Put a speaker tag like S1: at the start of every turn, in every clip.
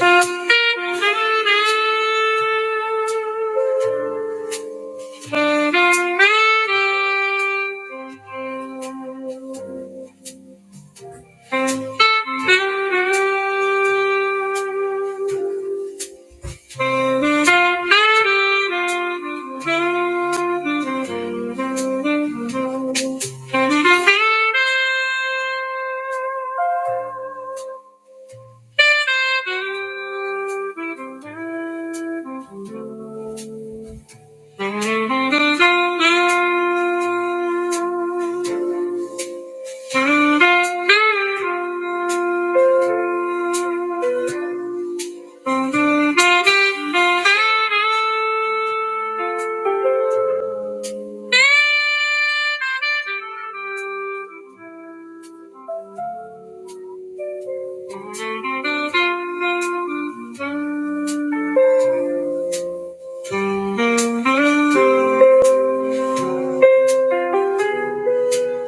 S1: Thank you. Thank you.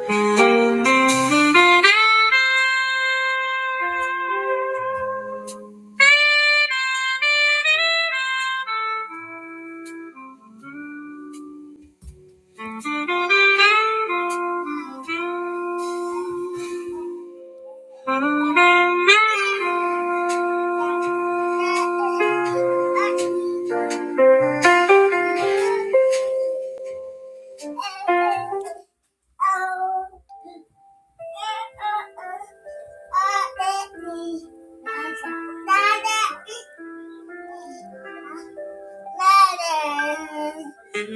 S1: Thank you. Thank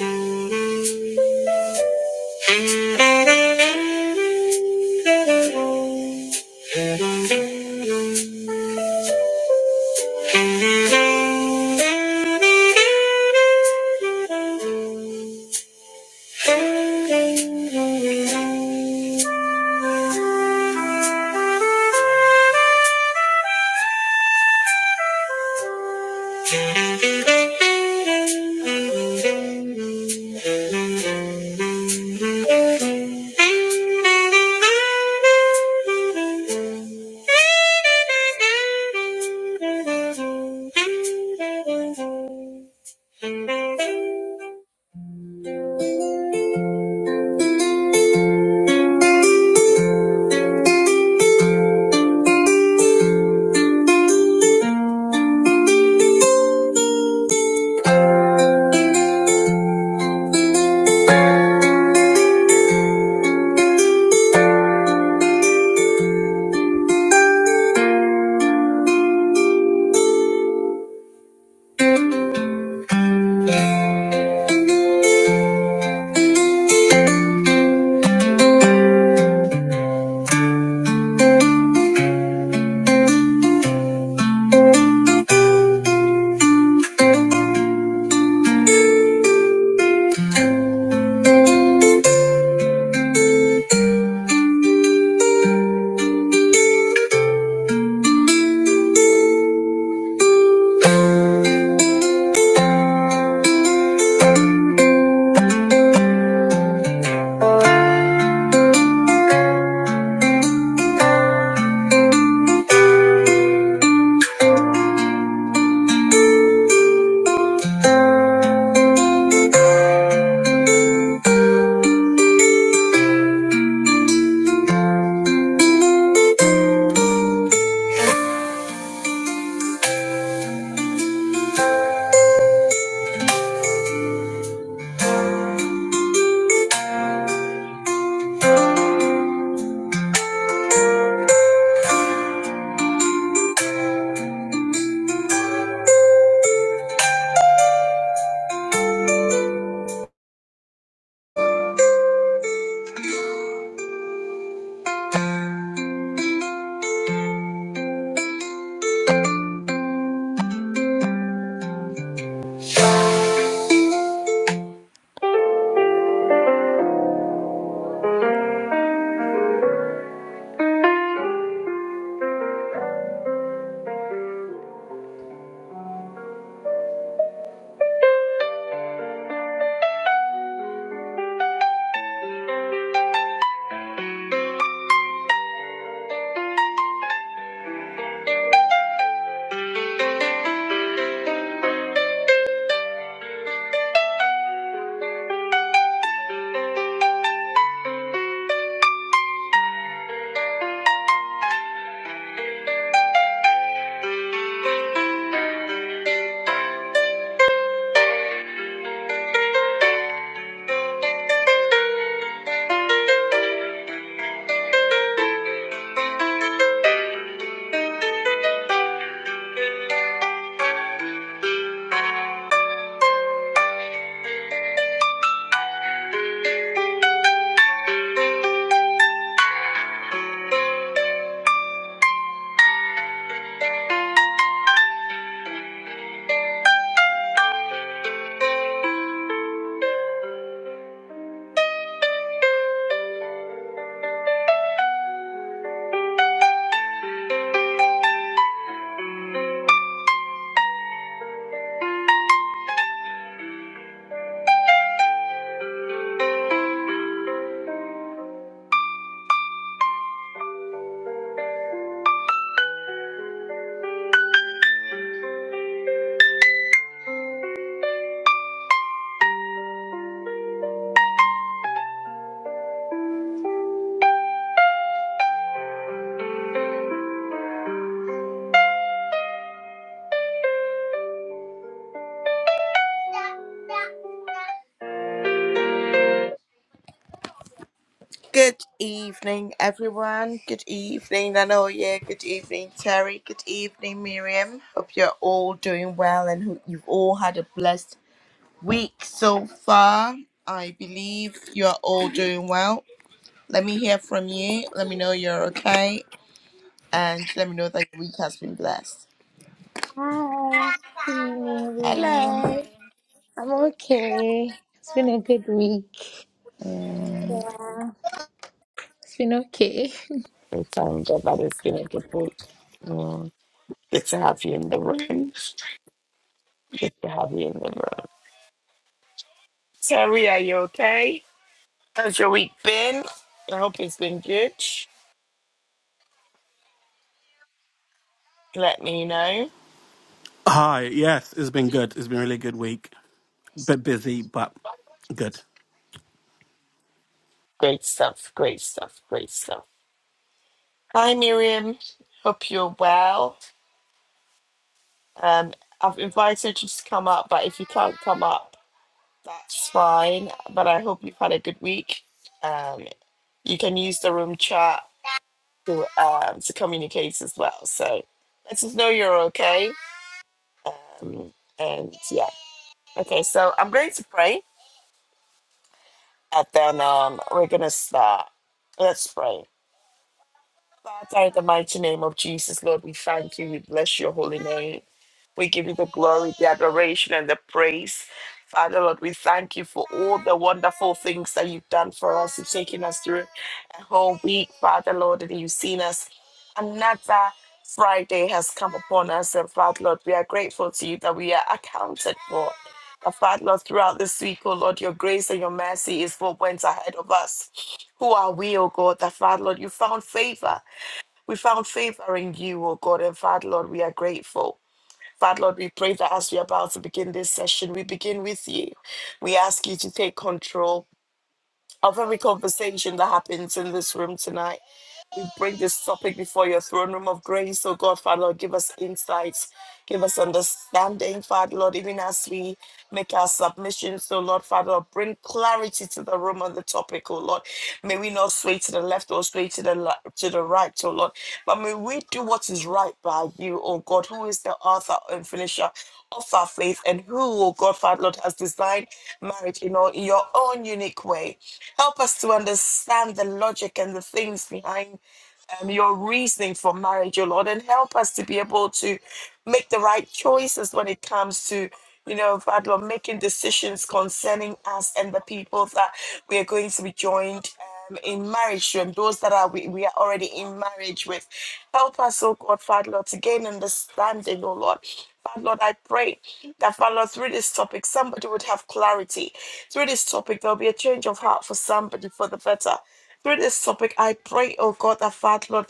S1: you. Thank you. Good evening, everyone. Good evening, Lanoya. Good evening, Terry. Good evening, Miriam. Hope you're all doing well and hope you've all had a blessed week so far. I believe you're all doing well. Let me hear from you. Let me know you're okay. And let me know that your week has been blessed.
S2: Hi. Good evening, everyone.
S1: Hello.
S2: I'm okay. It's been a good week. Yeah. It's been okay.
S1: Ben, I hope it's been good. Let me know.
S3: Hi, yes, it's been good. It's been a really good week. Bit busy, but good.
S1: Great stuff, great stuff, great stuff. Hi, Miriam. Hope you're well. Um, I've invited you to come up, but if you can't come up, that's fine. But I hope you've had a good week. Um, you can use the room chat to um, to communicate as well. So let us know you're okay. Um, and yeah, okay. So I'm going to pray, and then um, we're gonna start. Let's pray. Father, in the mighty name of Jesus, Lord, we thank you. We bless your holy name. We give you the glory, the adoration, and the praise. Father, Lord, we thank you for all the wonderful things that you've done for us. You've taken us through a whole week, Father, Lord, and you've seen us. Another Friday has come upon us, and Father, Lord, we are grateful to you that we are accounted for. And Father, Lord, throughout this week, oh Lord, your grace and your mercy is what went ahead of us. Who are we, oh God, that Father, Lord, you found favor. We found favor in you, oh God, and Father, Lord, we are grateful. Father Lord, we pray that as we are about to begin this session, we begin with you. We ask you to take control of every conversation that happens in this room tonight we bring this topic before your throne room of grace. Oh God, Father, Lord, give us insights, give us understanding, Father, Lord, even as we make our submissions. So, Lord, Father, Lord, bring clarity to the room on the topic, oh Lord. May we not sway to the left or sway to the, li- to the right, oh Lord. But may we do what is right by you, oh God, who is the author and finisher of our faith and who, oh God, Father, Lord, has designed marriage in, all, in your own unique way. Help us to understand the logic and the things behind um, your reasoning for marriage, oh Lord, and help us to be able to make the right choices when it comes to, you know, Father, Lord, making decisions concerning us and the people that we are going to be joined. um, In marriage, to, and those that are we, we are already in marriage with, help us, oh God, Father Lord, to gain understanding, oh Lord. Father Lord, I pray that Father Lord, through this topic, somebody would have clarity. Through this topic, there'll be a change of heart for somebody for the better through this topic, I pray, oh God, that Father Lord,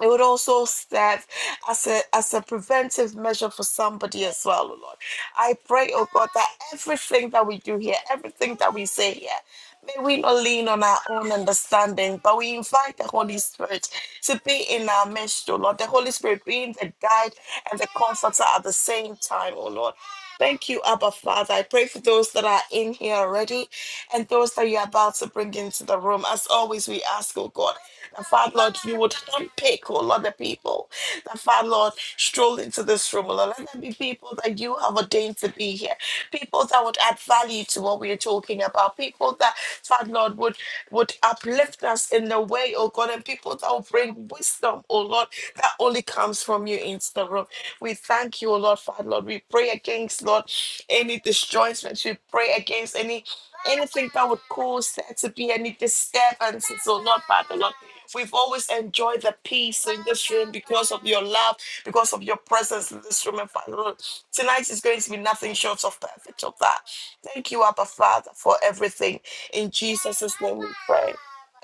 S1: it would also serve as a as a preventive measure for somebody as well, oh Lord. I pray, oh God, that everything that we do here, everything that we say here, may we not lean on our own understanding, but we invite the Holy Spirit to be in our midst, oh Lord. The Holy Spirit being the guide and the comforter at the same time, oh Lord. Thank you, Abba Father. I pray for those that are in here already and those that you're about to bring into the room. As always, we ask, oh God, that Father Lord, you would unpick, oh Lord, the people that Father Lord stroll into this room, oh Lord. Let there be people that you have ordained to be here, people that that would add value to what we are talking about, people that, Father Lord, would, would uplift us in the way, oh God, and people that will bring wisdom, oh Lord, that only comes from you into the room. We thank you, oh Lord, Father Lord. We pray against, Lord, any disjointments. We pray against any anything that would cause there to be any disturbances, oh Lord, Father Lord. We've always enjoyed the peace in this room because of your love, because of your presence in this room, and Father Lord. Tonight is going to be nothing short of perfect of that. Thank you, Abba Father, for everything. In Jesus' name we pray.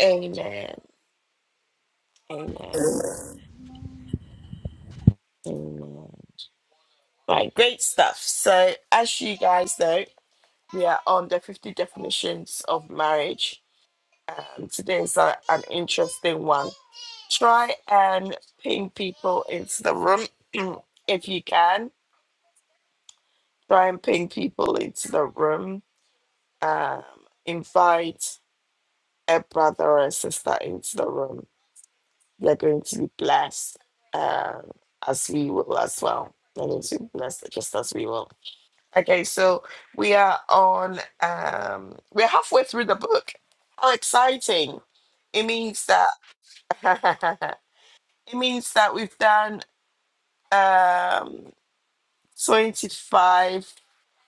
S1: Amen. Amen. Amen. Right, great stuff. So, as you guys know, we are on the 50 definitions of marriage. Um, today is a- an interesting one. Try and ping people into the room if you can. Try and ping people into the room. Um, invite a brother or a sister into the room. You're going to be blessed uh, as we will as well. You're going to be blessed just as we will. Okay, so we are on, um, we're halfway through the book. How exciting! It means that, it means that we've done um, 25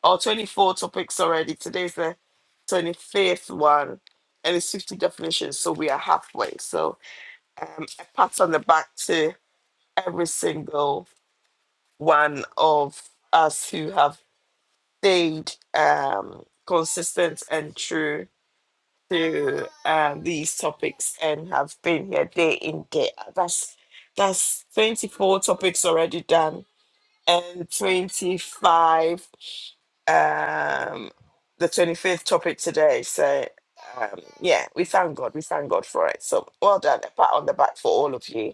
S1: or 24 topics already. Today's the 25th one, and it's 50 definitions, so we are halfway. So um, a pat on the back to every single one of us who have stayed um, consistent and true to um, these topics and have been here day in day out. That's that's 24 topics already done and 25 um the 25th topic today so um yeah we thank god we thank god for it so well done a pat on the back for all of you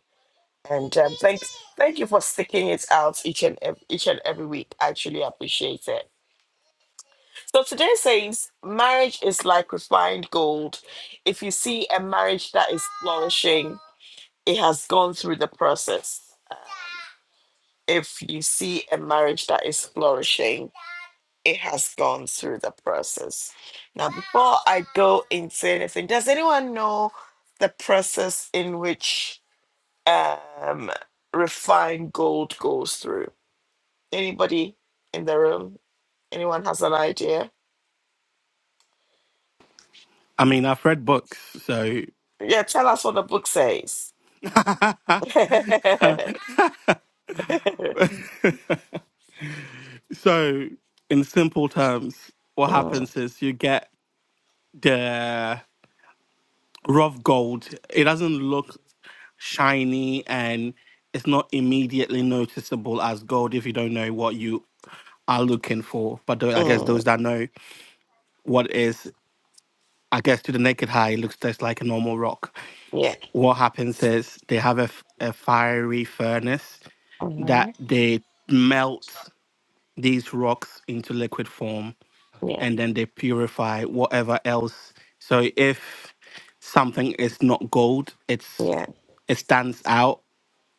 S1: And um, thanks, thank you for sticking it out each and ev- each and every week. I truly appreciate it. So today says marriage is like refined gold. If you see a marriage that is flourishing, it has gone through the process. If you see a marriage that is flourishing, it has gone through the process. Now, before I go into anything, does anyone know the process in which um, refined gold goes through? Anybody in the room? Anyone has an idea?
S3: I mean, I've read books, so
S1: Yeah, tell us what the book says.
S3: so in simple terms, what
S1: Mm,
S3: happens is you get the rough gold. It doesn't look shiny and it's not immediately noticeable as gold if you don't know what you are looking for. But tho- I guess
S1: mm,
S3: those that know what is, I guess to the naked eye, it looks just like a normal rock.
S1: yeah.
S3: what happens is they have a, f- a fiery furnace that
S1: Mhm.
S3: they melt these rocks into liquid form
S1: Yeah.
S3: and then they purify whatever else. So if something is not gold, it's
S1: Yeah.
S3: it stands out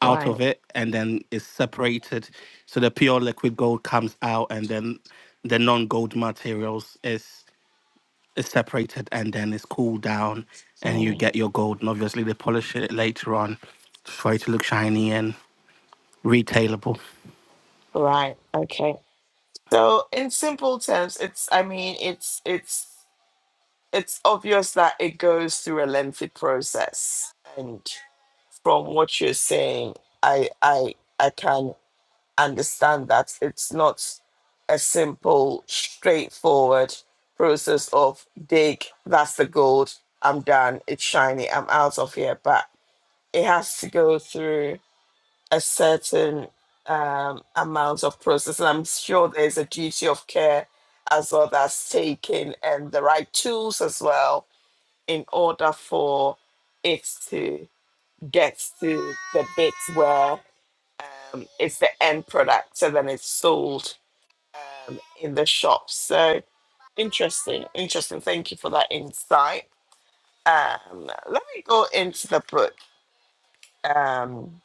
S3: out of
S1: Right.
S3: it and then is separated. So the pure liquid gold comes out and then the non-gold materials is is separated and then it's cooled down and you
S1: Mm,
S3: get your gold. And obviously they polish it later on for it to look shiny and retailable.
S1: right. Okay. So in simple terms, it's I mean it's it's it's obvious that it goes through a lengthy process. And from what you're saying, I I I can understand that it's not a simple, straightforward process of dig, that's the gold, I'm done, it's shiny, I'm out of here. But it has to go through a certain um, amount of process. And I'm sure there's a duty of care as well that's taken and the right tools as well in order for it to get to the bit where um, it's the end product so then it's sold um, in the shop. So interesting, interesting. Thank you for that insight. Um, let me go into the book, um,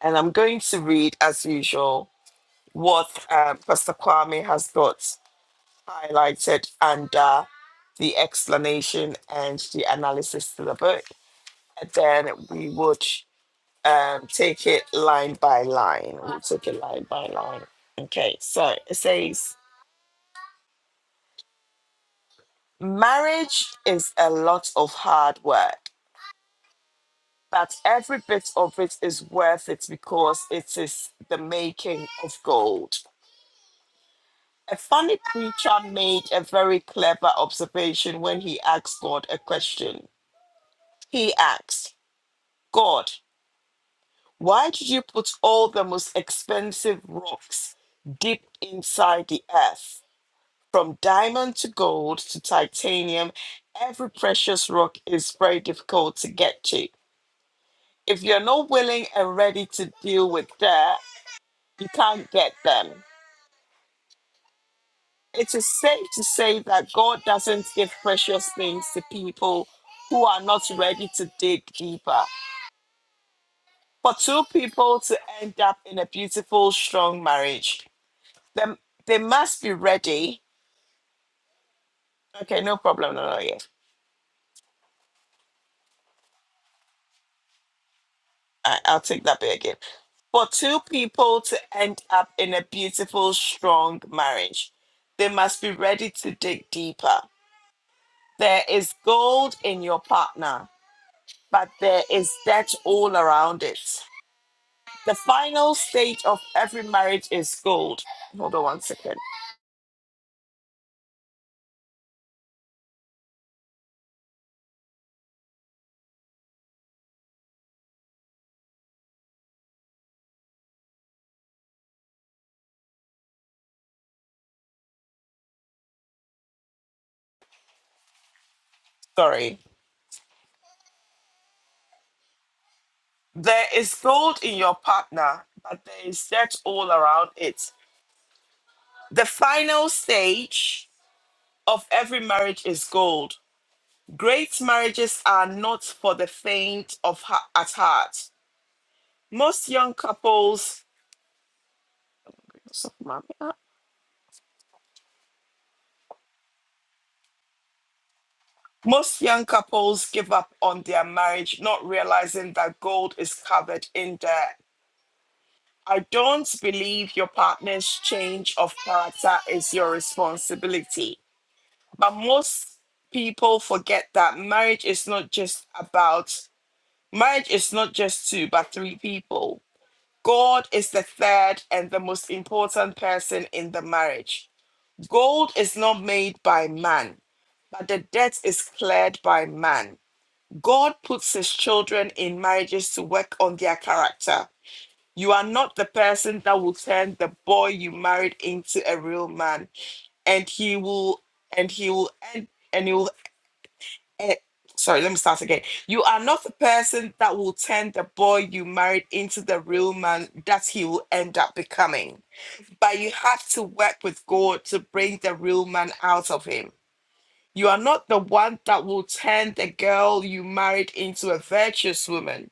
S1: and I'm going to read as usual what um, Pastor Kwame has got highlighted under the explanation and the analysis to the book, and then we would um, take it line by line. We'll take it line by line. Okay, so it says marriage is a lot of hard work that every bit of it is worth it because it is the making of gold. A funny preacher made a very clever observation when he asked God a question. He asked, God, why did you put all the most expensive rocks deep inside the earth? From diamond to gold to titanium, every precious rock is very difficult to get to. If you're not willing and ready to deal with that, You can't get them. It is safe to say that God doesn't give precious things to people who are not ready to dig deeper. For two people to end up in a beautiful, strong marriage, them they must be ready. Okay, no problem. No, no, yeah. I, I'll take that bit again. For two people to end up in a beautiful, strong marriage, they must be ready to dig deeper. There is gold in your partner but there is debt all around it. The final stage of every marriage is gold. Hold on one second. Sorry. There is gold in your partner, but there is debt all around it. The final stage of every marriage is gold. Great marriages are not for the faint of ha- at heart. Most young couples most young couples give up on their marriage, not realizing that gold is covered in debt. I don't believe your partner's change of character is your responsibility. But most people forget that marriage is not just about marriage is not just two but three people. God is the third and the most important person in the marriage. Gold is not made by man, but the debt is cleared by man. God puts his children in marriages to work on their character you are not the person that will turn the boy you married into a real man, and he will, and he will, and and he will. End. Sorry, let me start again. You are not the person that will turn the boy you married into the real man that he will end up becoming. But you have to work with God to bring the real man out of him. You are not the one that will turn the girl you married into a virtuous woman,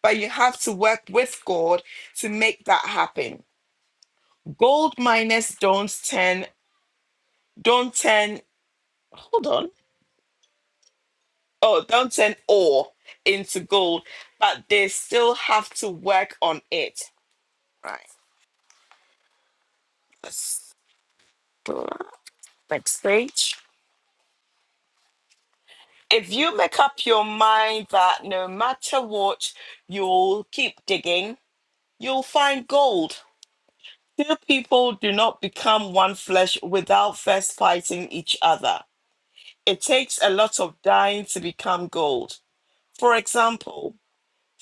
S1: but you have to work with God to make that happen. Gold miners don't turn don't turn hold on. Oh, don't turn ore into gold, but they still have to work on it. Right. Let's go on. next page. If you make up your mind that no matter what, you'll keep digging, you'll find gold. Two people do not become one flesh without first fighting each other. It takes a lot of dying to become gold. For example,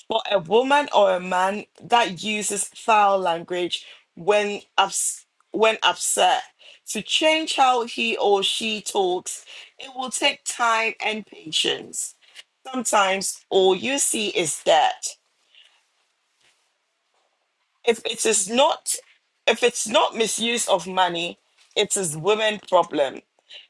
S1: for a woman or a man that uses foul language when ups- when upset to change how he or she talks it will take time and patience sometimes all you see is that if it is not if it's not misuse of money it is women problem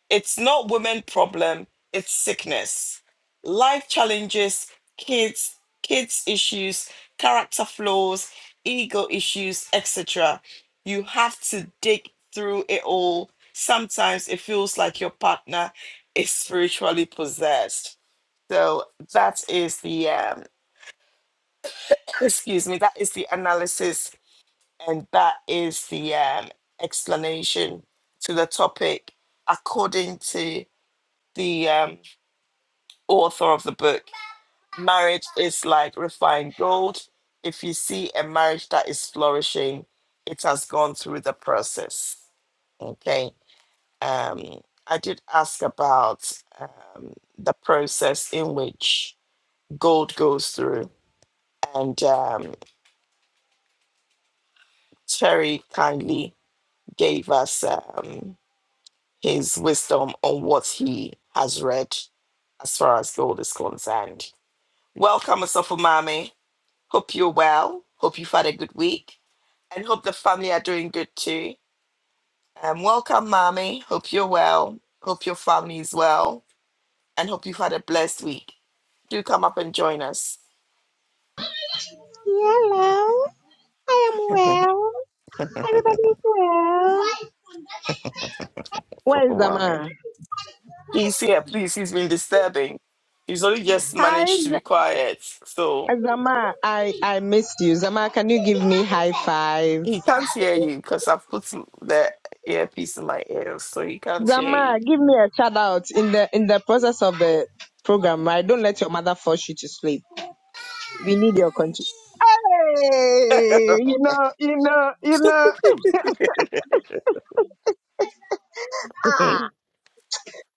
S1: It's not women problem, it's sickness. Life challenges, kids, kids issues, character flaws, ego issues, etc. You have to dig through it all. Sometimes it feels like your partner is spiritually possessed. So that is the um excuse me, that is the analysis and that is the um explanation to the topic according to the um, author of the book. Marriage is like refined gold. If you see a marriage that is flourishing, it has gone through the process. Okay. Um, I did ask about the process in which gold goes through, and um, Terry kindly gave us um, his wisdom on what he has read as far as gold is concerned. Welcome, Asofo Mami. Hope you're well. Hope you've had a good week. and hope the family are doing good too. Um, welcome, mommy. Hope you're well. Hope your family is well, and hope you've had a blessed week. Do come up and join us
S4: I am well. Everybody is well.
S1: for a
S4: Where's
S1: while.
S4: Zama?
S1: He's here, please. He's been disturbing. He's only just
S4: Hi,
S1: managed to be quiet, so
S4: Z- Zama. I, I missed you. Zama, can you give me high five?
S1: he can't hear you because I've put the earpiece in my ears, so he can't hear
S4: Zama,
S1: you.
S4: give me a shout out in the in the process of the program, right? Don't let your mother force you to sleep. We need your country. Hey, you know, you know, you know. Ah,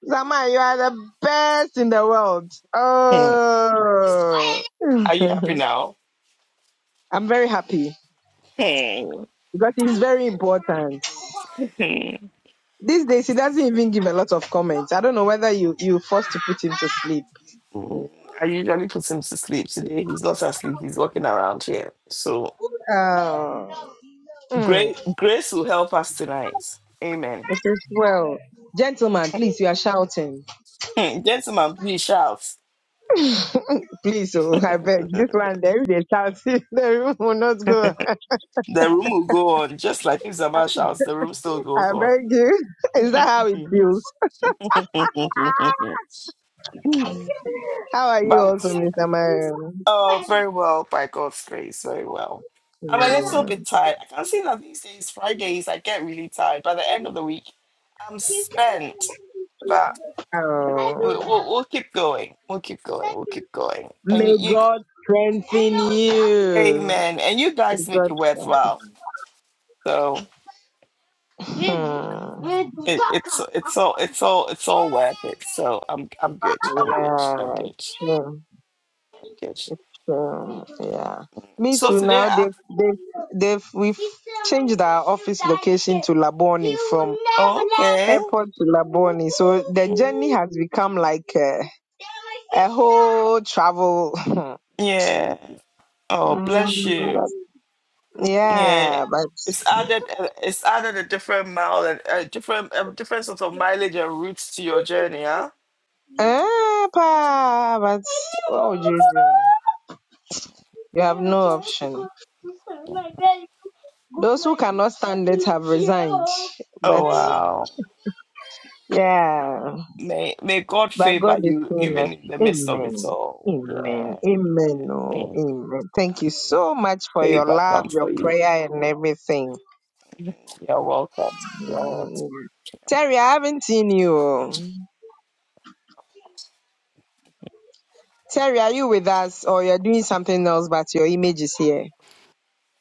S4: Zama, you are the best in the world. Oh,
S1: are you happy now?
S4: I'm very happy. because it's very important. These days, he doesn't even give a lot of comments. I don't know whether you you forced to put him to sleep.
S1: Mm, I usually put him to sleep today. He's not asleep. He's walking around here. So
S4: Oh,
S1: grace,
S4: mm,
S1: grace will help us tonight. Amen.
S4: it is well. Gentlemen, please, you are shouting.
S1: Gentlemen, please shout.
S4: please, oh, I beg.
S1: the
S4: This one, there, if they really shout, the room will not go.
S1: room will go on just like if Zama shouts. The room still goes
S4: I
S1: on.
S4: beg you. Is
S1: but
S4: that how it feels? How are you also, Mr. Marion?
S1: oh, very well by God's grace, very well. I'm a little
S4: Mm,
S1: bit tired. I can see that these days, Fridays, I get really tired. By the end of the week, I'm spent. but.
S4: Oh.
S1: We'll, we'll we'll keep going. We'll keep going. We'll keep going. And
S4: May
S1: you, you
S4: God strengthen you.
S1: amen. And you
S4: May
S1: guys make it
S4: God
S1: worthwhile. So
S4: Hmm. Yeah,
S1: it, it's it's all it's all it's all worth it. So I'm I'm good. I'm good. I'm good.
S4: true.
S1: I'm good.
S4: True. Yeah. Me
S1: So
S4: too.
S1: today
S4: Now they
S1: I
S4: they they've we've changed our office location to Laboni from
S1: oh, okay.
S4: airport to Laboni, so the
S1: Mm.
S4: journey has become like a, a whole travel.
S1: Yeah. Oh
S4: Mm,
S1: bless you.
S4: but-
S1: Yeah.
S4: yeah, but
S1: It's added. uh, It's added a different mile and a different a different sort of mileage and routes to your journey. Huh?
S4: eh, pa, but what would you do? You have no option. Those who cannot stand it have resigned. But
S1: Oh wow.
S4: yeah,
S1: May may God
S4: but
S1: favor
S4: God is
S1: you
S4: seeing us.
S1: even in the midst of it
S4: Amen.
S1: all.
S4: Amen.
S1: Yeah.
S4: Amen. Oh,
S1: May
S4: amen. Thank you
S1: may
S4: so much for your
S1: favor
S4: love,
S1: come
S4: your
S1: for you.
S4: prayer, and everything.
S1: You're welcome. You're welcome.
S4: Mm. Terry, I haven't seen you. oh. Terry, are you with us or you're doing something else but your image is here?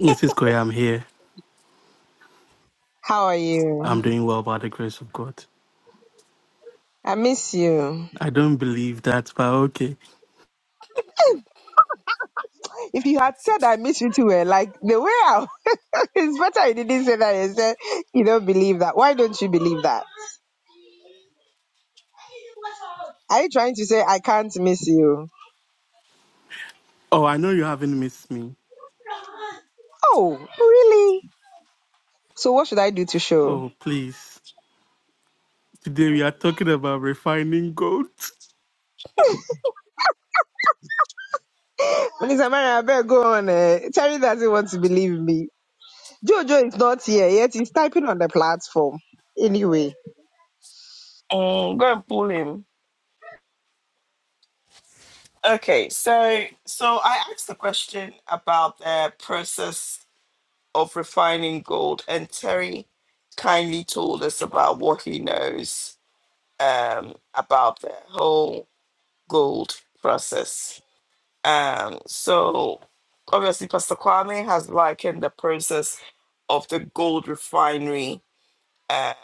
S3: Mrs. Koya, I'm here.
S4: How are you?
S3: I'm doing well by the grace of God.
S4: I miss you.
S3: I don't believe that, but okay.
S4: If you had said I miss you too, well, like the way I, it's better you didn't say that. You said you don't believe that. Why don't you believe that? Are you trying to say I can't miss you?
S3: Oh, I know you haven't missed me.
S4: Oh, really? So what should I do to show?
S3: Oh, please. Today we are talking about refining gold.
S4: Melissa Maria, I better go on. Uh, Terry doesn't want to believe me. Jojo is not here yet. He's typing on the platform anyway
S1: Mm, go and pull him. Okay, so so I asked the question about the process of refining gold, and Terry kindly told us about what he knows um, about the whole gold process. Um, so obviously, Pastor Kwame has likened the process of the gold refinery uh,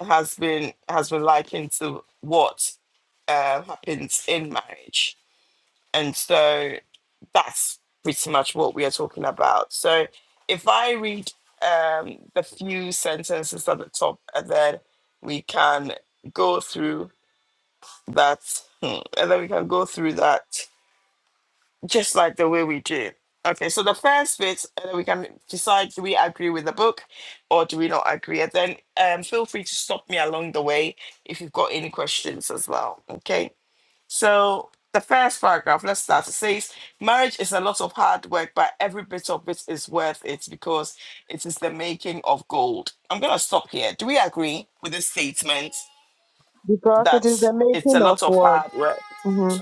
S1: has been has been likened to what uh, happens in marriage, and so that's pretty much what we are talking about. So if I read um, the few sentences at the top, and then we can go through that, hmm, and then we can go through that just like the way we do. Okay, so the first bit, uh, we can decide do we agree with the book or do we not agree? And then um, feel free to stop me along the way if you've got any questions as well. Okay, so the first paragraph, let's start. It says, Marriage is a lot of hard work, but every bit of it is worth it because it is the making of gold. I'm going to stop here. Do we agree with this statement
S4: because it
S1: that
S4: is the
S1: it's a
S4: making of
S1: lot of
S4: what.
S1: hard work?
S4: hmm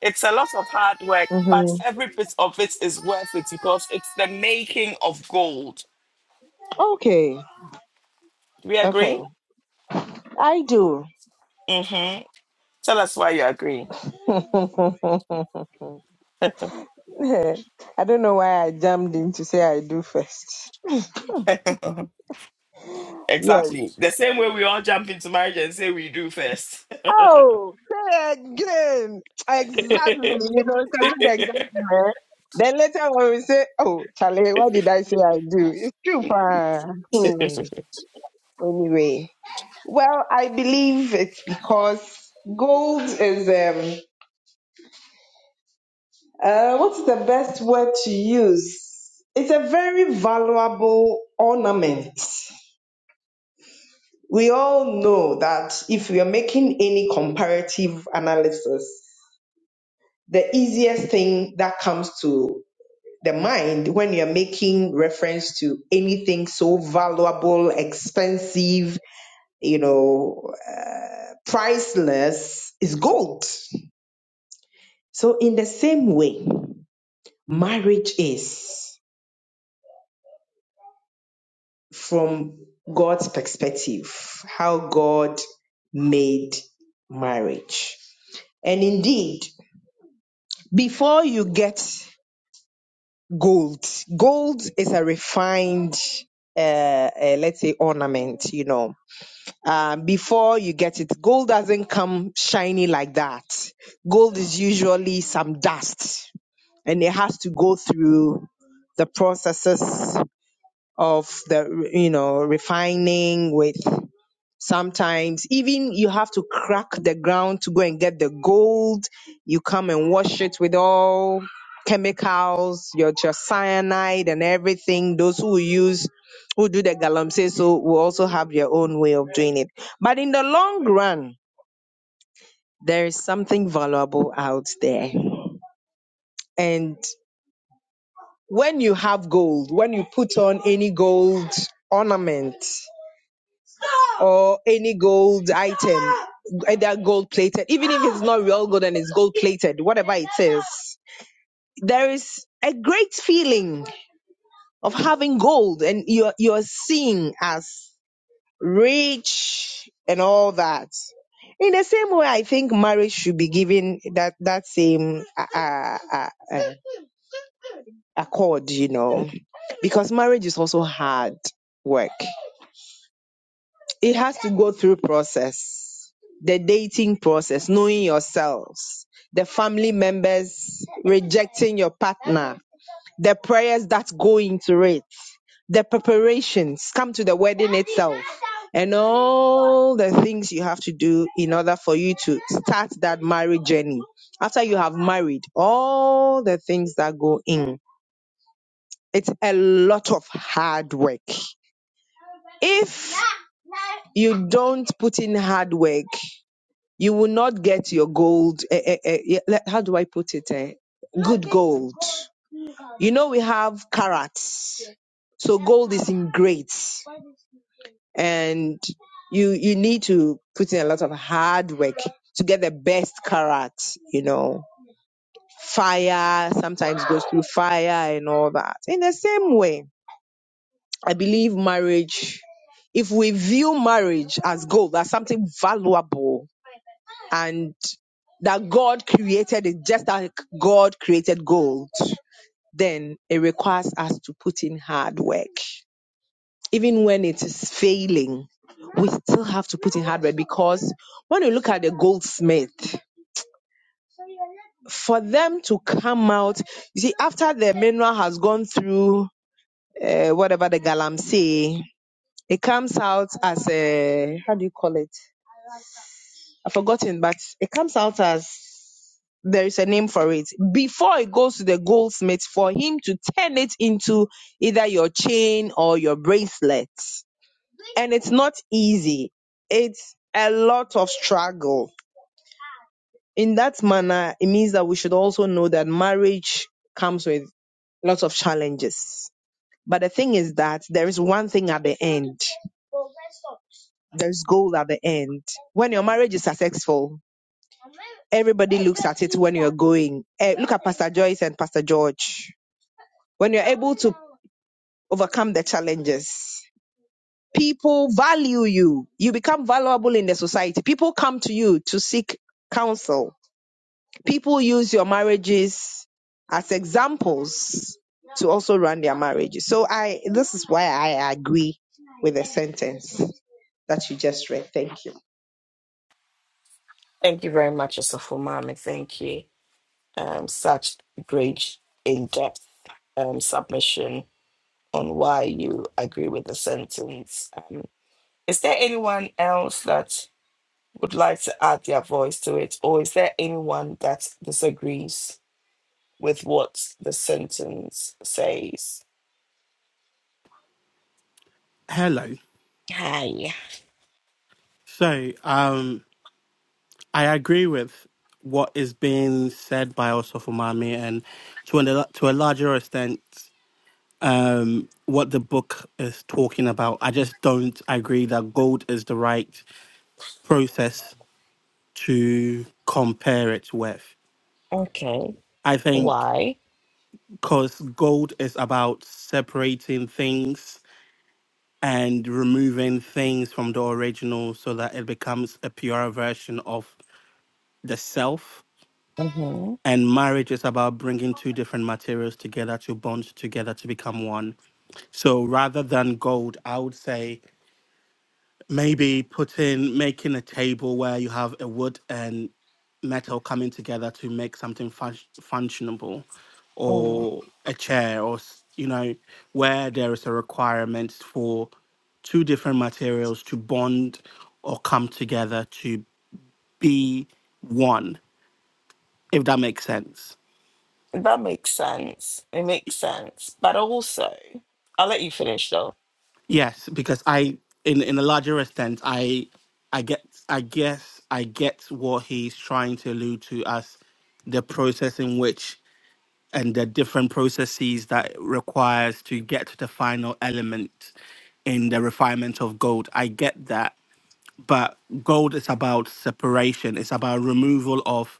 S1: It's a lot of hard work, but
S4: hmm
S1: every bit of it is worth it because it's the making of gold.
S4: Okay.
S1: Do we
S4: Okay.
S1: agree?
S4: I do.
S1: Mm-hmm. Tell us why you agree.
S4: I don't know why I jammed in to say I do first. Yes.
S1: exactly. The same way we all jump into marriage and say we do first.
S4: Oh, say again. Exactly. You know, it's a good example. eh? Then later when we say, oh, Charlie, what did I say I do? It's true, pa. Hmm. Anyway. Well, I believe it's because gold is, um, uh, what's the best word to use? It's a very valuable ornament We all know that if we are making any comparative analysis, the easiest thing that comes to the mind when you're making reference to anything so valuable, expensive, you know, priceless is gold. So, in the same way, marriage is from God's perspective, how God made marriage. And indeed, before you get gold, gold is a refined, uh, uh, let's say, ornament, you know. Uh, before you get it, gold doesn't come shiny like that. Gold is usually some dust and it has to go through the processes of the, you know, refining with Sometimes even you have to crack the ground to go and get the gold. You come and wash it with all chemicals, your, your cyanide and everything. Those who use, who do the galamsey, so will also have their own way of doing it. But in the long run, there is something valuable out there. And when you have gold, when you put on any gold ornament, or any gold item, either gold plated, even if it's not real gold and it's gold plated, whatever it is. There is a great feeling of having gold and you're, you're seen as rich and all that. In the same way, I think marriage should be given that, that same uh, uh, uh, uh, accord, you know, because marriage is also hard work. it has to go through process the dating process knowing yourselves the family members rejecting your partner the prayers that go into it the preparations come to the wedding itself and all the things you have to do in order for you to start that marriage journey after you have married all the things that go in it's a lot of hard work if you don't put in hard work You will not get your gold. eh, eh, eh, yeah, le- how do I put it? eh, Good gold. You know, we have carats. So gold is in grades. and you you need to put in a lot of hard work to get the best carat. you know fire sometimes goes through fire and all that in the same way i believe marriage if we view marriage as gold as something valuable and that God created it just like God created gold, then it requires us to put in hard work. Even when it is failing, we still have to put in hard work because when you look at the goldsmith, for them to come out, you see, after the mineral has gone through uh, whatever the galamsey, it comes out as a, how do you call it? I've forgotten, but it comes out as there is a name for it. Before it goes to the goldsmith for him to turn it into either your chain or your bracelet. And it's not easy. It's a lot of struggle. In that manner, it means that we should also know that marriage comes with lots of challenges. But the thing is that there is one thing at the end. There's gold at the end. When your marriage is successful, everybody looks at it when you're going. Eh, look at Pastor Joyce and Pastor George. When you're able to overcome the challenges, people value you. You become valuable in the society. People come to you to seek counsel. People use your marriages as examples to also run their marriages. So I this is why I agree with the sentence that you just read. Thank you.
S1: Thank you very much, Osofo Mami. Thank you. Um, such great in-depth um, submission on why you agree with the sentence. Um, is there anyone else that would like to add their voice to it, or is there anyone that disagrees with what the sentence says?
S3: Hello.
S1: Hi.
S3: So, um, I agree with what is being said by Osofumami and to a, to a larger extent um, what the book is talking about. I just don't agree that gold is the right process to compare it with.
S1: Okay.
S3: I think
S1: Why?
S3: because gold is about separating things and removing things from the original so that it becomes a pure version of the self.
S1: Mm-hmm.
S3: And marriage is about bringing two different materials together to bond together to become one. So rather than gold, I would say maybe put in making a table where you have a wood and metal coming together to make something func- functionable
S1: Mm.
S3: or a chair or s- you know where there is a requirement for two different materials to bond or come together to be one if that makes sense
S1: That makes sense. It makes sense. But also, I'll let you finish though.
S3: Yes, because I in in a larger extent, I I get I guess I get what he's trying to allude to as the process in which and the different processes that it requires to get to the final element in the refinement of gold. I get that. But gold is about separation. It's about removal of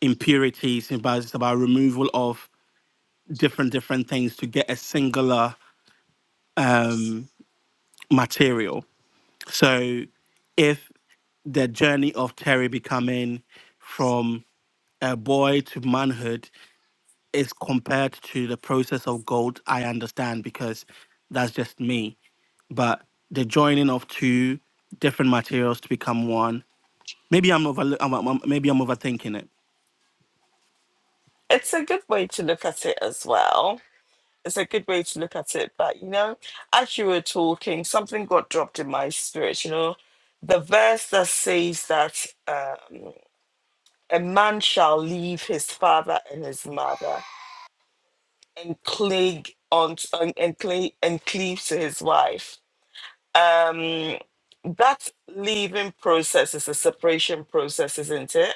S3: impurities. It's about, it's about removal of different different things to get a singular material So if the journey of Terry becoming from a boy to manhood is compared to the process of gold, I understand because that's just me. But the joining of two different materials to become one, maybe I'm over, I'm, I'm- maybe I'm overthinking it.
S1: It's a good way to look at it as well. It's a good way to look at it. But you know, as you were talking, something got dropped in my spirit, you know, the verse that says that. um, a man shall leave his father and his mother and cling on and, and, cling, and cleave to his wife. Um, that leaving process is a separation process, isn't it?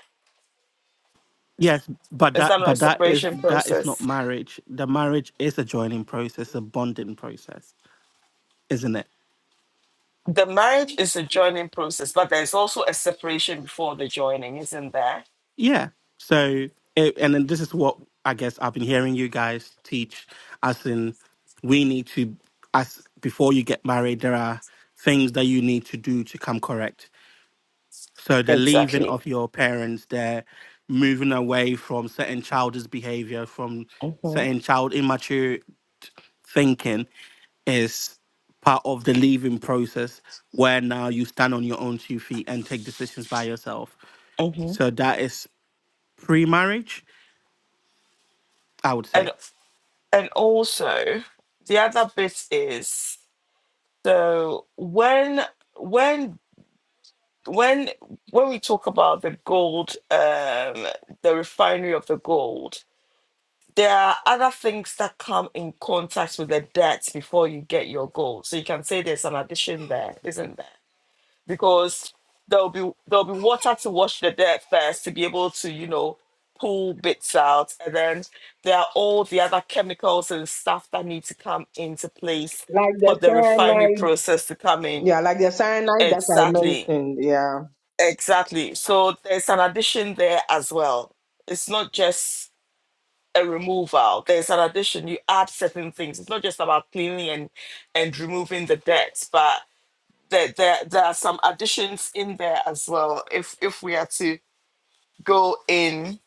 S3: Yes, but
S1: Is that
S3: that
S1: not a
S3: but that is
S1: separation
S3: that is not
S1: process?
S3: marriage. The marriage is a joining process, a bonding process, isn't it?
S1: The marriage is a joining process, but there's also a separation before the joining, isn't there?
S3: Yeah. So, it, and then this is what I guess I've been hearing you guys teach, as in, we need to, as before you get married, there are things that you need to do to come correct. So, the leaving
S1: Exactly.
S3: of your parents, they're moving away from certain childish behavior, from
S1: hmm
S3: certain child immature thinking is part of the leaving process where now you stand on your own two feet and take decisions by yourself.
S1: hmm
S3: So that is pre-marriage i would
S1: And
S3: say
S1: and also the other bit is so when when when when we talk about the gold, um, the refinery of the gold, there are other things that come in contact with the debt before you get your gold. So you can say there's an addition there, isn't there? Because there'll be there'll be water to wash the dirt first to be able to you know pull bits out, and then there are all the other chemicals and stuff that need to come into place
S4: Like
S1: for
S4: the
S1: the refinery
S4: cyanide,
S1: process to come in.
S4: yeah, like the cyanide that I
S1: Exactly.
S4: mentioned, yeah.
S1: Exactly. So there's an addition there as well. It's not just a removal. There's an addition. You add certain things. It's not just about cleaning and and removing the dirt, but there there, there are some additions in there as well. If if we are to go in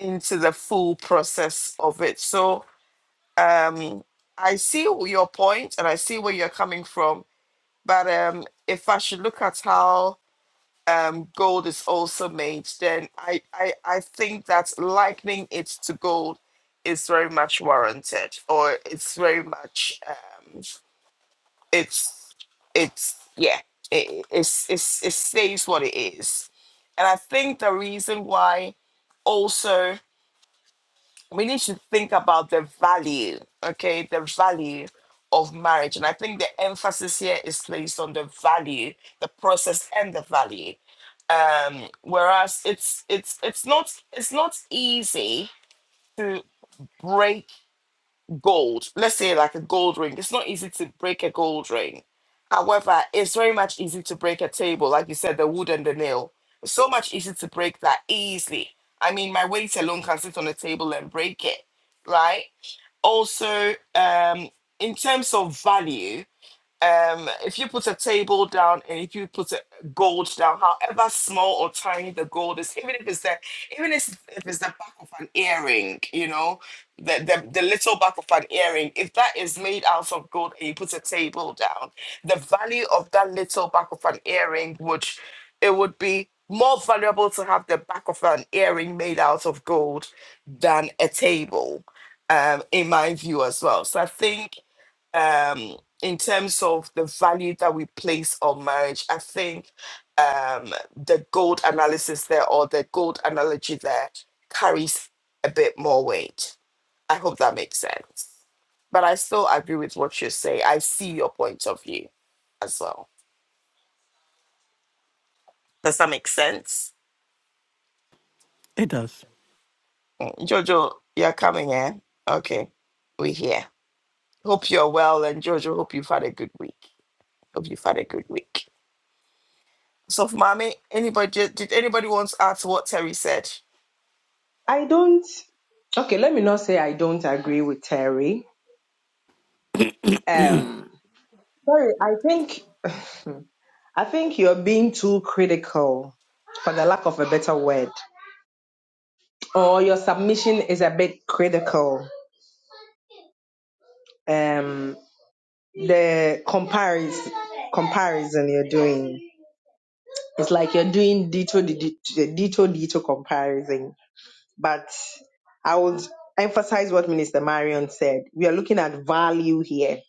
S1: into the full process of it. So um I see your point and I see where you're coming from. But um if I should look at how um, gold is also made, then I, I, I think that likening it to gold is very much warranted, or it's very much um, it's it's yeah it, it's, it's it stays what it is, and I think the reason why also we need to think about the value, okay, the value of marriage. And I think the emphasis here is placed on the value, the process and the value. Um, whereas it's it's it's not it's not easy to break gold. Let's say like a gold ring. It's not easy to break a gold ring. However, it's very much easy to break a table, like you said, the wood and the nail. It's so much easier to break that easily. I mean, my weight alone can sit on a table and break it right? also um in terms of value um, if you put a table down and if you put a gold down, however small or tiny the gold is, even if it's the even if, if it's the back of an earring, you know, the, the the little back of an earring, if that is made out of gold and you put a table down, the value of that little back of an earring would it would be more valuable to have the back of an earring made out of gold than a table um, in my view as well. So I think um, in terms of the value that we place on marriage, I think um, the gold analysis there or the gold analogy there carries a bit more weight. I hope that makes sense. But I still agree with what you say. I see your point of view as well. Does that make sense?
S3: it does
S1: Mm, Jojo, you're coming in. Okay, we're here. Hope you're well. And Jojo, hope you've had a good week. Hope you've had a good week. So, mommy, anybody did, did anybody want to add to what Terry said?
S4: I don't. Okay, let me not say I don't agree with Terry. Um, Terry, I think I think you're being too critical, for the lack of a better word, or your submission is a bit critical. Um, the comparison comparison you're doing, it's like you're doing dito dito dito dito comparison. But I would emphasize what Minister Marion said. We are looking at value here.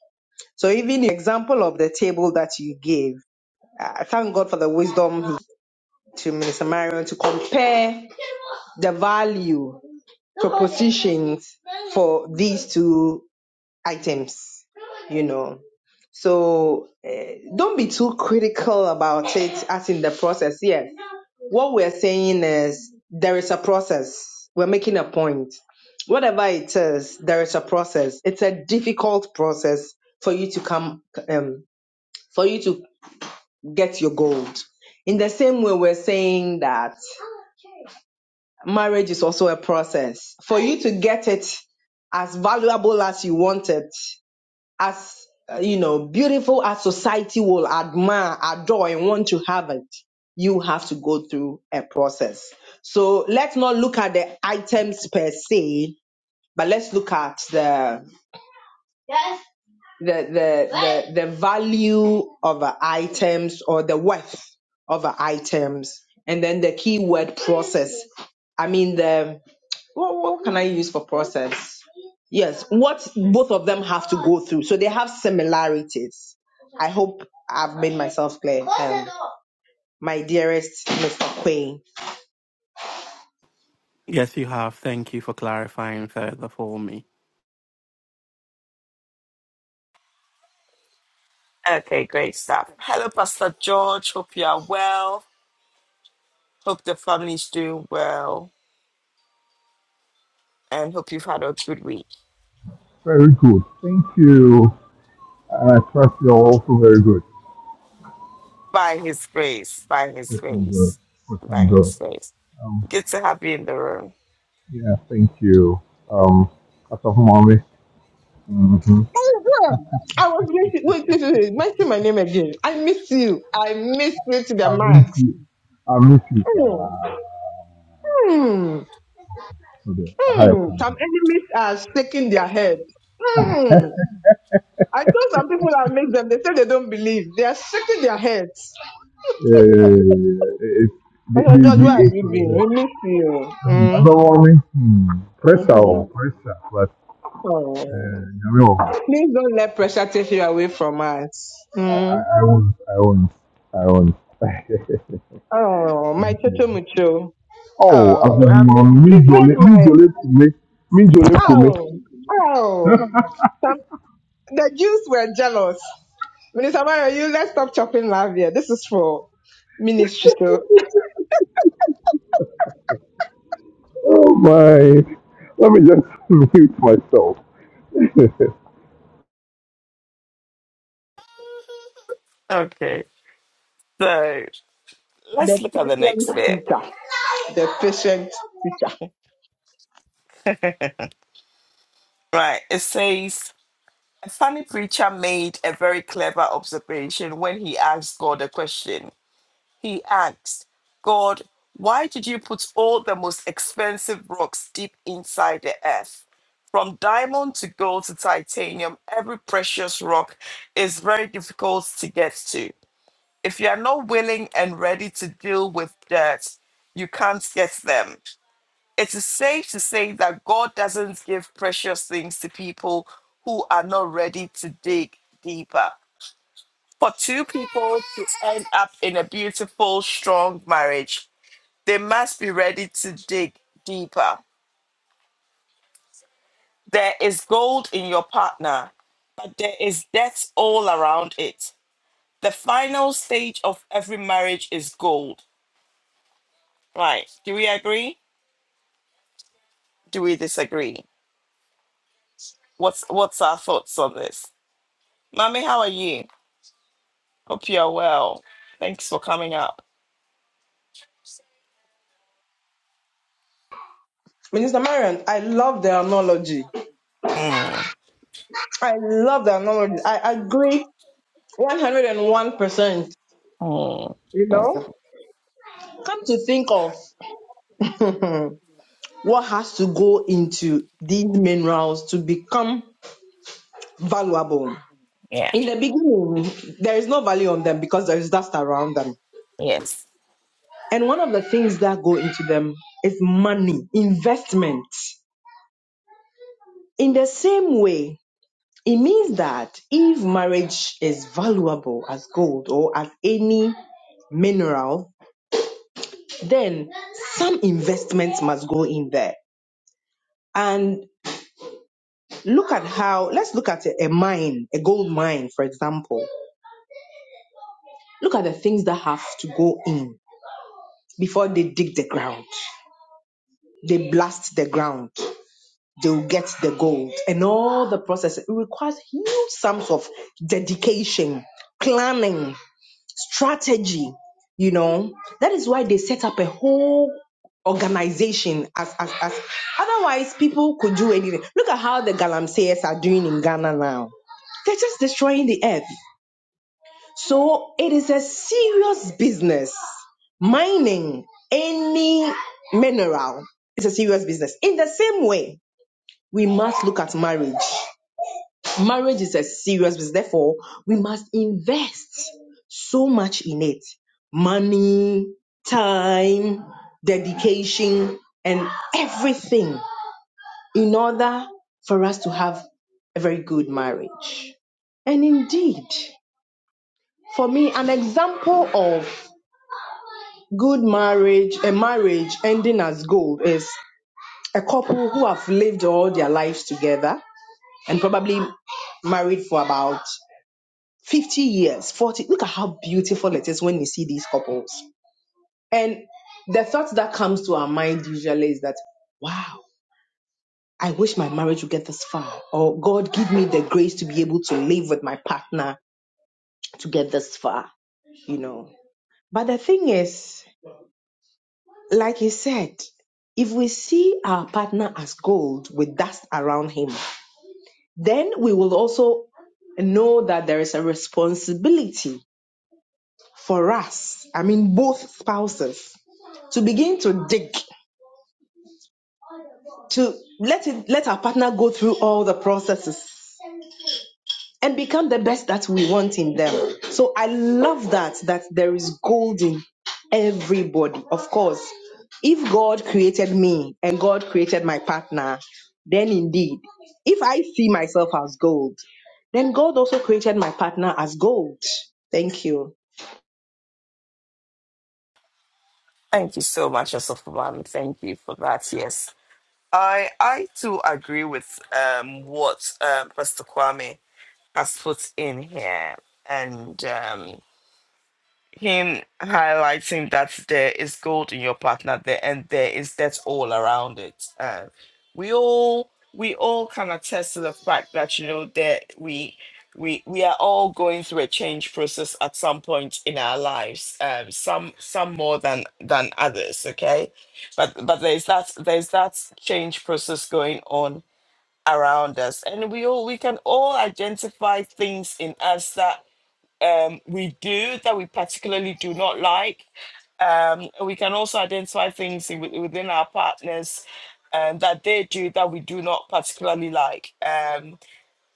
S4: So even the example of the table that you gave I thank God for the wisdom to Minister Marion to compare the value propositions for these two items, you know. So eh, don't be too critical about it as in the process. Yes. What we're saying is there is a process. We're making a point. Whatever it is, there is a process. It's a difficult process for you to come um, for you to get your gold. In the same way, we're saying that marriage is also a process. For you to get it as valuable as you want it, as uh, you know, beautiful as society will admire, adore, and want to have it, you have to go through a process. So let's not look at the items per se, but let's look at the the the the, the value of uh, items or the worth of uh, items and then the keyword process i mean the what, what can i use for process yes what both of them have to go through so they have similarities i hope i've made myself clear um, my dearest mr queen
S3: yes you have thank you for clarifying further for me
S1: Okay, great stuff. Hello, Pastor George. Hope you are well. Hope the family's doing well, and hope you've had a good week.
S5: Very good. Thank you. I trust you're also very good.
S1: By His grace, by His
S5: Question good.
S1: grace, by
S5: Question good.
S1: His grace.
S5: Um,
S1: Good to have you in the room.
S5: yeah, thank you. Um, Asaf Mommy. Mm-hmm.
S4: i was wait wait wait wait wait, mention my name again i miss you i miss you to the
S5: I miss
S4: max
S5: you. I miss you, sir.
S4: Hmm. hmm.
S5: Today, I have
S4: Hmm,
S5: come.
S4: some enemies are shaking their head. Hmm. I told some people I make them, they say they don't believe. They are shaking their heads.
S5: Uh, it, the,
S4: Pastor
S5: the,
S4: George,
S5: the,
S4: where have
S5: it's
S4: you
S5: like
S4: been? We
S5: that.
S4: miss you.
S5: Hmm.
S4: Mm.
S5: Asaf Mommy. Hmm. Pressure,
S4: hmm
S5: oh, pressure. But, uh,
S4: Oh.
S5: I,
S4: Please don't let pressure take you away from us. Mm.
S5: I I won't. I won't. I won't. thank
S4: Oh, my
S5: you.
S4: Chocho Mucho.
S5: Oh, as
S4: Oh,
S5: in
S4: I miss,
S5: um,
S4: please,
S5: Mijole,
S4: where's my.
S5: Mijole Kume, Mijole Kume.
S4: Oh, oh. Some, the Jews were jealous. Minister Mario, you let's stop chopping love here. This is for ministry. so
S5: Oh my! Let me just mute myself.
S1: Okay, so
S4: The
S1: let's look at the
S4: patient
S1: next bit.
S4: teacher. The patient teacher.
S1: Right, it says a funny preacher made a very clever observation when he asked God a question. He asked, God, why did you put all the most expensive rocks deep inside the earth? From diamond to gold to titanium, every precious rock is very difficult to get to. If you are not willing and ready to deal with dirt, you can't get them. It is safe to say that God doesn't give precious things to people who are not ready to dig deeper. For two people to end up in a beautiful, strong marriage, they must be ready to dig deeper. There is gold in your partner, but there is death all around it. The final stage of every marriage is gold. Right. Do we agree? Do we disagree? What's what's our thoughts on this? Mommy, how are you? Hope you're well. Thanks for coming up.
S4: Minister Marion, I love the analogy.
S1: Mm,
S4: I love the analogy. I agree 101%.
S1: mm,
S4: You
S1: mm.
S4: know? Come to think of what has to go into these minerals to become valuable.
S1: Yeah.
S4: In the beginning, there is no value on them because there is dust around them.
S1: Yes.
S4: And one of the things that go into them is money, investment. In the same way, It means that if marriage is valuable as gold or as any mineral, then some investments must go in there. And look at how, let's look at a, a mine, a gold mine, for example. Look at the things that have to go in before they dig the ground. They blast the ground. They'll get the gold and all the process. It requires huge sums of dedication, planning, strategy you know that is why they set up a whole organization as as, as otherwise people could do anything look at how the galamseyers are doing in ghana now they're just destroying the earth so it is a serious business mining any mineral is a serious business in the same way we must look at marriage Marriage is a serious business. Therefore, we must invest so much in it money, time, dedication, and everything in order for us to have a very good marriage. And indeed, for me, an example of good marriage, a marriage ending as gold, is a couple who have lived all their lives together and probably married for about 50 years, 40. Look at how beautiful it is when you see these couples. And the thought that comes to our mind usually is that, wow, I wish my marriage would get this far. Or God, give me the grace to be able to live with my partner to get this far, you know. But the thing is, like you said, if we see our partner as gold with dust around him, then we will also know that there is a responsibility for us, I mean both spouses, to begin to dig, to let it let our partner go through all the processes and become the best that we want in them. So I love that that there is gold in everybody. Of course, if God created me and God created my partner, then indeed, if I see myself as gold, then God also created my partner as gold. Thank you.
S1: Thank you so much, Yourself Mommy. Thank you for that. Yes. I I too agree with um what um Pastor Kwame has put in here, and um him highlighting that there is gold in your partner there and there is debt all around it. Uh, we all we all can attest to the fact that you know that we we we are all going through a change process at some point in our lives. Um, some some more than than others. Okay, but but there's that there's that change process going on around us and we all we can all identify things in us that um, we do that we particularly do not like. Um, and we can also identify things in, with- within our partners um, that they do that we do not particularly like. Um,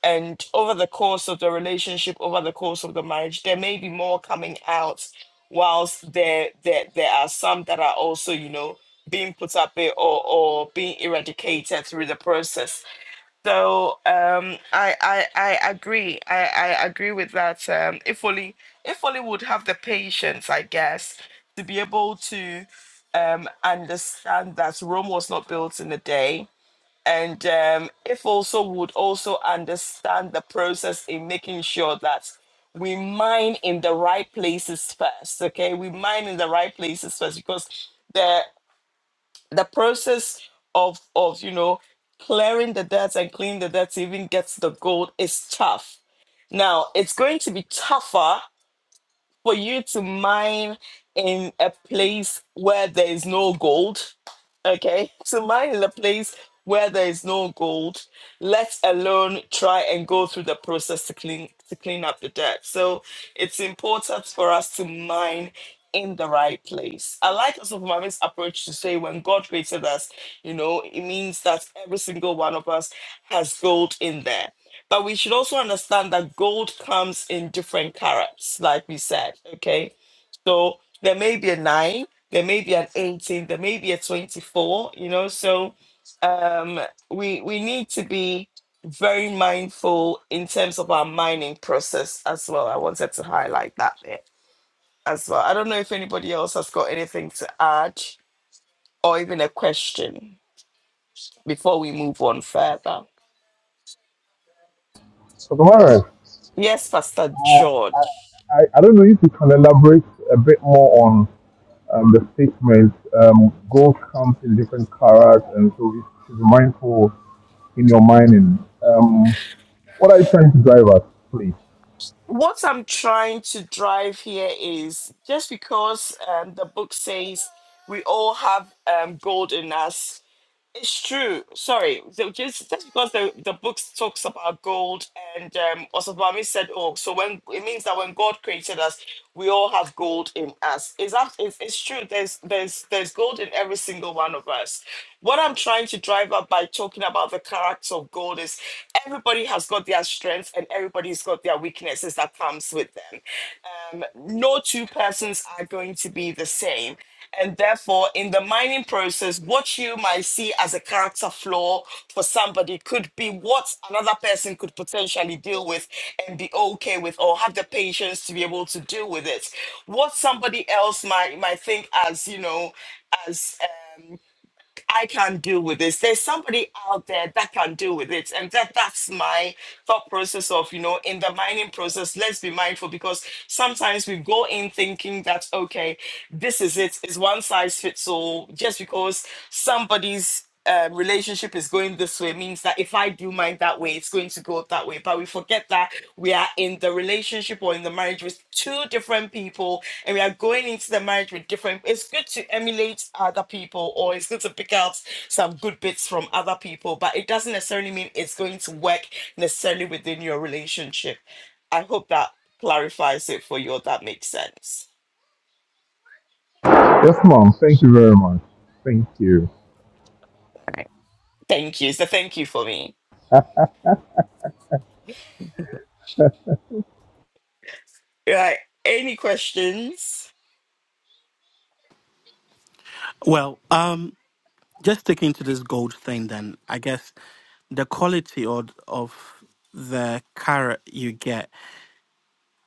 S1: and over the course of the relationship, over the course of the marriage, there may be more coming out, whilst there there, there are some that are also, you know, being put up there or, or being eradicated through the process. So um, I, I I agree. I, I agree with that. Um, if only if only would have the patience, I guess, to be able to um, understand that Rome was not built in a day, and um, if also would also understand the process in making sure that we mine in the right places first. Okay, we mine in the right places first because. there the process of of you know clearing the debts and cleaning the debts even gets the gold is tough now it's going to be tougher for you to mine in a place where there is no gold Okay, so mine in a place where there is no gold, let alone try and go through the process to clean to clean up the dirt. So it's important for us to mine in the right place. I like also Mami's approach to say when God created us, you know, it means that every single one of us has gold in there. But we should also understand that gold comes in different carats, like we said. Okay. So there may be a nine there may be an 18 there may be a 24 you know so um we we need to be very mindful in terms of our mining process as well i wanted to highlight that there as well i don't know if anybody else has got anything to add or even a question before we move on further
S5: Tamaris,
S1: yes pastor
S5: I,
S1: george
S5: I, I don't know if you can elaborate a bit more on um, the statement. Um, gold comes in different colors, and so you should be mindful in your mining. Um, what are you trying to drive at, please?
S1: what i'm trying to drive here is just because um, the book says we all have um, gold in us It's true. Sorry, so just just because the, the book talks about gold, and um, Osabami said, "Oh, so when it means that when God created us, we all have gold in us." Is that it's, it's true? There's there's there's gold in every single one of us. What I'm trying to drive up by talking about the character of gold is everybody has got their strengths and everybody's got their weaknesses that comes with them. Um, no two persons are going to be the same and therefore, in the mining process, what you might see as a character flaw for somebody could be what another person could potentially deal with and be okay with or have the patience to be able to deal with it. What somebody else might might think as, you know, as um, I can't deal with this. There's somebody out there that can deal with it. And that that's my thought process of, you know, in the mining process, let's be mindful because sometimes we go in thinking that, okay, this is it's one size fits all, just because somebody's um, relationship is going this way means that if I do mine that way, it's going to go that way. But we forget that we are in the relationship or in the marriage with two different people and we are going into the marriage with different. It's good to emulate other people or it's good to pick out some good bits from other people, but it doesn't necessarily mean it's going to work necessarily within your relationship. I hope that clarifies it for you or that makes sense.
S5: Yes, ma'am. Thank you very much. Thank you.
S1: Thank you. So thank you for me. Right. Any questions?
S3: well um just sticking to this gold thing then i guess the quality or of the carrot you get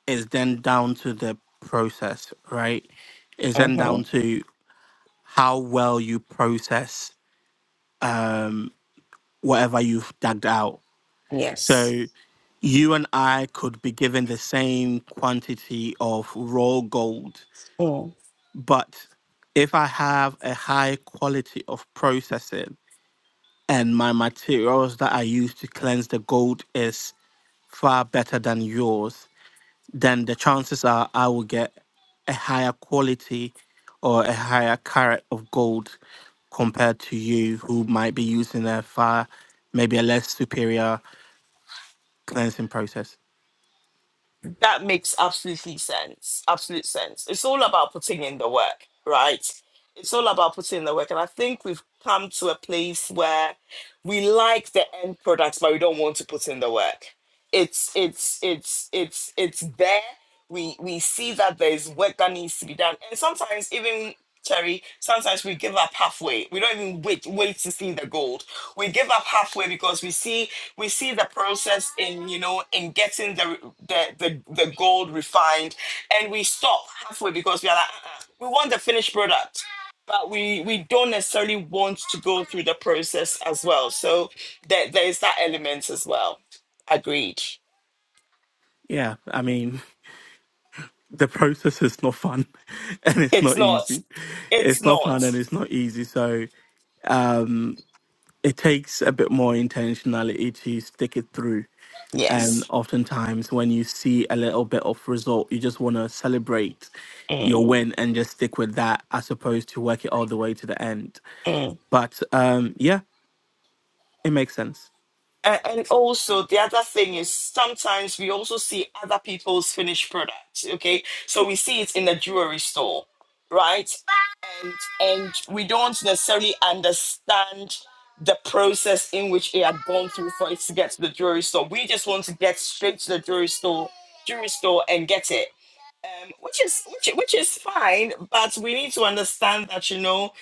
S3: is then down to the process right is
S1: Uh
S3: then
S1: huh.
S3: down to how well you process um whatever you've dug out
S1: Yes.
S3: so you and i could be given the same quantity of raw gold But if I have a high quality of processing and my materials that I use to cleanse the gold is far better than yours, then the chances are I will get a higher quality or a higher carat of gold compared to you who might be using a far maybe a less superior cleansing process.
S1: that makes absolutely sense. Absolute sense. It's all about putting in the work, right? It's all about putting in the work. And I think we've come to a place where we like the end products, but we don't want to put in the work. It's it's it's it's it's there we we see that there's work that needs to be done and sometimes even Terry, sometimes we give up halfway. We don't even wait wait to see the gold. We give up halfway because we see we see the process in you know in getting the the the, the gold refined, and we stop halfway because we are like uh-uh, we want the finished product, but we we don't necessarily want to go through the process as well. So there there is that element as well. Agreed.
S3: Yeah, I mean, the process is not fun and it's
S1: It's
S3: not
S1: not.
S3: easy.
S1: It's
S3: It's not fun
S1: not.
S3: and it's not easy. So it takes a bit more intentionality to stick it through. And
S1: Yes.
S3: oftentimes, when you see a little bit of result, you just want to celebrate
S1: Mm,
S3: your win and just stick with that, as opposed to work it all the way to the end.
S1: mm.
S3: But um, yeah, it makes sense.
S1: A- And also, the other thing is sometimes we also see other people's finished products. Okay, so we see it in the jewelry store, right? And and we don't necessarily understand the process in which it had gone through for it to get to the jewelry store. We just want to get straight to the jewelry store, jewelry store, and get it. um, which is which, which is fine, but we need to understand that you know,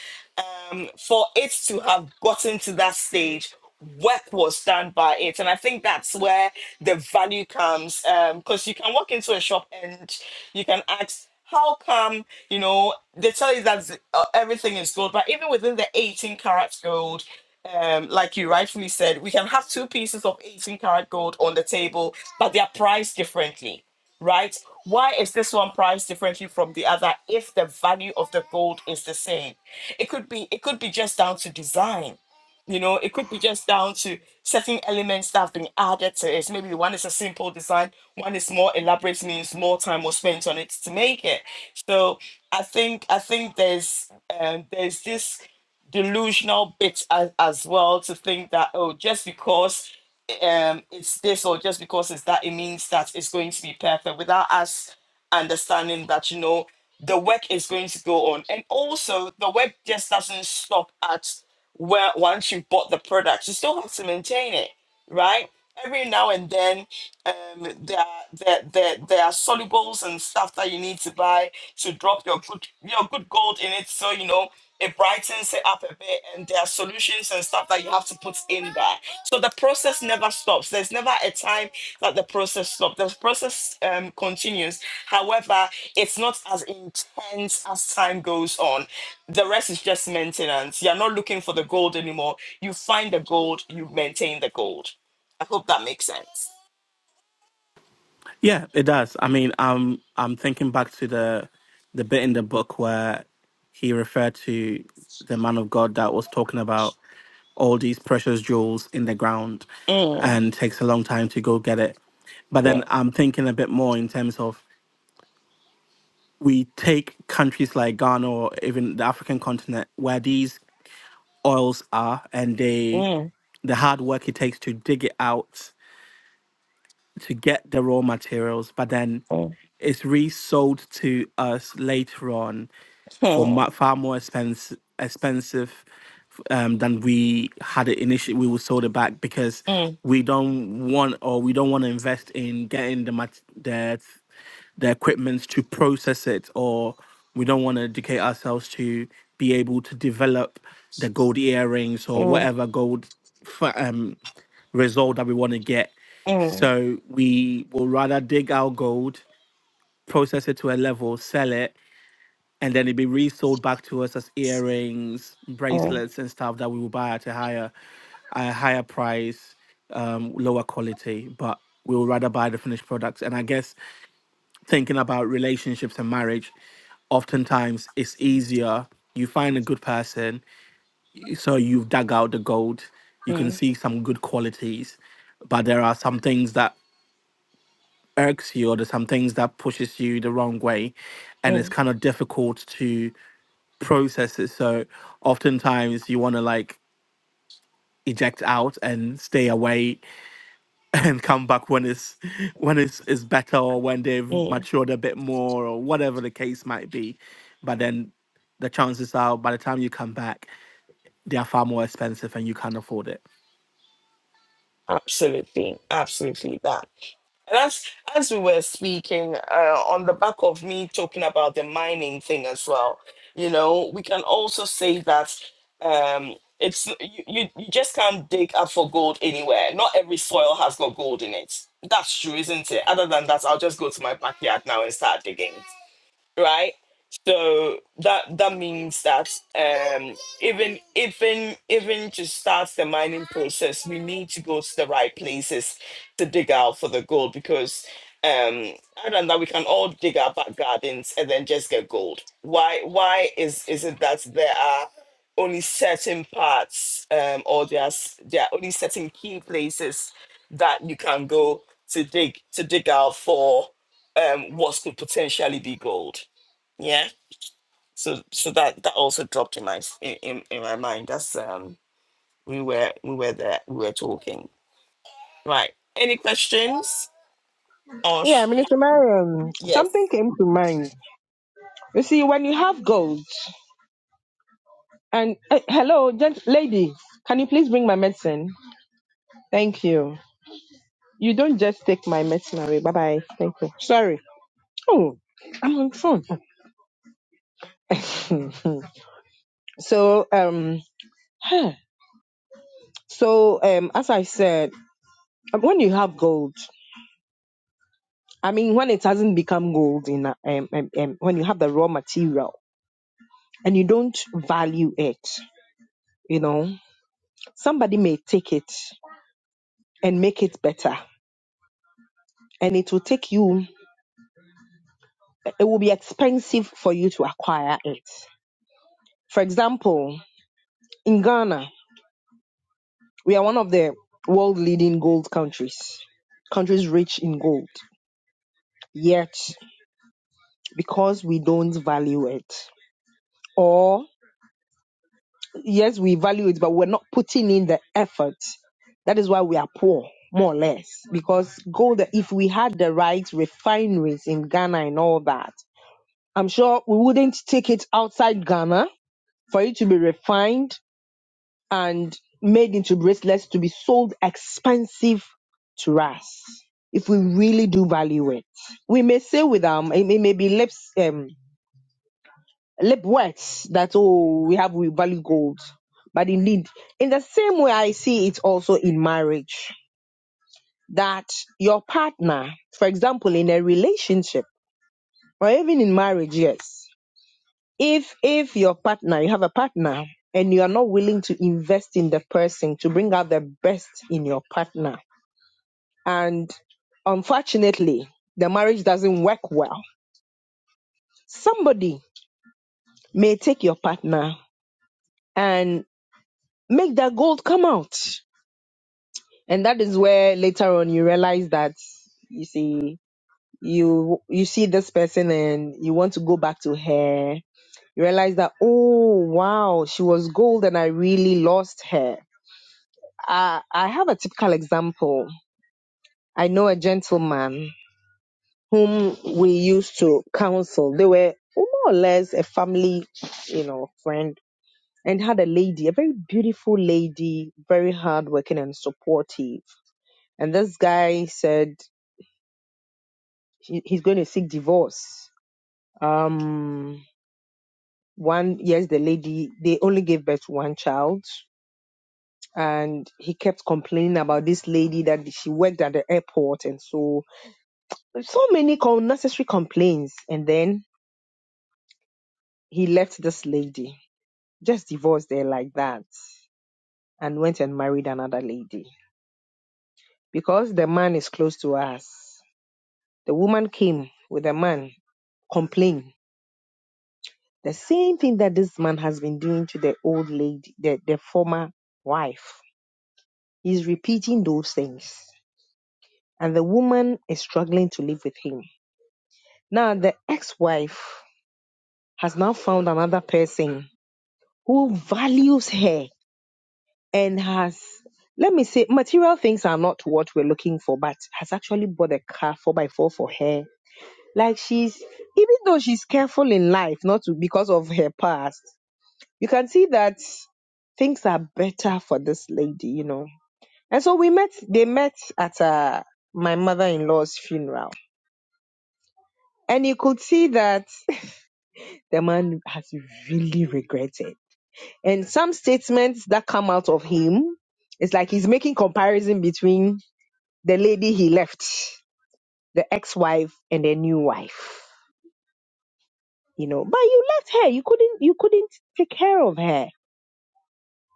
S1: um, for it to have gotten to that stage, work was done by it, and I think that's where the value comes. Because you can walk into a shop and you can ask. How come you know they tell you that uh, everything is gold, but even within the 18 karat gold, um, like you rightfully said, we can have two pieces of 18 karat gold on the table, but they are priced differently right? Why is this one priced differently from the other if the value of the gold is the same? It could be it could be just down to design. You know, it could be just down to certain elements that have been added to it. Maybe one is a simple design, one is more elaborate, means more time was spent on it to make it. So I think I think there's um, there's this delusional bit as, as well to think that oh just because um it's this or just because it's that it means that it's going to be perfect without us understanding that you know the work is going to go on and also the work just doesn't stop at where once you bought the product you still have to maintain it right every now and then um there are there, there, there are solubles and stuff that you need to buy to drop your good your good gold in it so you know it brightens it up a bit and there are solutions and stuff that you have to put in there so the process never stops there's never a time that the process stops the process um, continues however it's not as intense as time goes on the rest is just maintenance you're not looking for the gold anymore you find the gold you maintain the gold i hope that makes sense
S3: Yeah, it does. I mean, um, I'm thinking back to the the bit in the book where he referred to the man of God that was talking about all these precious jewels in the ground
S1: Mm,
S3: and takes a long time to go get it. But then I'm thinking a bit more in terms of we take countries like Ghana or even the African continent where these oils are and they
S1: mm,
S3: the hard work it takes to dig it out to get the raw materials, but then
S1: mm,
S3: It's resold to us later on for
S1: mm,
S3: mu- far more expense, expensive um, than we had it initially. We were sold it back because
S1: mm,
S3: we don't want or we don't want to invest in getting the mat- the the equipment to process it, or we don't want to educate ourselves to be able to develop the gold earrings
S1: mm,
S3: or
S1: mm,
S3: whatever gold f- um, result that we want to get. So we will rather dig our gold process it to a level, sell it, and then it'd be resold back to us as earrings,
S1: mm,
S3: bracelets, and stuff that we will buy at a higher, a higher price, um, lower quality. But we would rather buy the finished products. And I guess thinking about relationships and marriage, oftentimes it's easier. You find a good person, so you've dug out the gold. You can
S1: mm,
S3: see some good qualities, but there are some things that irks you or there's some things that pushes you the wrong way and it's
S1: mm,
S3: kind of difficult to process it so oftentimes you want to like eject out and stay away and come back when it's when it's, it's better or when
S1: mm,
S3: they've matured a bit more or whatever the case might be but then the chances are by the time you come back they are far more expensive and you can't afford it
S1: Absolutely, absolutely that. And as as we were speaking, uh, on the back of me talking about the mining thing as well, you know, we can also say that um, it's you, you you just can't dig up for gold anywhere. Not every soil has got gold in it. That's true, isn't it? Other than that, I'll just go to my backyard now and start digging right? So that that means that um, even even even to start the mining process, we need to go to the right places to dig out for the gold because um, other than that, we can all dig our back gardens and then just get gold. Why why is is it that there are only certain parts um, or there's there are only certain key places that you can go to dig to dig out for um, what could potentially be gold? Yeah. So so that that also dropped in my s- in, in, in my mind. That's um we were we were there we were talking. Right. Any questions? Or
S4: Yeah,
S1: sh-
S4: Minister Mariam,
S1: yes.
S4: something came to mind. You see, when you have gold, and eh, hello, gent- lady, can you please bring my medicine? Thank you. You don't just take my medicine away. Bye bye. Thank you. Sorry. Oh, I'm on phone. so, um, huh. so um, as I said, um, when you have gold, I mean, when it hasn't become gold in a- um, um, um, when you have the raw material and you don't value it, you know, somebody may take it and make it better, and it will take you. it will be expensive for you to acquire it. For example, in Ghana, we are one of the world leading gold countries, countries rich in gold. Yet, because we don't value it, or yes, we value it, but we're not putting in the effort, that is why we are poor, more or less. Because gold, if we had the right refineries in Ghana and all that, I'm sure we wouldn't take it outside Ghana for it to be refined and made into bracelets to be sold expensive to us if we really do value it. We may say with um it may, may be lips um lip words that oh we have we value gold. But indeed, in the same way I see it also in marriage, that your partner, for example, in a relationship or even in marriage, yes. if if your partner you have a partner and you are not willing to invest in the person to bring out the best in your partner and unfortunately the marriage doesn't work well somebody may take your partner and make that gold come out and that is where later on you realize that you see you you see this person and you want to go back to her you realize that oh wow she was gold and i really lost her Uh, I have a typical example. I know a gentleman whom we used to counsel. They were more or less a family, you know, friend, and had a lady, a very beautiful lady, very hardworking and supportive. And this guy said he, he's going to seek divorce. Um, one, yes, the lady, they only gave birth to one child. And he kept complaining about this lady that she worked at the airport and so so many unnecessary complaints. And then he left this lady, just divorced her like that, and went and married another lady. Because the man is close to us, the woman came with a man, complained the same thing that this man has been doing to the old lady, the, the former wife. He's repeating those things. And the woman is struggling to live with him. Now, the ex wife has now found another person who values her and has let me say material things are not what we're looking for but has actually bought a car 4 by 4 for her like she's even though she's careful in life not to because of her past you can see that things are better for this lady you know and so we met they met at uh, my mother-in-law's funeral and you could see that the man has really regretted and some statements that come out of him it's like he's making comparison between the lady he left, the ex-wife and the new wife. You know, but you left her. You couldn't you couldn't take care of her.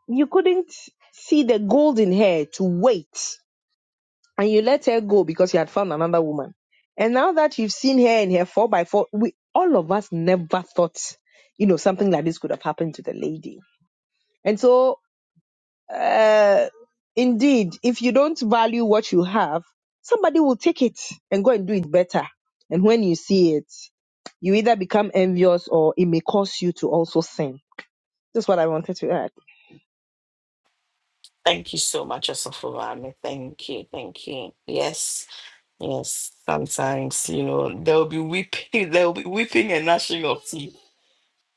S4: You couldn't see the gold in her to wait. And you let her go because you had found another woman. And now that you've seen her in her four by four, we all of us never thought, you know, something like this could have happened to the lady. And so uh indeed, if you don't value what you have, somebody will take it and go and do it better. And when you see it, you either become envious or it may cause you to also sin. That's what I wanted to add.
S1: Thank you so much, Asafovame. Thank you, thank you. Yes, yes. Sometimes you know they will be weeping, they will be weeping and gnashing of teeth.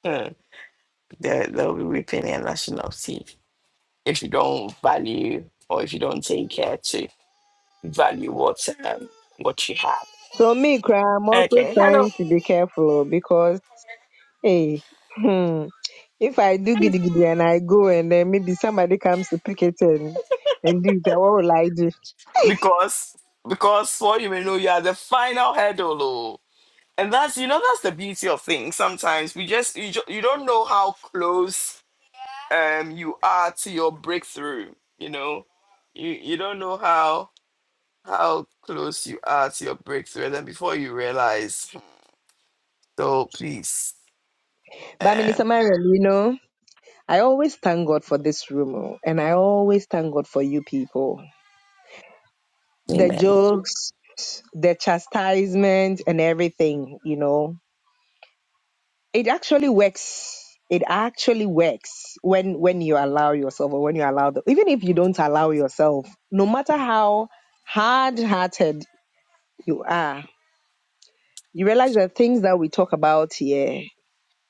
S1: Huh. they there'll be weeping and gnashing of teeth if you don't value or if you don't take care to value what um, what you have.
S4: So me, cry, I'm also
S1: Okay. Hello,
S4: trying to be careful oh, because, hey, hmm, if I do giddy giddy and I go and then maybe somebody comes to pick it and and do it, what will I do?
S1: because because for you may know you are the final hurdle oh. no. and that's you know that's the beauty of things sometimes we just you, ju- you don't know how close um you are to your breakthrough you know you you don't know how how close you are to your breakthrough and then before you realize Hmm. so please
S4: But I mean,
S1: um
S4: Samarian, you know, I always thank God for this room, oh, and I always thank God for you people. The jokes, the chastisement and everything, you know, it actually works. It actually works when when you allow yourself or when you allow the even if you don't allow yourself, no matter how hard hearted you are, you realize that things that we talk about here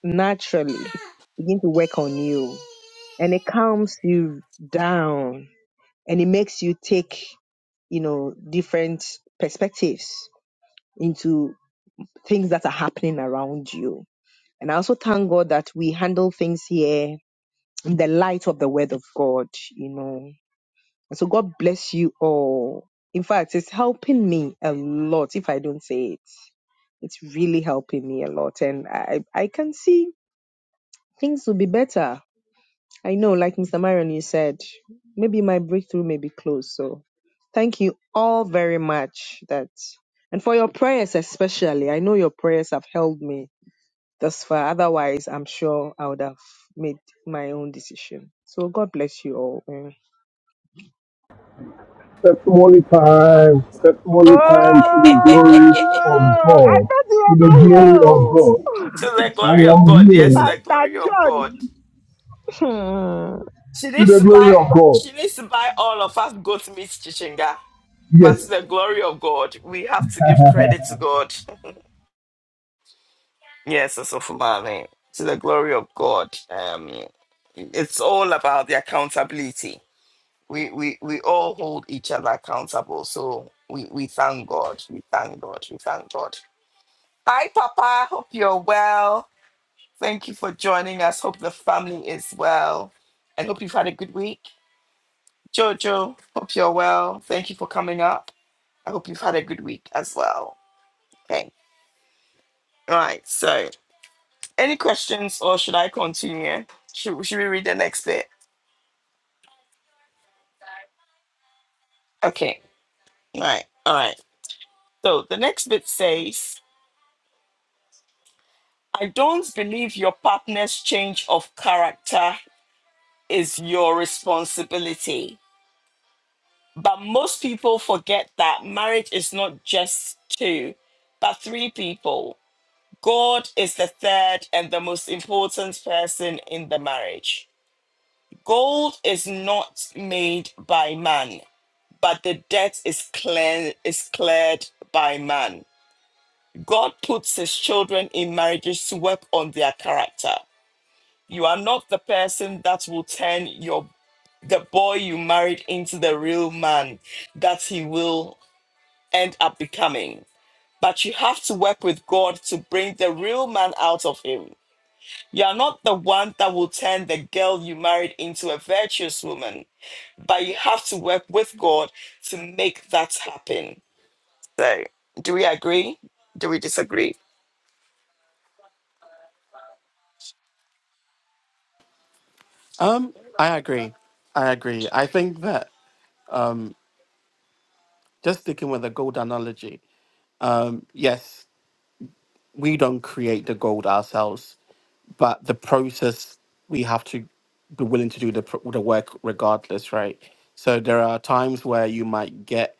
S4: naturally begin to work on you. And it calms you down and it makes you take, you know, different perspectives into things that are happening around you And I also thank God that we handle things here in the light of the word of God, you know. And so God bless you all. In fact, it's helping me a lot if I don't say it. It's really helping me a lot. And I, I can see things will be better. I know, like Mr. Marion, you said, maybe my breakthrough may be close. So thank you all very much. That and for your prayers especially. I know your prayers have held me thus far. Otherwise, I'm sure I would have made my own decision. So God bless you all. mm.
S5: Testimony time, testimony time to the glory of God, to the glory of
S4: Ayo,
S5: God.
S1: to the
S5: I
S1: glory of
S5: am
S1: god yes to
S5: here
S1: the
S4: Pastor
S1: glory of
S4: John.
S1: god
S4: Hmm.
S1: she
S5: to
S1: needs
S5: the
S1: to
S5: glory
S1: buy
S5: of God.
S1: she needs to buy all of us goat meat chichinga But to the
S5: Yes,
S1: glory of God, we have to give credit to God. Yes, as of money. To the glory of God. Um, it's all about the accountability. We, we we all hold each other accountable. So we, we thank God. We thank God. We thank God. Hi, Papa. Hope you're well. Thank you for joining us. Hope the family is well. And hope you've had a good week. Jojo, hope you're well. Thank you for coming up. I hope you've had a good week as well. Okay. All right. So. Any questions or should I continue? Should, should we read the next bit? Okay. All right. All right. So the next bit says, I don't believe your partner's change of character is your responsibility. But most people forget that marriage is not just two, but three people. God is the third and the most important person in the marriage. Gold is not made by man, but the debt is clear is cleared by man. God puts his children in marriages to work on their character. You are not the person that will turn your the boy you married into the real man that he will end up becoming. But you have to work with God to bring the real man out of him. You are not the one that will turn the girl you married into a virtuous woman, but you have to work with God to make that happen So, do we agree? Do we disagree?
S3: Um, I agree. I agree. I think that um, just sticking with the gold analogy. Um, yes. we don't create the gold ourselves, but the process we have to be willing to do the pr- the work regardless, right? So there are times where you might get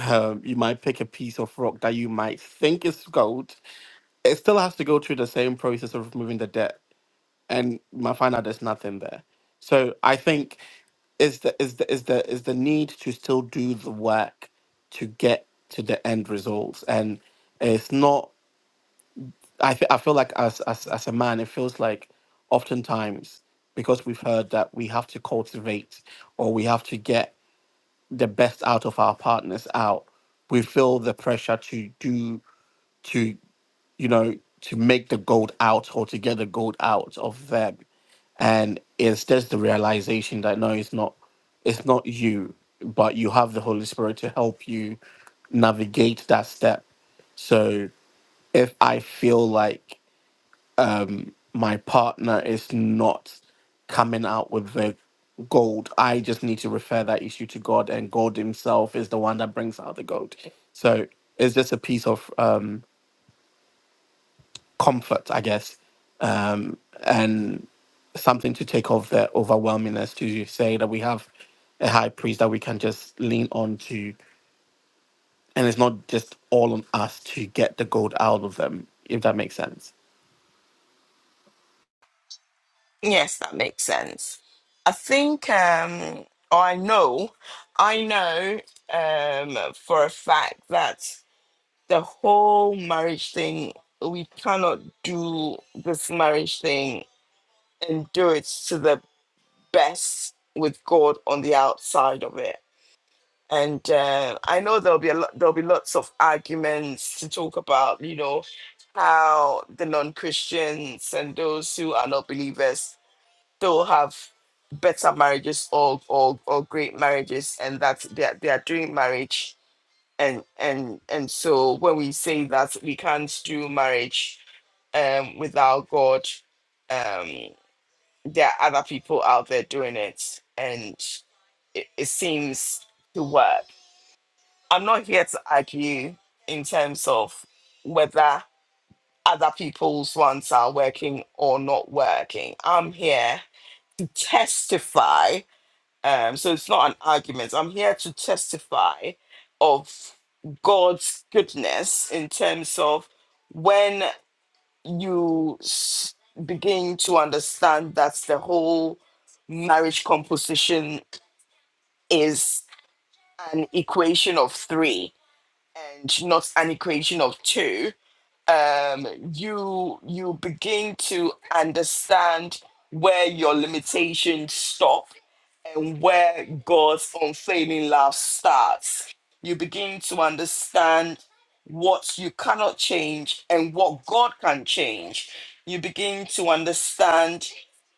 S3: um, you might pick a piece of rock that you might think is gold. It still has to go through the same process of removing the dirt, and you might find out there's nothing there. So I think is the is the is the is the need to still do the work to get to the end results, and it's not. I, fe- I feel like as, as as a man, it feels like oftentimes because we've heard that we have to cultivate or we have to get the best out of our partners out, we feel the pressure to do to you know to make the gold out or to get the gold out of them, and it's just the realization that no, it's not it's not you, but you have the Holy Spirit to help you navigate that step. So if I feel like my partner is not coming out with the gold. I just need to refer that issue to God, and God Himself is the one that brings out the gold. So it's just a piece of um, comfort, I guess, um, and something to take off the overwhelmingness to say that we have a high priest that we can just lean on to, and it's not just all on us to get the gold out of them, if that makes sense.
S1: Yes, that makes sense. I think, um, or I know, I know um, for a fact that the whole marriage thing, we cannot do this marriage thing and do it to the best with God on the outside of it. and uh, I know there'll be a lot, there'll be lots of arguments to talk about, you know, how the non-Christians and those who are not believers they will have better marriages or or, or great marriages, and that they are, they are doing marriage, and and and so when we say that we can't do marriage um, without God, um, there are other people out there doing it, and it, it seems to work. I'm not here to argue in terms of whether other people's ones are working or not working. I'm here to testify. Um, so it's not an argument. I'm here to testify of God's goodness in terms of when you s- begin to understand that the whole marriage composition is an equation of three and not an equation of two um you you begin to understand where your limitations stop and where God's unfailing love starts. You begin to understand what you cannot change and what God can change. You begin to understand,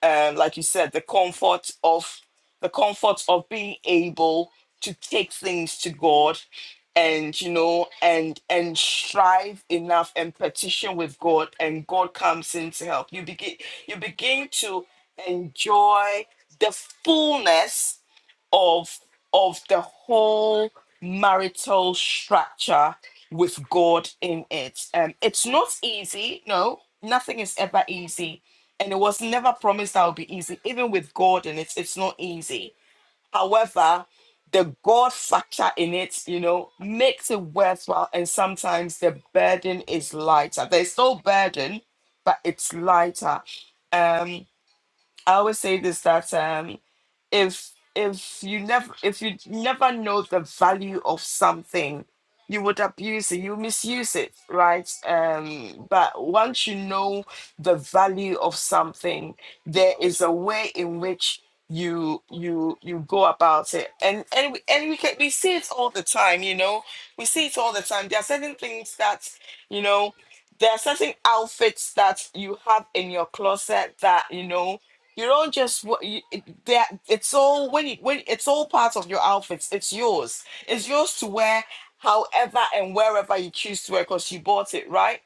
S1: um, like you said, the comfort of the comfort of being able to take things to God and you know and and strive enough and petition with god and god comes in to help you begin you begin to enjoy the fullness of of the whole marital structure with God in it. Um, it's not easy. No, nothing is ever easy, and it was never promised that would be easy. Even with God in it, it's not easy. However, the God factor in it, you know, makes it worthwhile, and sometimes the burden is lighter. There's no burden, but it's lighter. Um, I always say this that um if if you never if you never know the value of something, you would abuse it, you misuse it, right? Um, but once you know the value of something, there is a way in which you you you go about it and and we, and we can we see it all the time you know we see it all the time there are certain things that you know there are certain outfits that you have in your closet that you know you don't just wa- you, it- that. It's all when you, when it's all part of your outfits. It's yours. It's yours to wear, however and wherever you choose to wear, because you bought it, right?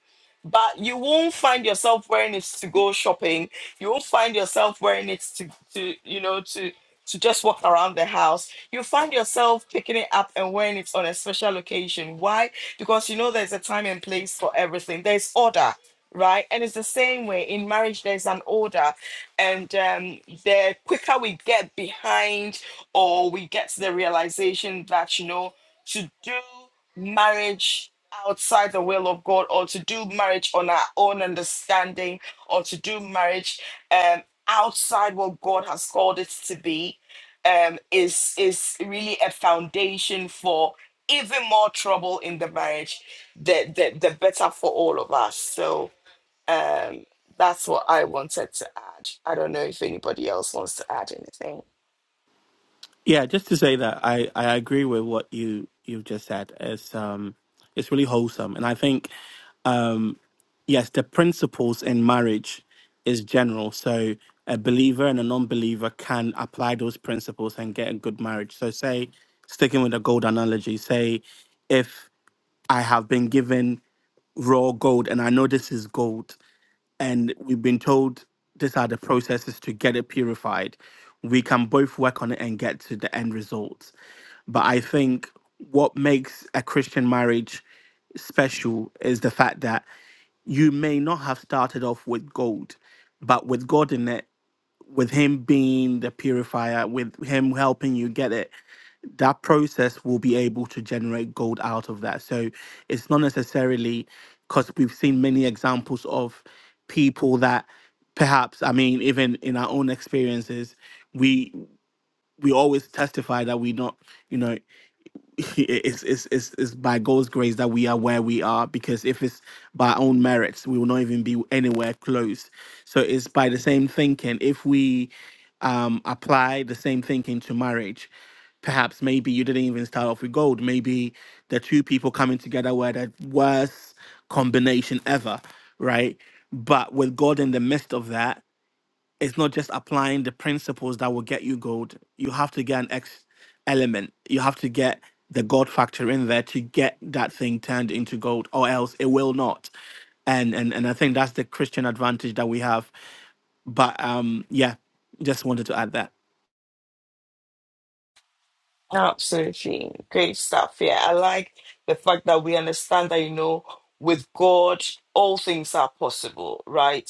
S1: But you won't find yourself wearing it to go shopping. You won't find yourself wearing it to to you know to to just walk around the house. You find yourself picking it up and wearing it on a special occasion. Why? Because you know there's a time and place for everything. There's order right? And it's the same way in marriage, there's an order. And um, the quicker we get behind or we get to the realization that, you know, to do marriage outside the will of God or to do marriage on our own understanding or to do marriage um, outside what God has called it to be um, is, is really a foundation for even more trouble in the marriage, the, the, the better for all of us. So, um, that's what I wanted to add. I don't know if anybody else wants to add anything.
S3: Yeah, just to say that I, I agree with what you you've just said. It's um it's really wholesome, and I think um yes, the principles in marriage is general. So a believer and a non-believer can apply those principles and get a good marriage. So say sticking with the gold analogy, say if I have been given raw gold and I know this is gold, and we've been told these are the processes to get it purified. We can both work on it and get to the end result. But I think what makes a Christian marriage special is the fact that you may not have started off with gold, but with God in it, with Him being the purifier, with Him helping you get it, that process will be able to generate gold out of that. So it's not necessarily because we've seen many examples of people that perhaps I mean even in our own experiences we we always testify that we not you know it's, it's it's it's by God's grace that we are where we are because if it's by our own merits, we will not even be anywhere close. So it's by the same thinking. If we um, apply the same thinking to marriage, perhaps maybe you didn't even start off with gold. Maybe the two people coming together were the worst combination ever, right? But with God in the midst of that it's not just applying the principles that will get you gold. You have to get an X element. You have to get the gold factor in there to get that thing turned into gold, or else it will not. And and and I think that's the Christian advantage that we have. But um, yeah, just wanted to add that.
S1: Absolutely. Great stuff. Yeah, I like the fact that we understand that, you know, with God, all things are possible, right?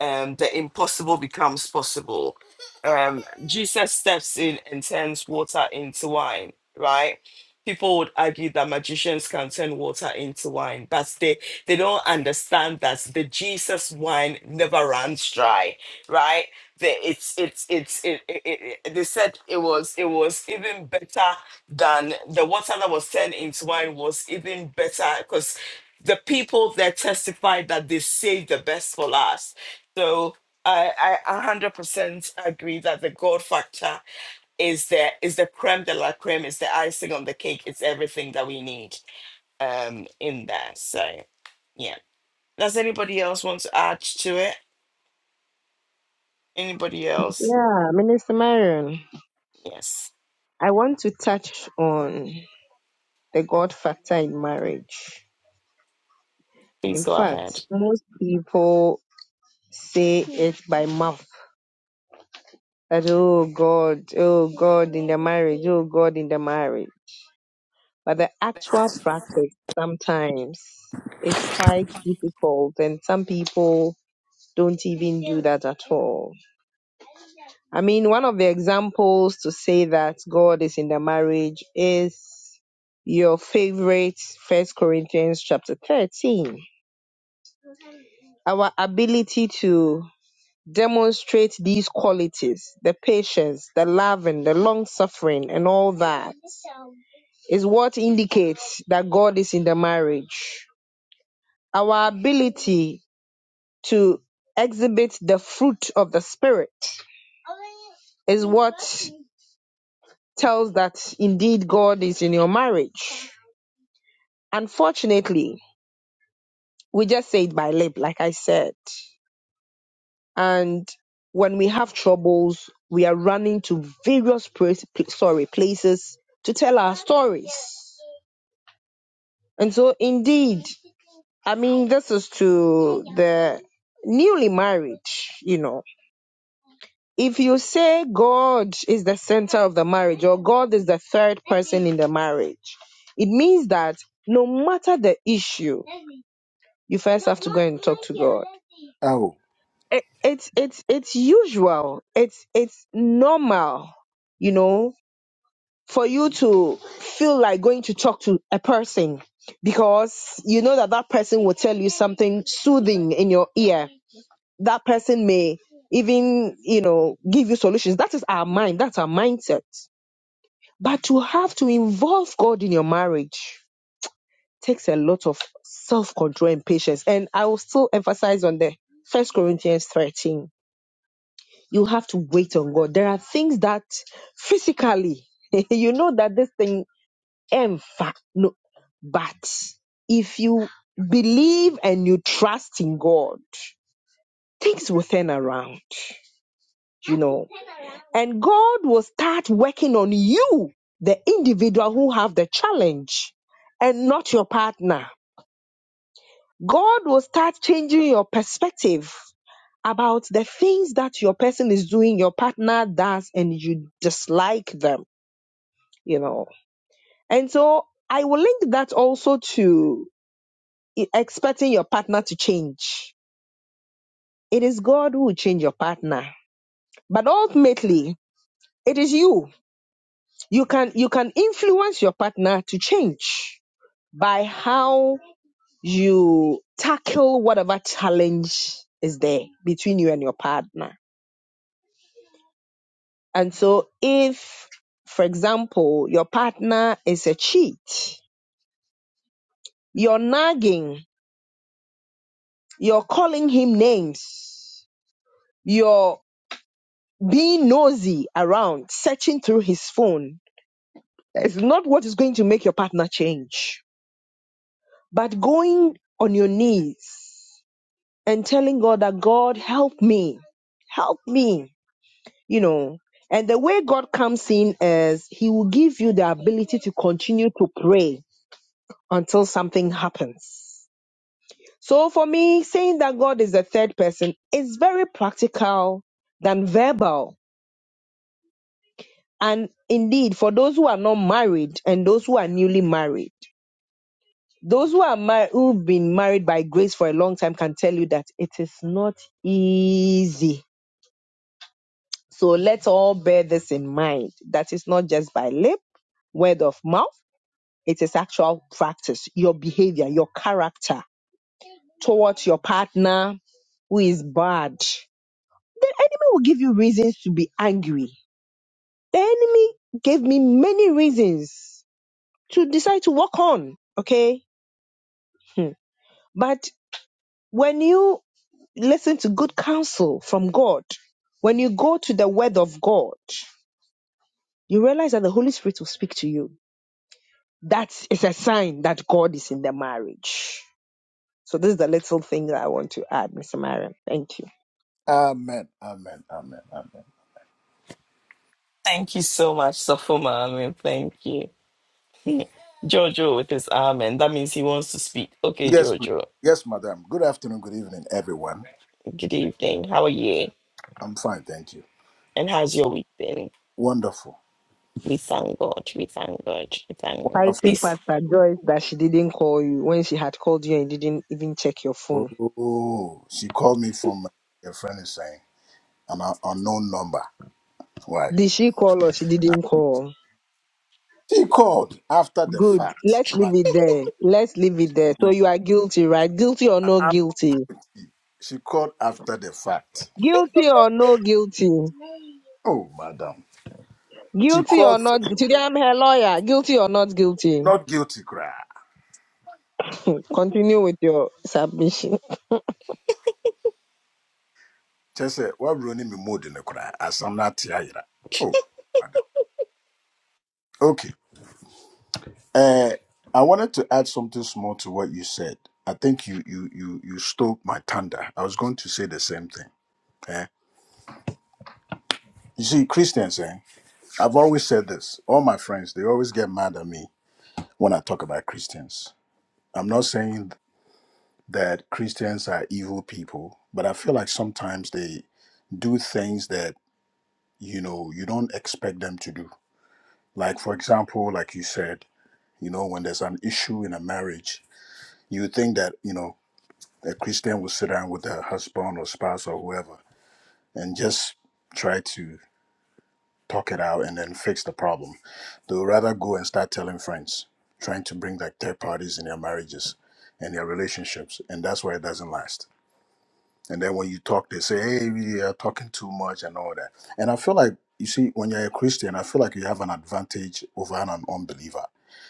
S1: Um, the impossible becomes possible. Um, Jesus steps in and turns water into wine, right? People would argue that magicians can turn water into wine, but they, they don't understand that the Jesus wine never runs dry, right? the, it's it's it's it, it, it, it- they said it was it was even better than the water that was turned into wine was even better because the people that testified that they saved the best for last so I I 100% agree that the God factor is the is the creme de la creme, is the icing on the cake, it's everything that we need um in there. So yeah. Does anybody else want to add to it? Anybody else?
S4: Yeah, Minister Marion,
S1: Yes.
S4: I want to touch on the God factor in marriage.
S1: Please
S4: In
S1: go ahead.
S4: fact, most people say it by mouth that, oh God, oh God in the marriage, oh God in the marriage. but the actual practice sometimes is quite difficult and some people don't even do that at all. I mean, one of the examples to say that God is in the marriage is your favorite First Corinthians chapter 13. Our ability to demonstrate these qualities, the patience, the loving, the long suffering and all that is what indicates that God is in the marriage Our ability to exhibit the fruit of the Spirit is what tells that indeed God is in your marriage. Unfortunately, we just say it by lip, like I said. And when we have troubles, we are running to various place, pl- sorry, places to tell our stories. And so, indeed, I mean, this is to the newly married, you know. if you say God is the center of the marriage or God is the third person in the marriage, it means that no matter the issue, you first have to go and talk to God.
S6: Oh,
S4: It, it's it's it's usual. It's it's normal, you know, for you to feel like going to talk to a person because you know that that person will tell you something soothing in your ear that person may even you know give you solutions that is our mind that's our mindset but to have to involve god in your marriage takes a lot of self-control and patience and i will still emphasize on the first corinthians 13 you have to wait on god there are things that physically you know that this thing em fa- no but if you believe and you trust in god things will turn around you know. And God will start working on you, the individual who have the challenge and not your partner. God will start changing your perspective about the things that your person is doing, your partner does, and you dislike them, you know. And so I will link that also to i- expecting your partner to change. It is God who will change your partner. But ultimately, it is you you can you can influence your partner to change by how you tackle whatever challenge is there between you and your partner and so if for example your partner is a cheat you're nagging you're calling him names you're being nosy around searching through his phone it's not what is going to make your partner change but going on your knees and telling God that God help me, help me, you know. And the way God comes in is He will give you the ability to continue to pray until something happens. So for me, saying that God is the third person is very practical than verbal. And indeed, for those who are not married and those who are newly married, those who are mar- who've been married by grace for a long time can tell you that it is not easy So let's all bear this in mind that it's not just by lip, word of mouth, it is actual practice, your behavior, your character towards your partner who is bad. The enemy will give you reasons to be angry. The enemy gave me many reasons to decide to walk on, okay? Hmm. But when you listen to good counsel from God, when you go to the word of God, you realize that the Holy Spirit will speak to you That is a sign that God is in the marriage. So this is the little thing that I want to add, Mr. Mariam. Thank you.
S6: amen, amen, amen, amen.
S1: Thank you so much, Safuma. I mean, thank you. Jojo with his amen. That means he wants to speak. Okay,
S6: Yes, please.
S1: Jojo.
S6: Yes, madam. Good afternoon, good evening, everyone.
S1: Good evening. How are you?
S6: I'm fine, thank you.
S1: And how's your week been?
S6: Wonderful.
S1: We thank God. We thank God. We thank God.
S4: Fighting
S1: Please.
S4: Pastor Joyce that she didn't call you when she had called you and you didn't even check your phone.
S6: Wonderful. Oh, she called me from a friend is saying an un- unknown number. Why?
S4: Did she call or she didn't call?
S6: She called after the
S4: Good.
S6: fact.
S4: Let's
S6: My
S4: leave it there. Let's leave it there. So
S6: God.
S4: you are guilty, right? Guilty or no
S6: After
S4: guilty?
S6: She called after the fact.
S4: Guilty or no guilty?
S6: Oh, madam. She
S4: Guilty or
S6: called
S4: not?
S6: first,
S4: Today I'm her lawyer. Guilty or not guilty?
S6: not guilty cry.
S4: Continue with your submission.
S6: Just say, what running me mood in the cry? As I'm not here. Oh, madam. Okay. Uh, I wanted to add something small to what you said. I think you you you you stole my thunder. I was going to say the same thing. eh? You see, Christians, eh? I've always said this. All my friends, they always get mad at me when I talk about Christians. I'm not saying that Christians are evil people, but I feel like sometimes they do things that you know you don't expect them to do. Like for example, like you said, you know, when there's an issue in a marriage, you think that you know that Christian would sit down with her husband or spouse or whoever and just try to talk it out and then fix the problem. They would rather go and start telling friends, trying to bring like third parties in their marriages and their relationships. And that's why it doesn't last. And then when you talk, they say, hey, we are talking too much and all that. And I feel like, you see, when you're a Christian, I feel like you have an advantage over an unbeliever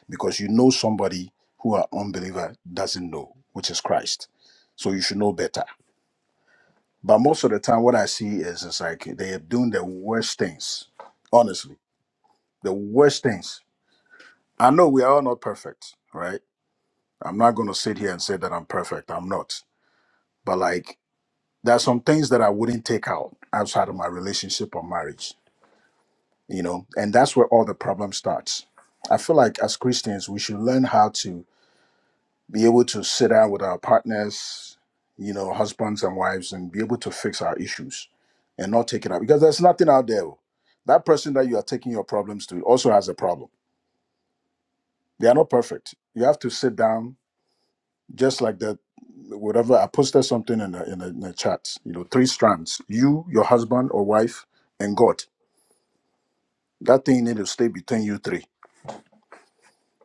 S6: because you know somebody who an unbeliever doesn't know, which is Christ. So you should know better But most of the time, what I see is it's like they are doing the worst things. Honestly, the worst things. I know we are all not perfect, right? I'm not going to sit here and say that I'm perfect. I'm not. But like, there are some things that I wouldn't take out outside of my relationship or marriage, you know? And that's where all the problem starts. I feel like as Christians, we should learn how to be able to sit down with our partners, you know, husbands and wives, and be able to fix our issues and not take it out because there's nothing out there. oh. That person that you are taking your problems to also has a problem. They are not perfect. You have to sit down, just like that. Whatever I posted something in the, in, the, in the chat, you know, three strands: you, your husband or wife, and God. That thing need to stay between you three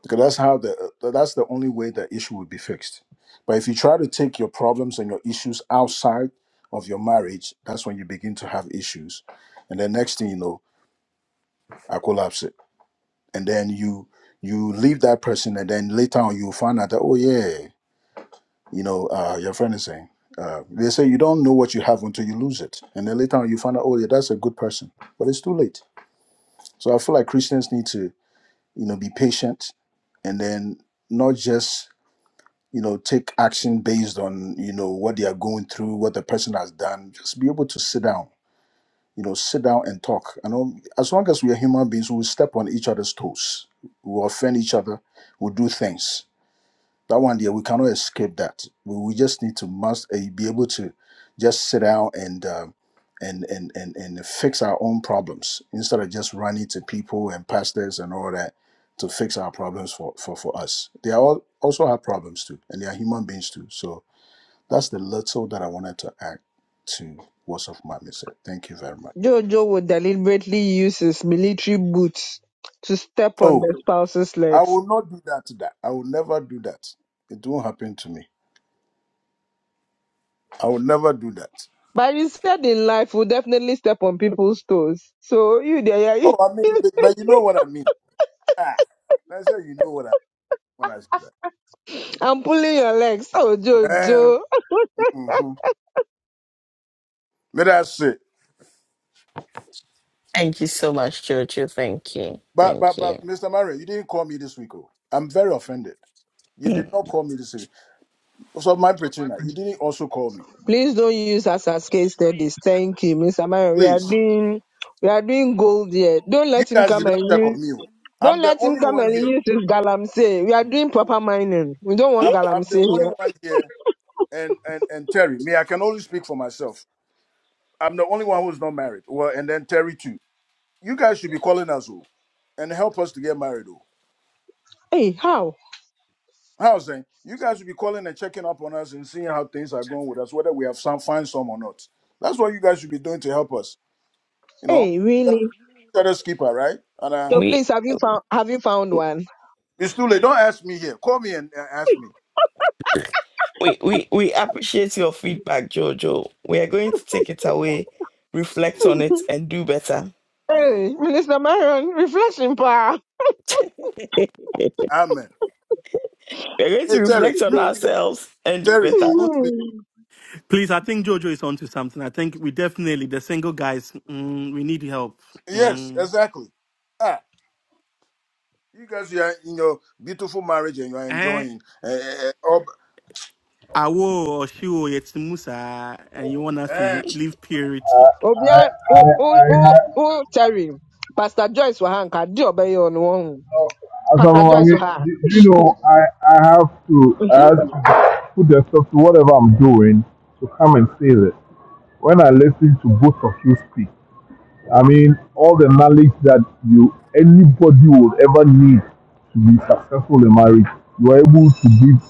S6: because that's how the uh, that's the only way the issue will be fixed but if you try to take your problems and your issues outside of your marriage that's when you begin to have issues and then next thing you know i collapse it and then you you leave that person and then later on you find out that oh yeah you know uh, your friend is saying uh, they say you don't know what you have until you lose it and then later on you find out oh yeah that's a good person but it's too late so i feel like christians need to you know be patient and then not just you know take action based on you know what they are going through what the person has done just be able to sit down you know sit down and talk you know as long as we are human beings we will step on each other's toes we will offend each other we'll do things that one there, we cannot escape that. We, we just need to must uh, be able to just sit down and um and, and and and fix our own problems instead of just running to people and pastors and all that to fix our problems for for for us. They are all also have problems too, and they are human beings too. So that's the little that I wanted to add to what's of my message. Thank you very much.
S4: Jojo would deliberately use his military boots to step on the
S6: Oh,
S4: spouse's
S6: I
S4: legs.
S6: will not do that. That I will never do that. It won't happen to me. I will never do that.
S4: But he said in life, we'll definitely step on people's toes. So you there, yeah, you-
S6: Oh, I mean, but, but you know what I mean. Ah, that's how you know what I when I say that.
S4: I'm pulling your legs. Oh, Jojo.
S6: Eh, hmm But that's it.
S1: Thank you so much, Jojo. Thank you.
S6: But
S1: Thank
S6: but but
S1: you.
S6: Mr. Mario, you didn't call me this week. Oh. I'm very offended. You did
S1: Mm.
S6: not call me this week. So my Petrina, you didn't also call me.
S4: Please don't use us as case studies. Thank you, Mr. Mario. We are
S6: Please.
S4: doing, we are doing gold here. Don't
S6: You
S4: let him
S6: guys did
S4: come
S6: not
S4: and
S6: check
S4: use,
S6: on me. oh. I'm
S4: don't
S6: the
S4: let him
S6: only
S4: come
S6: one
S4: and
S6: here.
S4: use his galamsey. We are doing proper mining. We don't want
S6: I'm I'm the
S4: galamsey
S6: only
S4: here.
S6: one here. And and and Terry, me, I can only speak for myself. I'm the only one who's not married. Well, and then Terry too. You guys should be calling us oh, and help us to get married. oh.
S4: Hey, how?
S6: How's then? You guys will be calling and checking up on us and seeing how things are going with us, whether we have some find some or not. That's what you guys should be doing to help us. You know,
S4: Hey,
S6: You
S4: really?
S6: are shadow skipper, right? And uh,
S4: So
S1: We
S4: please, have you found, have you found one?
S6: it's too late. Don't ask me here. Call me and uh, ask me.
S1: we we we appreciate your feedback, Jojo. We are going to take it away, reflect
S6: Yo,
S1: on it, and do better.
S6: yo,
S4: Hey, Minister Marion, reflection power.
S1: We're
S6: amen.
S1: going
S6: Hey
S1: to
S6: Terry,
S1: reflect on
S6: you, you
S1: ourselves and do
S6: Terry,
S1: better.
S6: you would be
S3: Please, I think Jojo is onto something. I think we definitely the single guys. Mm, we need help.
S6: yes,
S3: Mm.
S6: exactly. Ah, you guys, you are in your beautiful marriage and you are
S3: Eh?
S6: enjoying. Uh, uh, uh, ob-
S3: Awo or Shiwo Yetsumu, sir, and you want us
S6: eh.
S3: to leave purity.
S5: I,
S4: Obia,
S5: I,
S4: oh, oh,
S5: I,
S4: oh,
S5: I
S4: oh, Terry, Pastor Joyce wa hanka di obey on one.
S5: uh, as I'm,
S4: Pastor
S5: I
S4: Joyce wa.
S5: mean, you know, I, I have to, I
S4: Mhm.
S5: have to put the stuff to whatever I'm doing to come and say that when I listen to both of you speak. I mean, all the knowledge that you anybody would ever need to be successful in marriage, you are able to give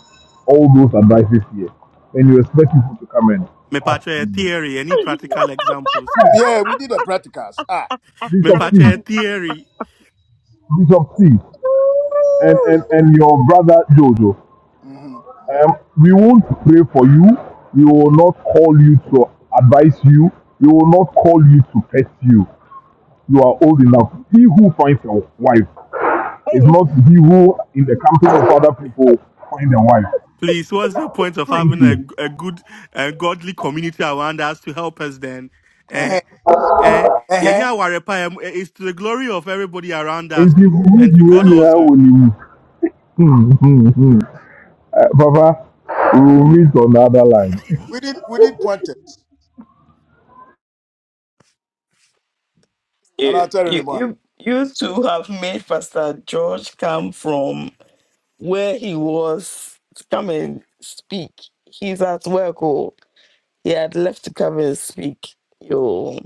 S5: all those advices here. And you expect people to come and
S3: Me
S5: touch
S3: patra a
S5: you.
S3: theory, any practical examples?
S6: yeah, we did the practicals. Ah,
S3: Me
S5: Bishop C,
S3: patra a theory.
S5: Bishop C, and,
S4: Woo!
S5: and, and your brother Jojo,
S6: mm-hmm.
S5: um, we won't pray for you. We will not call you to advise you. We will not call you to test you. You are old enough. He who finds a wife It's
S4: Hey,
S5: not he who in the company of other people find a wife.
S3: Please, what's the point of
S6: true.
S5: Thank
S3: having a,
S5: you.
S3: a good and godly community around us to help us then? Eh,
S6: Uh-huh.
S3: eh,
S6: Uh-huh.
S3: yenya warepa, eh, it's to the glory of everybody around us
S5: Nti
S3: oh,
S5: yi
S3: and
S5: di
S3: to
S6: Huh?
S5: yɛn
S3: God
S5: nyinaa wɔ
S3: also.
S5: ne Hmm, hmm, hmm. Eh, Papa, we will meet on the other line.
S6: We did we did Qantas, and
S1: you
S6: I'll tell him
S1: you
S6: why.
S1: you you two have made Pastor George come from where he was to come and speak. He's at work. Oh, he had left to come and speak. Yo,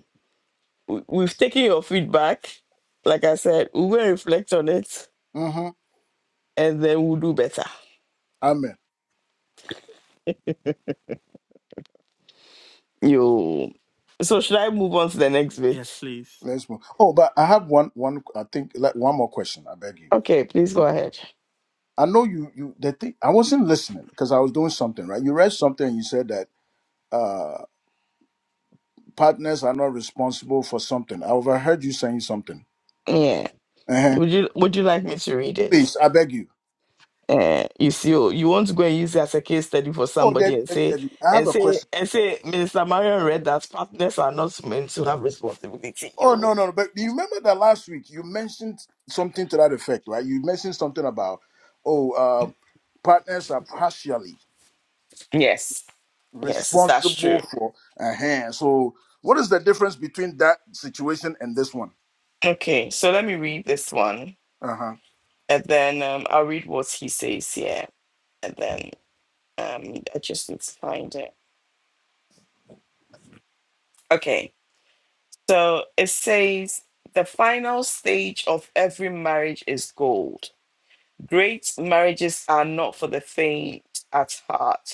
S1: we- we've taken your feedback. Like I said, we will reflect on it
S6: Mm-hmm.
S1: and then we'll do better.
S6: Amen.
S1: Yo, so should I move on to the next
S3: Yes,
S1: bit?
S3: please.
S6: Let's move. Oh, but I have one one. I think like one more question. I beg you.
S1: Okay, please go
S6: Um,
S1: ahead.
S6: I know you you the thing. I wasn't listening because I was doing something right. You read something. and You said that uh partners are not responsible for something. I overheard you saying something.
S1: Yeah,
S6: Uh-huh.
S1: would you would you like me to read it?
S6: Please, I beg you.
S1: Eh, you see, oh, you want to go and use it as a case study for
S6: Oh,
S1: somebody
S6: Debbie,
S1: and
S6: Debbie,
S1: say,
S6: Debbie, I have
S1: and
S6: a
S1: say,
S6: question.
S1: and say, Minister Marion read that partners are not meant to have responsibility.
S6: Oh no,
S1: You.
S6: no, no. But do you remember that last week you mentioned something to that effect, right? You mentioned something about oh uh, partners are partially
S1: Yes, yes, that's true.
S6: responsible for a hand. So, what is the difference between that situation and this one?
S1: Okay, so let me read this one,
S6: Uh huh.
S1: and then um, I'll read what he says here, and then um, I just need to find it. Okay, so it says the final stage of every marriage is gold. Great marriages are not for the faint at heart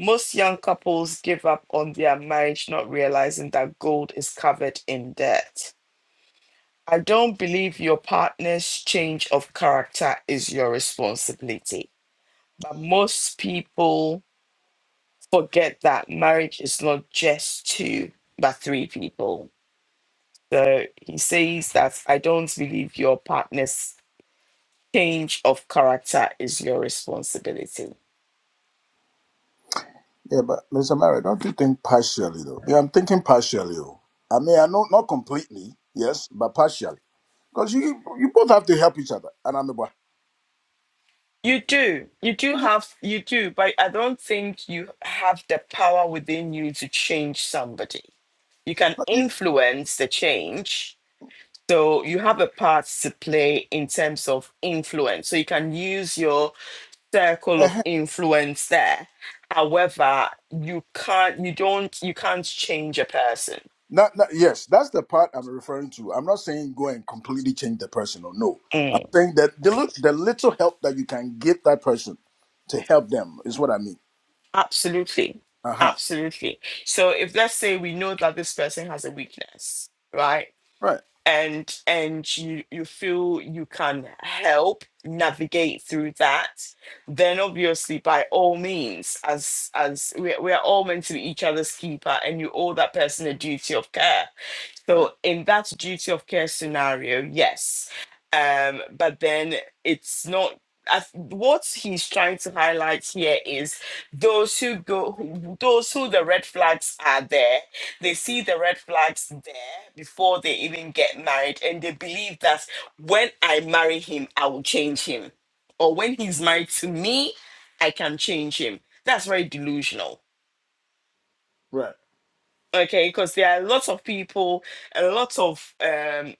S1: Most young couples give up on their marriage not realizing that gold is covered in debt. I don't believe your partner's change of character is your responsibility. But most people forget that marriage is not just two, but three people. So he says that I don't believe your partner's change of character is your responsibility.
S6: Yeah, but Mr. Mary, don't you think partially though? Yeah, I'm thinking partially. Oh. I mean, I know not completely, yes, but partially. Because you you both have to help each other. And I'm about
S1: You do. You do have, you do, but I don't think you have the power within you to change somebody. You can influence the change. So you have a part to play in terms of influence. So you can use your circle of
S6: uh
S1: influence there. However, you can't, you don't, you can't change a person.
S6: not, not, yes, that's the part I'm referring to. I'm not saying go and completely change the person. Or no, I'm
S1: Mm.
S6: saying that the lit- the little help that you can give that person to help them is what I mean.
S1: Absolutely.
S6: Uh huh.
S1: Absolutely. So if let's say we know that this person has a weakness, right?
S6: Right.
S1: and and you you feel you can help navigate through that then obviously by all means as as we're, we're all meant to be each other's keeper and you owe that person a duty of care
S6: Right.
S1: so in that duty of care scenario, yes. Um, but then it's not. I, th- what he's trying to highlight here is those who go, who- those who the red flags are there. They see the red flags there before they even get married, and they believe that when I marry him, I will change him, or when he's married to me, I can change him. That's very delusional
S6: Right.
S1: okay because there are lots of people and lots of um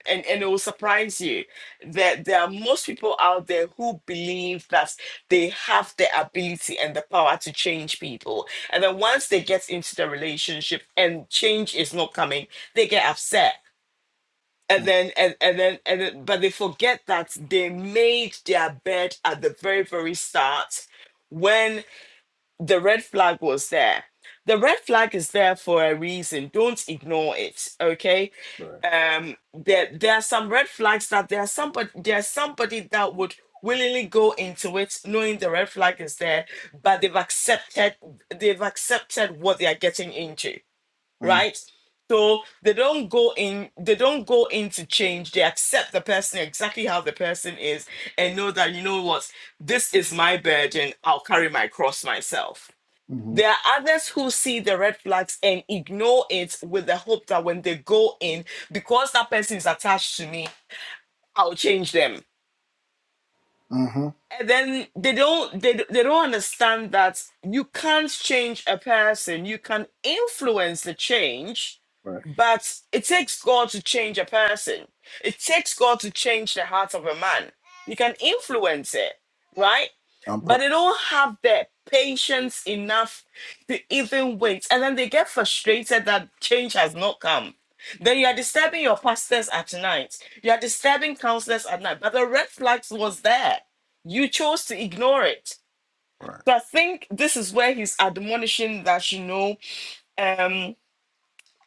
S1: and and it will surprise you that there are most people out there who believe that they have the ability and the power to change people and then once they get into the relationship and change is not coming they get upset and then and, and then and then, but they forget that they made their bed at the very very start when the red flag was there. The red flag is there for a reason. Don't ignore it. Okay.
S6: Right.
S1: Um, there there are some red flags that there's somebody there's somebody that would willingly go into it knowing the red flag is there, but they've accepted they've accepted what they are getting into,
S6: Mm,
S1: right? So they don't go in, they don't go into change. They accept the person exactly how the person is and know that you know what, this is my burden. I'll carry my cross myself
S6: mm-hmm.
S1: there are others who see the red flags and ignore it with the hope that when they go in, because that person is attached to me, I'll change them.
S6: Mm-hmm.
S1: And then they don't they, d- they don't understand that you can't change a person. You can influence the change,
S6: Right.
S1: but it takes God to change a person. It takes God to change the heart of a man. You can influence it, right?
S6: I'm
S1: But
S6: pro-
S1: they don't have the patience enough to even wait. And then they get frustrated that change has not come. Then you are disturbing your pastors at night. You are disturbing counselors at night. But the red flags was there. You chose to ignore it.
S6: Right.
S1: So I think this is where he's admonishing that you know. Um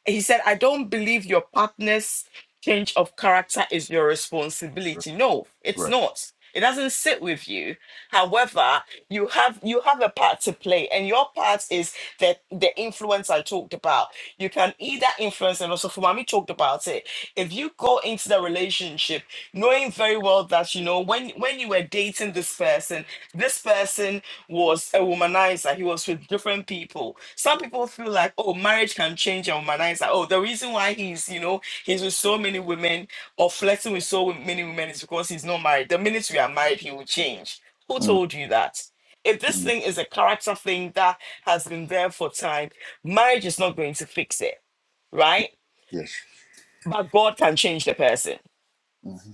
S1: he said, I don't believe your partner's change of character is your
S6: Right.
S1: responsibility. No, it's
S6: Right.
S1: not. It doesn't sit with you. However, you have you have a part to play, and your part is that the influence I talked about. You can either influence, and also Fumami talked about it. If you go into the relationship knowing very well that you know when when you were dating this person, this person was a womanizer. He was with different people. Some people feel like, oh, marriage can change a womanizer. Oh, the reason why he's, you know, he's with so many women or flirting with so many women is because he's not married. The minute we are married, he will change. Who
S6: mm,
S1: told you that? If this
S6: mm,
S1: thing is a character thing that has been there for time, marriage is not going to fix it, right?
S6: Yes.
S1: But God can change the person.
S6: mm-hmm.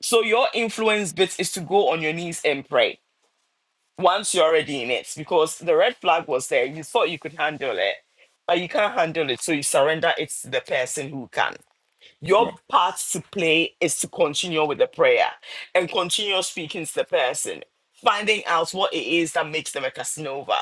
S1: So your influence bit is to go on your knees and pray once you're already in it because the red flag was there you thought you could handle it but you can't handle it so you surrender it to the person who can
S6: Right.
S1: your part to play is to continue with the prayer and continue speaking to the person, finding out what it is that makes them a Casanova,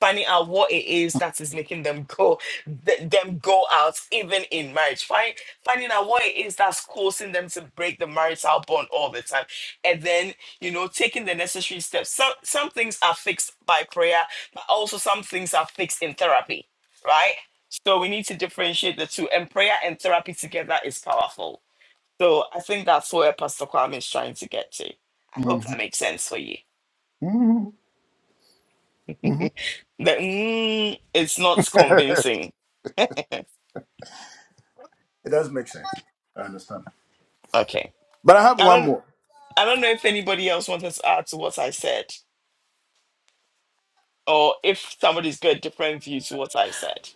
S1: finding out what it is that is making them go th- them go out even in marriage, find, finding out what it is that's causing them to break the marital bond all the time, and then you know taking the necessary steps. Some some things are fixed by prayer, but also some things are fixed in therapy. Right? So we need to differentiate the two, and prayer and therapy together is powerful. So I think that's where Pastor Kwame is trying to get to. I hope
S6: Mm-hmm.
S1: that makes sense for you.
S6: Mm-hmm. Mm-hmm.
S1: The mm, it's not convincing.
S6: it does make sense. I understand.
S1: Okay,
S6: But I have
S1: I
S6: one
S1: don't.
S6: more.
S1: I don't know if anybody else wants to add to what I said, or if somebody's got a different view to what I said.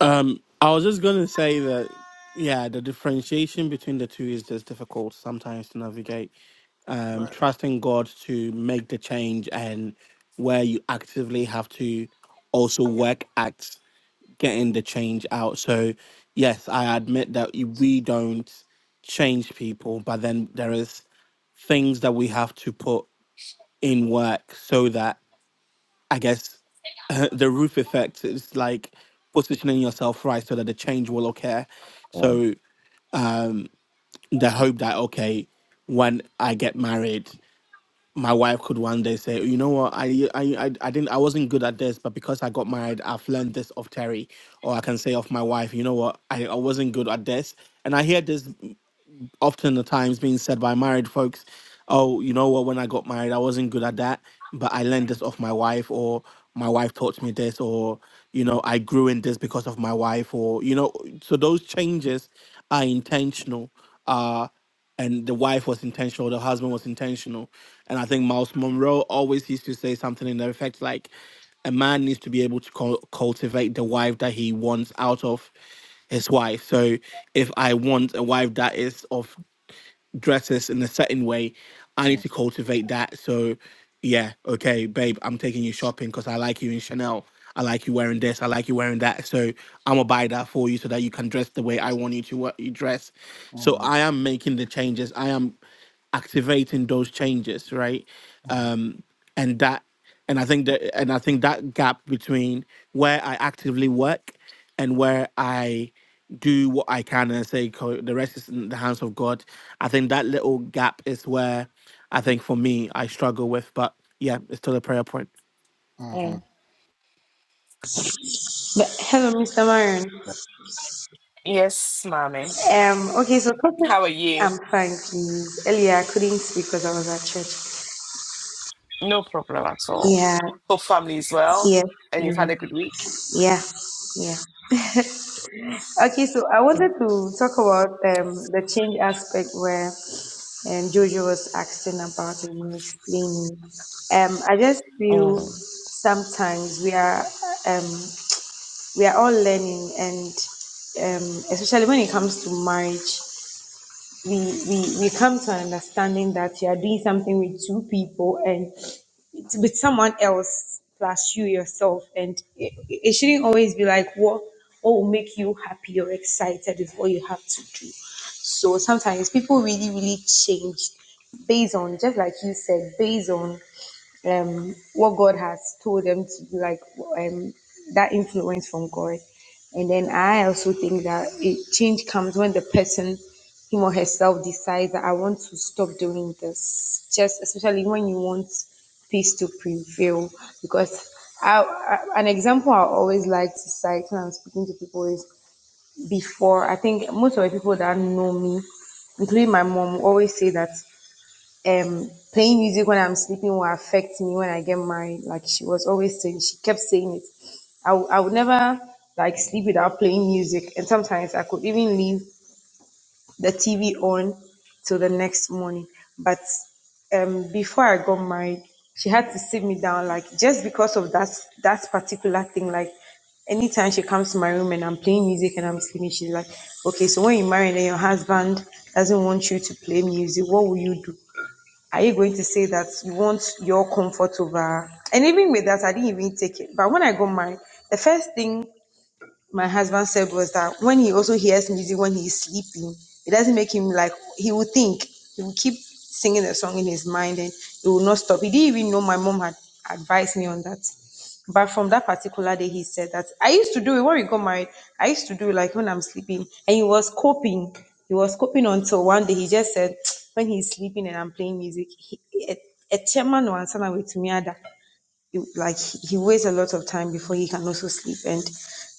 S3: Um, I was just gonna say that yeah, the differentiation between the two is just difficult sometimes to navigate. Um,
S6: Right.
S3: trusting God to make the change and where you actively have to also work at getting the change out. So yes, I admit that y- we don't change people, but then there is things that we have to put in work so that I guess, the roof effect is like positioning yourself right so that the change will occur. So um, the hope that okay, when I get married, my wife could one day say, you know what, I I I I didn't I wasn't good at this, but because I got married, I've learned this of Terry, or I can say of my wife, you know what, I, I wasn't good at this, and I hear this often the times being said by married folks, oh, you know what, when I got married, I wasn't good at that, but I learned this off my wife, or my wife taught me this, or, you know,
S6: Mm,
S3: I grew in this because of my wife, or, you know, so those changes are intentional. Uh, and the wife was intentional, the husband was intentional. And I think Miles Monroe always used to say something in the effect like, a man needs to be able to cul- cultivate the wife that he wants out of his wife. So if I want a wife that is of dress us in a certain way. I need
S6: mm,
S3: to cultivate that. So, yeah, okay, babe, I'm taking you shopping because I like you in Chanel. I like you wearing this. I like you wearing that. So I'm gonna buy that for you so that you can dress the way I want you to wa- you dress. So
S6: mm,
S3: I am making the changes. I am activating those changes right
S6: mm,
S3: um and that and i think that and i think that gap between where i actively work and where i do what i can and say "Co- the rest is in the hands of god i think that little gap is where i think for me i struggle with but yeah it's still a prayer point
S6: mhm.
S1: Mm.
S7: But, hello, Mr. Myron.
S1: Yes, mommy.
S7: Um, okay, so talking,
S1: How are
S7: I'm
S1: you?
S7: fine, please. Earlier, I couldn't speak because I was at church.
S1: No problem at all.
S7: Yeah,
S1: Hope family is well,
S7: yes,
S1: and you've
S7: mm,
S1: had a good week.
S7: yeah, yeah. Okay, so I wanted to talk about um, the change aspect where um, Jojo was asking about and you were explaining. Um, I just feel
S1: Mm.
S7: sometimes we are um, we are all learning, and um, especially when it comes to marriage, we we we come to an understanding that you are doing something with two people and it's with someone else plus you yourself and it, it shouldn't always be like what what will make you happy or excited is what you have to do so sometimes people really really change based on just like you said based on um, what God has told them to do, like um, that influence from God. And then I also think that it, change comes when the person, him or herself, decides that I want to stop doing this. Just especially when you want peace to prevail, because I, I, an example I always like to cite when I'm speaking to people is before. I think most of the people that know me, including my mom, always say that um playing music when I'm sleeping will affect me when I get married. Like she was always saying, she kept saying it. I, w- I would never like sleep without playing music, and sometimes I could even leave the TV on till the next morning. But um, before I got married, she had to sit me down, like just because of that that particular thing. Like anytime she comes to my room and I'm playing music and I'm sleeping, she's like, "Okay, so when you marry, and then your husband doesn't want you to play music, what will you do?" are you going to say that you want your comfort over and even with that i didn't even take it but when i got mine, the first thing my husband said was that when he also hears music when he's sleeping, it doesn't make him like he will think he will keep singing the song in his mind and it will not stop. He didn't even know my mom had advised me on that. But from that particular day, he said that I used to do it when we got married. I used to do it like when I'm sleeping, and he was coping. He was coping until one day he just said, when he's sleeping and I'm playing music, he, a chairman or answer with me other it- like he he wastes a lot of time before he can also sleep and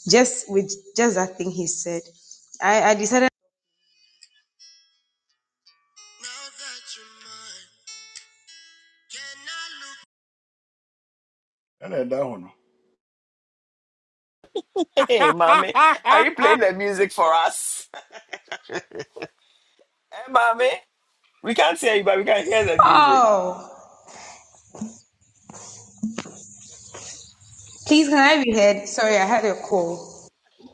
S7: just with just that thing he said i i decided
S6: I then that one.
S1: Hey, mommy, are you playing
S3: i
S1: the music for us? Hey, mommy, we can't hear you, but we can hear the music.
S7: oh please can i be heard sorry i had a call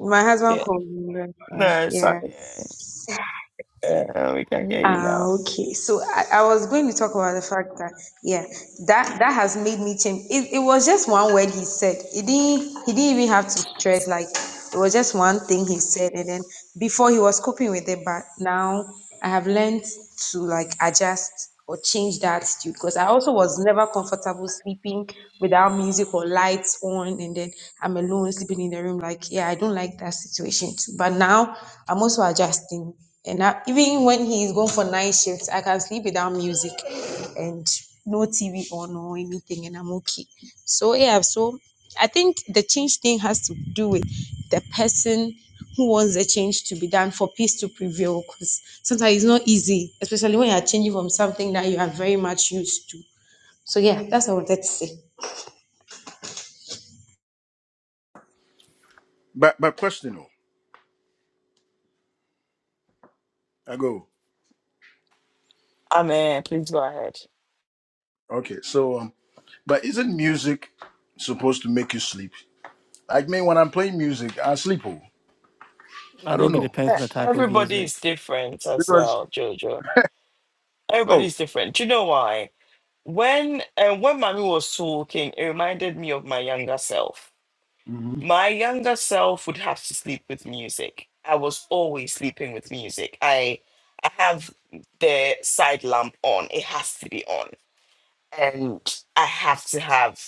S7: my husband
S1: Yeah,
S7: called me that's why.
S1: no,
S7: yeah
S1: sorry. Uh, we can hear you
S7: Ah,
S1: now.
S7: okay. So I, I was going to talk about the fact that yeah, that that has made me change. It, it was just one word he said. He didn't he didn't even have to stress. Like it was just one thing he said, and then before he was coping with it, but now I have learned to like adjust or change that attitude because I also was never comfortable sleeping without music or lights on and then I'm alone sleeping in the room. Like, yeah, I don't like that situation too. But now I'm also adjusting. And I, even when he's going for night shifts, I can sleep without music and no TV on or anything, and I'm okay. So, yeah, so I think the change thing has to do with the person who wants the change to be done for peace to prevail because sometimes it's not easy, especially when you're changing from something that you are very much used to. So yeah, that's what I wanted to say.
S6: But but question though. I go.
S1: Amen. Please go ahead.
S6: Okay, so um but isn't music supposed to make you sleep? Like me when I'm playing music, I sleep oh. I don't
S3: think it
S6: know.
S3: depends on
S1: Uh,
S3: the type of
S1: Everybody
S3: music
S1: is different as
S6: Because
S1: well, Jojo. Everybody
S6: oh.
S1: is different. Do you know why? When uh, when mommy was talking, it reminded me of my younger self My younger self would have to sleep with music. I was always sleeping with music. I I have the side lamp on. It has to be on. And I have to have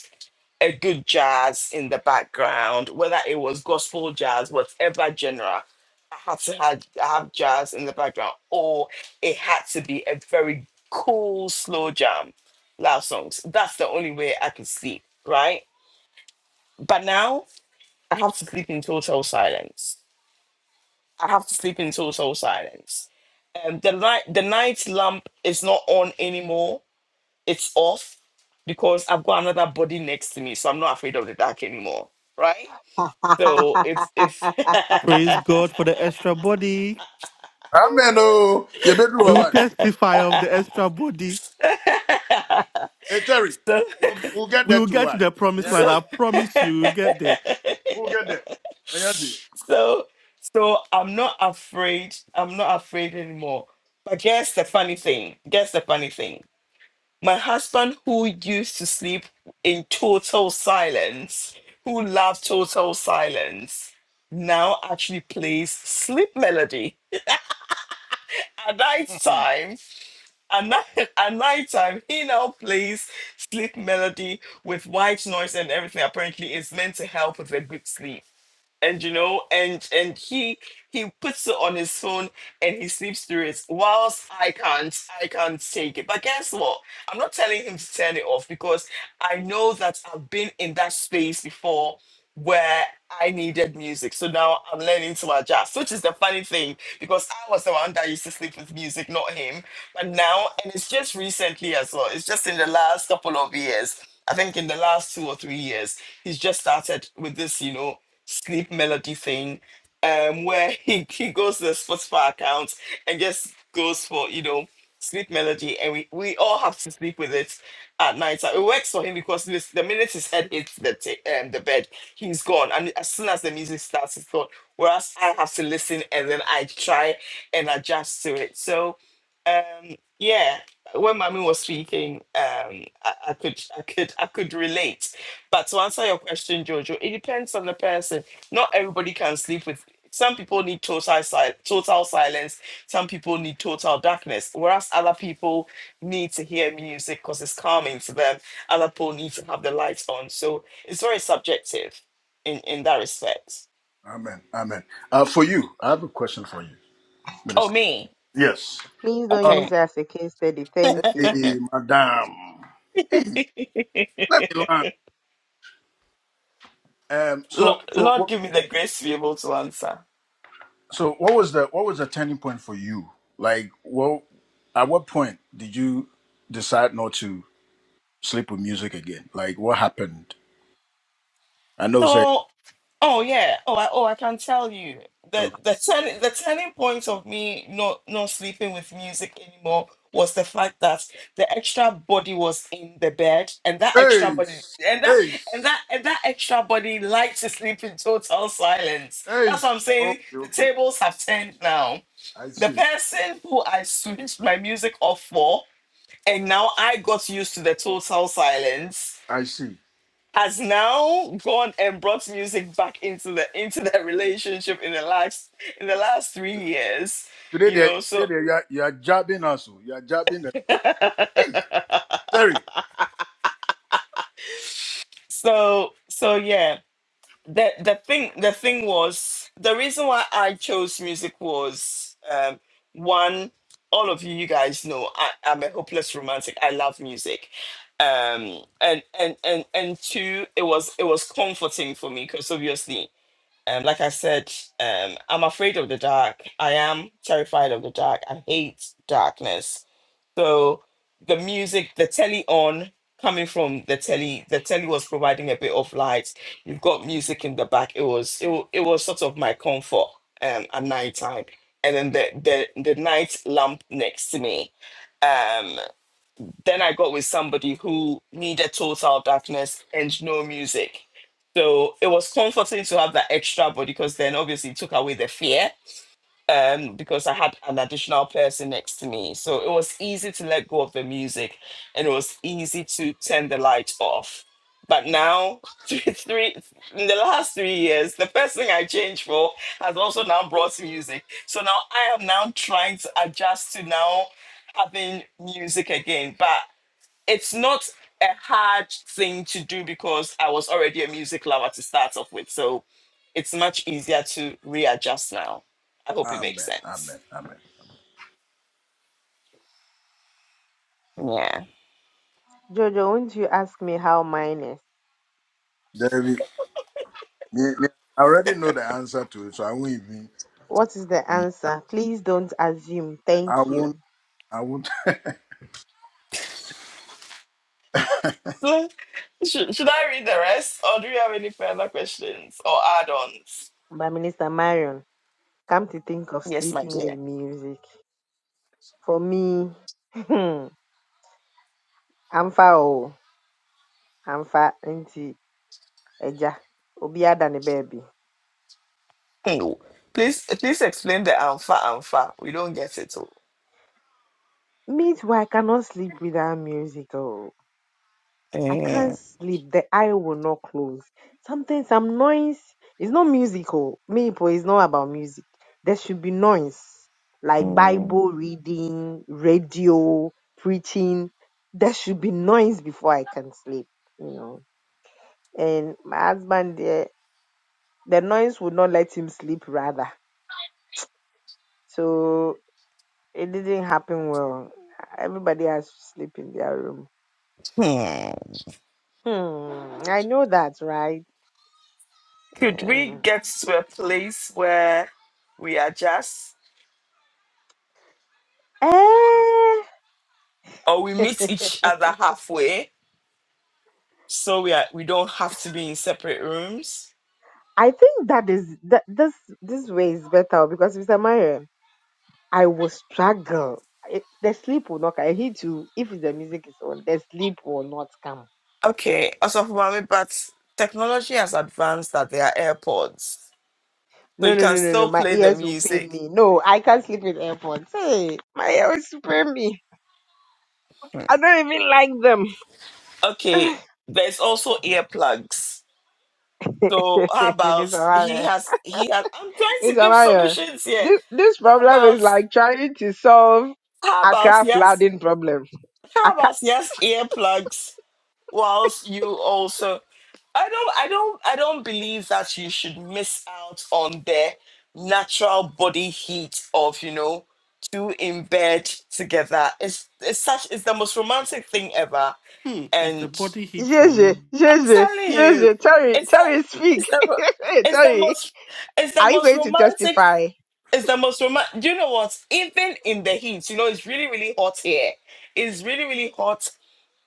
S1: a good jazz in the background, whether it was gospel jazz, whatever genre. I had to have, have jazz in the background, or it had to be a very cool slow jam, loud songs. That's the only way I could sleep, right? But now I have to sleep in total silence. I have to sleep in total silence. Um, the light, the night lamp is not on anymore. It's off because I've got another body next to me, so I'm not afraid of the dark anymore. Right? So if if
S3: praise god for the extra body
S6: Amen. Oh, you better do
S3: we will
S6: why.
S3: testify of the extra body
S6: Hey Terry,
S1: so
S6: we'll, we'll get
S3: We
S6: there
S3: will
S6: to
S3: get to
S6: why.
S3: the promised
S1: so
S3: land.
S6: Anyahwe.
S3: I promise you, we'll get there.
S6: We'll get there. Anyahwe.
S1: so so I'm not afraid. I'm not afraid anymore. But guess the funny thing. Guess the funny thing. My husband, who used to sleep in total silence, who loved total silence, now actually plays sleep melody. At night
S6: Mhm.
S1: time, at night, at night time, he now plays sleep melody with white noise and everything. Apparently, it's meant to help with a good sleep and you know and and he he puts it on his phone and he sleeps through it whilst i can't i can't take it but guess what i'm not telling him to turn it off because i know that i've been in that space before where i needed music so now i'm learning to adjust which is the funny thing because i was the one that used to sleep with music not him but now and it's just recently as well it's just in the last couple of years i think in the last two or three years he's just started with this you know sleep melody thing um where he, he goes to the Spotify account and just goes for, you know, sleep melody and we, we all have to sleep with it at night. So it works for him because this, the minute his head hits the ta- um, the bed, he's gone. And as soon as the music starts, he's gone. Whereas I have to listen and then I try and adjust to it. So um yeah when Mami was speaking um I, I could i could i could relate but to answer your question jojo it depends on the person not everybody can sleep with some people need total si- total silence some people need total darkness whereas other people need to hear music because it's calming to them other people need to have the lights on so it's very subjective in in that respect
S6: Amen. Amen. Uh, for you, I have a question for you,
S1: oh
S6: Minister.
S1: me
S6: Yes.
S4: Please don't use
S1: okay
S6: Um,
S4: it as a case study. Thank
S6: hey,
S4: you.
S6: Madam. Hey, let me learn. Um,
S1: Lord,
S6: so, so,
S1: Lord,
S6: what,
S1: give me the grace to be able to answer.
S6: so, what was the what was the turning point for you? Like, well, at what point did you decide not to sleep with music again? Like, what happened? I know, say,
S1: So, oh yeah, oh I, oh I can tell you the
S6: okay.
S1: the turning the turning point of me not not sleeping with music anymore was the fact that the extra body was in the bed, and that extra
S6: hey,
S1: body and that
S6: hey.
S1: and that and that extra body likes to sleep in total silence.
S6: Hey,
S1: That's what I'm saying.
S6: okay,
S1: The
S6: okay.
S1: tables have turned now.
S6: I
S1: The
S6: see.
S1: person who I switched my music off for, and now I got used to the total silence
S6: I see.
S1: has now gone and brought music back into the into their relationship in the last in the last three years
S6: Today,
S1: you
S6: they,
S1: know so
S6: today they, you, are, you are jabbing us. oh. You are jabbing us. Hey, sorry.
S1: so so yeah the the thing the thing was the reason why i chose music was um one all of you you guys know i i'm a hopeless romantic i love music um and and and and two it was it was comforting for me because obviously Um, like I said, um, I'm afraid of the dark. I am terrified of the dark. I hate darkness. So the music, the telly on, coming from the telly, the telly was providing a bit of light. You've got music in the back. It was it, wa- it was sort of my comfort um, at night time. And then the, the the night lamp next to me. Um, then I got with somebody who needed total darkness and no music. So it was comforting to have that extra body because then obviously it took away the fear um, because I had an additional person next to me. So it was easy to let go of the music and it was easy to turn the light off. But now, three, three, in the last three years, the person I changed for has also now brought music. So now I am now trying to adjust to now having music again. But it's not a hard thing to do because I was already a music lover to start off with. So it's much easier to readjust now. I hope it makes
S6: Amen.
S1: sense.
S6: Amen. Amen.
S1: Yeah.
S4: Yes.
S6: David, me, me, I already know the answer to it, so I won't even.
S4: What is the answer? Please don't assume.
S6: I
S4: Thank
S6: won't.
S4: you.
S6: I won't. I
S1: So, should, should I read the rest or do you have any further questions or add ons?
S4: By Minister Marion. Come to think of
S1: Yes, my
S4: sleeping with
S1: dear.
S4: music. For me, I'm far. oh, I'm far into Eja. Obiada ne baby.
S1: No. Please, please explain the alpha alpha. We don't get it all.
S4: Meanwhile, I cannot sleep without music. Oh, I can't
S1: Mm,
S4: sleep. The eye will not close. Something, some noise. It's not musical. Me, but it's not about music. There should be noise, like
S1: mm,
S4: Bible reading, radio, preaching. There should be noise before I can sleep. You know. And my husband, eh, the noise would not let him sleep. Rather, so it didn't happen well. Everybody has to sleep in their room
S1: hmm.
S4: Hmm, I know that's right.
S1: Could
S4: Yeah.
S1: we get to a place where we adjust?
S4: Eh,
S1: or we meet each other halfway so we are we don't have to be in separate rooms
S4: I think that is that this this way is better because Mr. Mario, I will struggle. It, the sleep will not come. I need to if the music is on, the sleep will not come.
S1: okay also for mommy but technology has advanced at their airpods so
S4: No,
S1: you
S4: no,
S1: can
S4: no, no, no.
S1: still
S4: My
S1: play the
S4: ears will pain
S1: music
S4: me. No, I can't sleep with AirPods. Hey, my ears will pain me.
S1: Hmm.
S4: I don't even like them.
S1: okay there's also earplugs so how
S4: Minister
S1: about he
S4: Mario.
S1: has he has i'm trying to
S4: Miss
S1: give
S4: Amaya,
S1: solutions here
S4: this, this
S1: how
S4: problem is
S1: about
S4: like trying to solve
S1: how about
S4: Accra
S1: yes
S4: flooding problem.
S1: how
S4: Accra,
S1: about yes earplugs whilst you also i don't i don't i don't believe that you should miss out on the natural body heat of you know two in bed together it's it's such it's the most romantic thing ever
S3: Hmm, it's the
S1: and
S3: body heat for me.
S4: Jeje,
S1: i'm
S4: Jeje,
S1: telling you
S4: Jeje, Terry,
S1: it's the
S4: Terry, speak.
S1: it's the ro- it's the
S4: Terry,
S1: most it's the
S4: are you
S1: most
S4: going to
S1: romantic
S4: testify?
S1: it's the most romantic you know what even in the heat you know it's really really hot here it's really really hot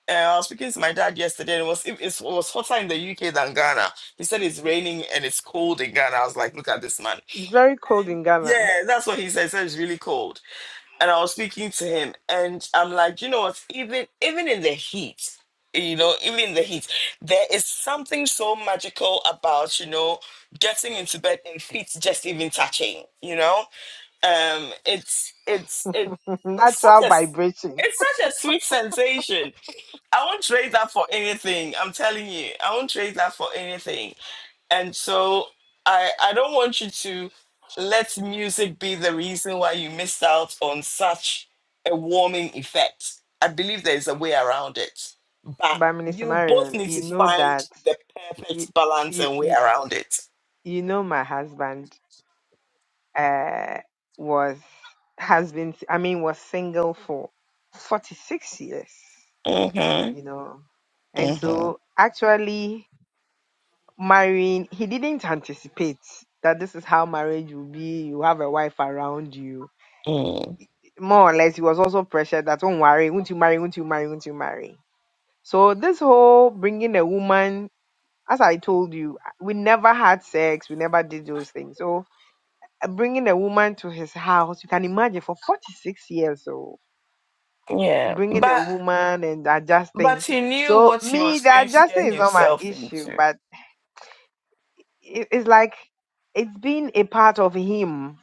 S1: uh, I was speaking to my dad yesterday, and it was it, it's- it was hotter in the UK than Ghana. He said it's raining and it's cold in Ghana. I was like, look at this man.
S4: It's very cold
S1: And
S4: in Ghana.
S1: yeah, that's what he said. He said it's really cold. And I was speaking to him, and I'm like, you know what? Even even in the heat, you know, even in the heat, there is something so magical about you know getting into bed and feet just even touching. You know, um, it's it's it, it's such
S4: Natural
S1: a s-
S4: vibration.
S1: it's such a sweet sensation I won't trade that for anything. I'm telling you, I won't trade that for anything. And so I I don't want you to let music be the reason why you missed out on such a warming effect. I believe there is a way around it, but
S4: By Minister
S1: you both
S4: Marion,
S1: need
S4: you
S1: to
S4: know
S1: find
S4: that,
S1: the
S4: you,
S1: perfect balance
S4: you,
S1: and way
S4: you,
S1: around it.
S4: you know my husband uh, was, has been, I mean, was single for 46 years.
S1: Mhm.
S4: you know. And
S1: Mhm.
S4: so actually marrying, he didn't anticipate that this is how marriage will be. You have a wife around you.
S1: Mm.
S4: More or less, he was also pressured that don't worry, won't you marry, won't you marry, won't you marry. So this whole bringing a woman, as I told you, we never had sex, we never did those things. So uh, bringing a woman to his house, you can imagine for 46 years, so
S1: Yeah,
S4: bringing a
S1: but
S4: woman and
S1: but
S4: adjusting.
S1: he knew
S4: So
S1: what he
S4: me,
S1: was
S4: the
S1: going to
S4: adjusting
S1: get
S4: is not my
S1: himself
S4: issue,
S1: into.
S4: but it- it's like it's been a part of him.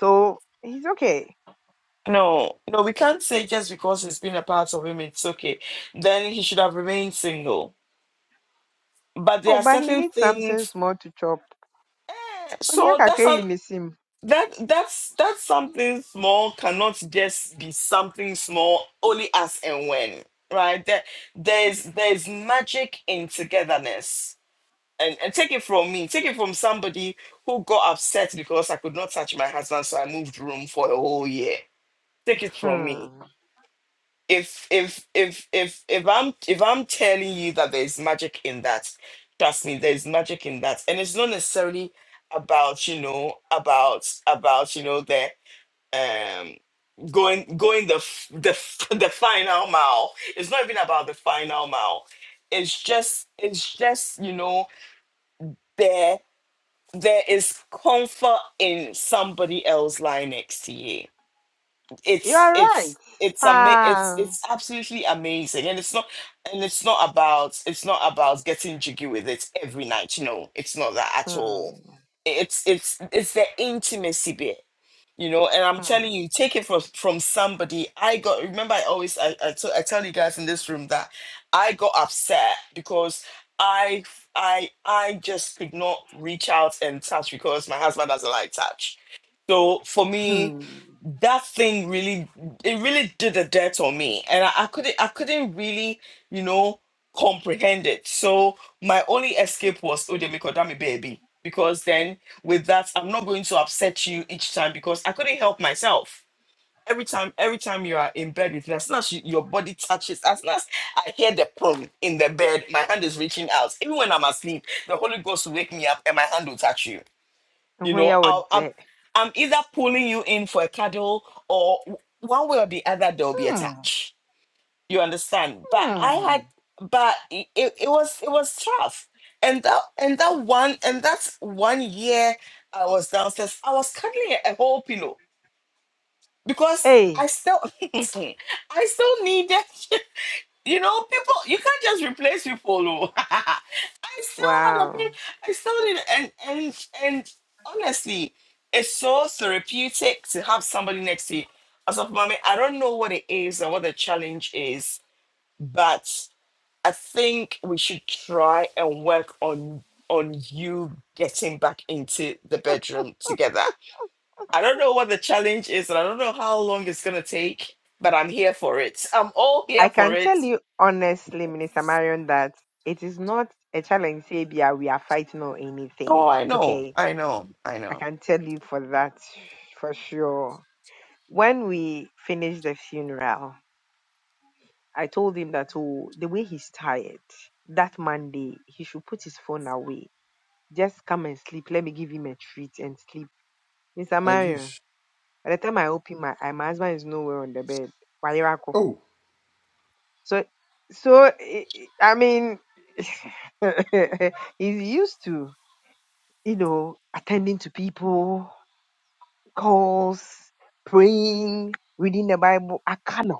S4: So he's okay.
S1: No, no, we can't say just because he's been a part of him, it's okay. Then he should have remained single. But there
S4: Oh,
S1: are
S4: but he
S1: certain
S4: needs something
S1: things.
S4: small to chop.
S1: Eh,
S4: He
S1: so
S4: can
S1: that's
S4: in
S1: not
S4: his him.
S1: that that's that's something small cannot just be something small only as and when, right? There, there's there's magic in togetherness. And, and take it from me, take it from somebody who got upset because I could not touch my husband, so I moved room for a whole year. Take it from me
S4: Hmm.
S1: if if if if if I'm if I'm telling you that there's magic in that, trust me, there's magic in that, and it's not necessarily about you know about about you know the um going going the f- the f- the final mile. It's not even about the final mile. It's just it's just you know there there is comfort in somebody else lying next to you
S4: You
S1: it's
S4: are right.
S1: it's it's ama- it's
S4: Pa.
S1: it's absolutely amazing and it's not and it's not about it's not about getting jiggy with it every night no it's not that at all
S4: Hmm.
S1: it's it's it's the intimacy bit you know and i'm
S4: Hmm.
S1: telling you take it from from somebody i got remember i always I I t- I tell you guys in this room that i got upset because i i i just could not reach out and touch because my husband doesn't like touch so for me
S4: Hmm.
S1: that thing really it really did a dirt on me and I, I couldn't i couldn't really you know comprehend it so my only escape was odemikodami baby because then with that i'm not going to upset you each time because i couldn't help myself every time every time you are in bed with me as soon as you, your body touches as soon as i hear the prong in the bed my hand is reaching out even when i'm asleep the holy ghost will wake me up and my hand will touch you you
S4: When
S1: know,
S4: you were
S1: I'll, I'm
S4: there.
S1: I'm either pulling you in for a cuddle or w- one way or the other there'll be a
S4: Hmm.
S1: touch. You understand? But I
S4: Hmm.
S1: had, but it, it it was it was tough. And that and that one and that's one year I was downstairs. I was cuddling a a whole pillow because
S4: Hey.
S1: I still I still needed. You know, people, you can't just replace people. oh. I still had a pain.
S4: Wow.
S1: I still did, and and and honestly, it's so therapeutic to have somebody next to you. As of mommy, I don't know what it is or what the challenge is, but I think we should try and work on on you getting back into the bedroom together. I don't know what the challenge is, and I don't know how long it's gonna take, but I'm here for it. I'm all
S4: I
S1: here for
S4: can
S1: it
S4: tell you honestly, Minister Marion, that it is not a challenge, Sabia, we are fighting or anything.
S1: Oh, I know,
S4: Okay.
S1: I know, I
S4: I
S1: know.
S4: can tell you for that, for sure when we finished the funeral, I told him that oh, the way he's tired, that Monday he should put his phone away. Just come and sleep. Let me give him a treat and sleep. Mr. Marion,
S6: just.
S4: by the time I open my eye, my husband is nowhere on the bed. Wayerako.
S6: Oh,
S4: So, so eh, eh, I mean, he's used to you know attending to people. calls, praying, reading the Bible, I can't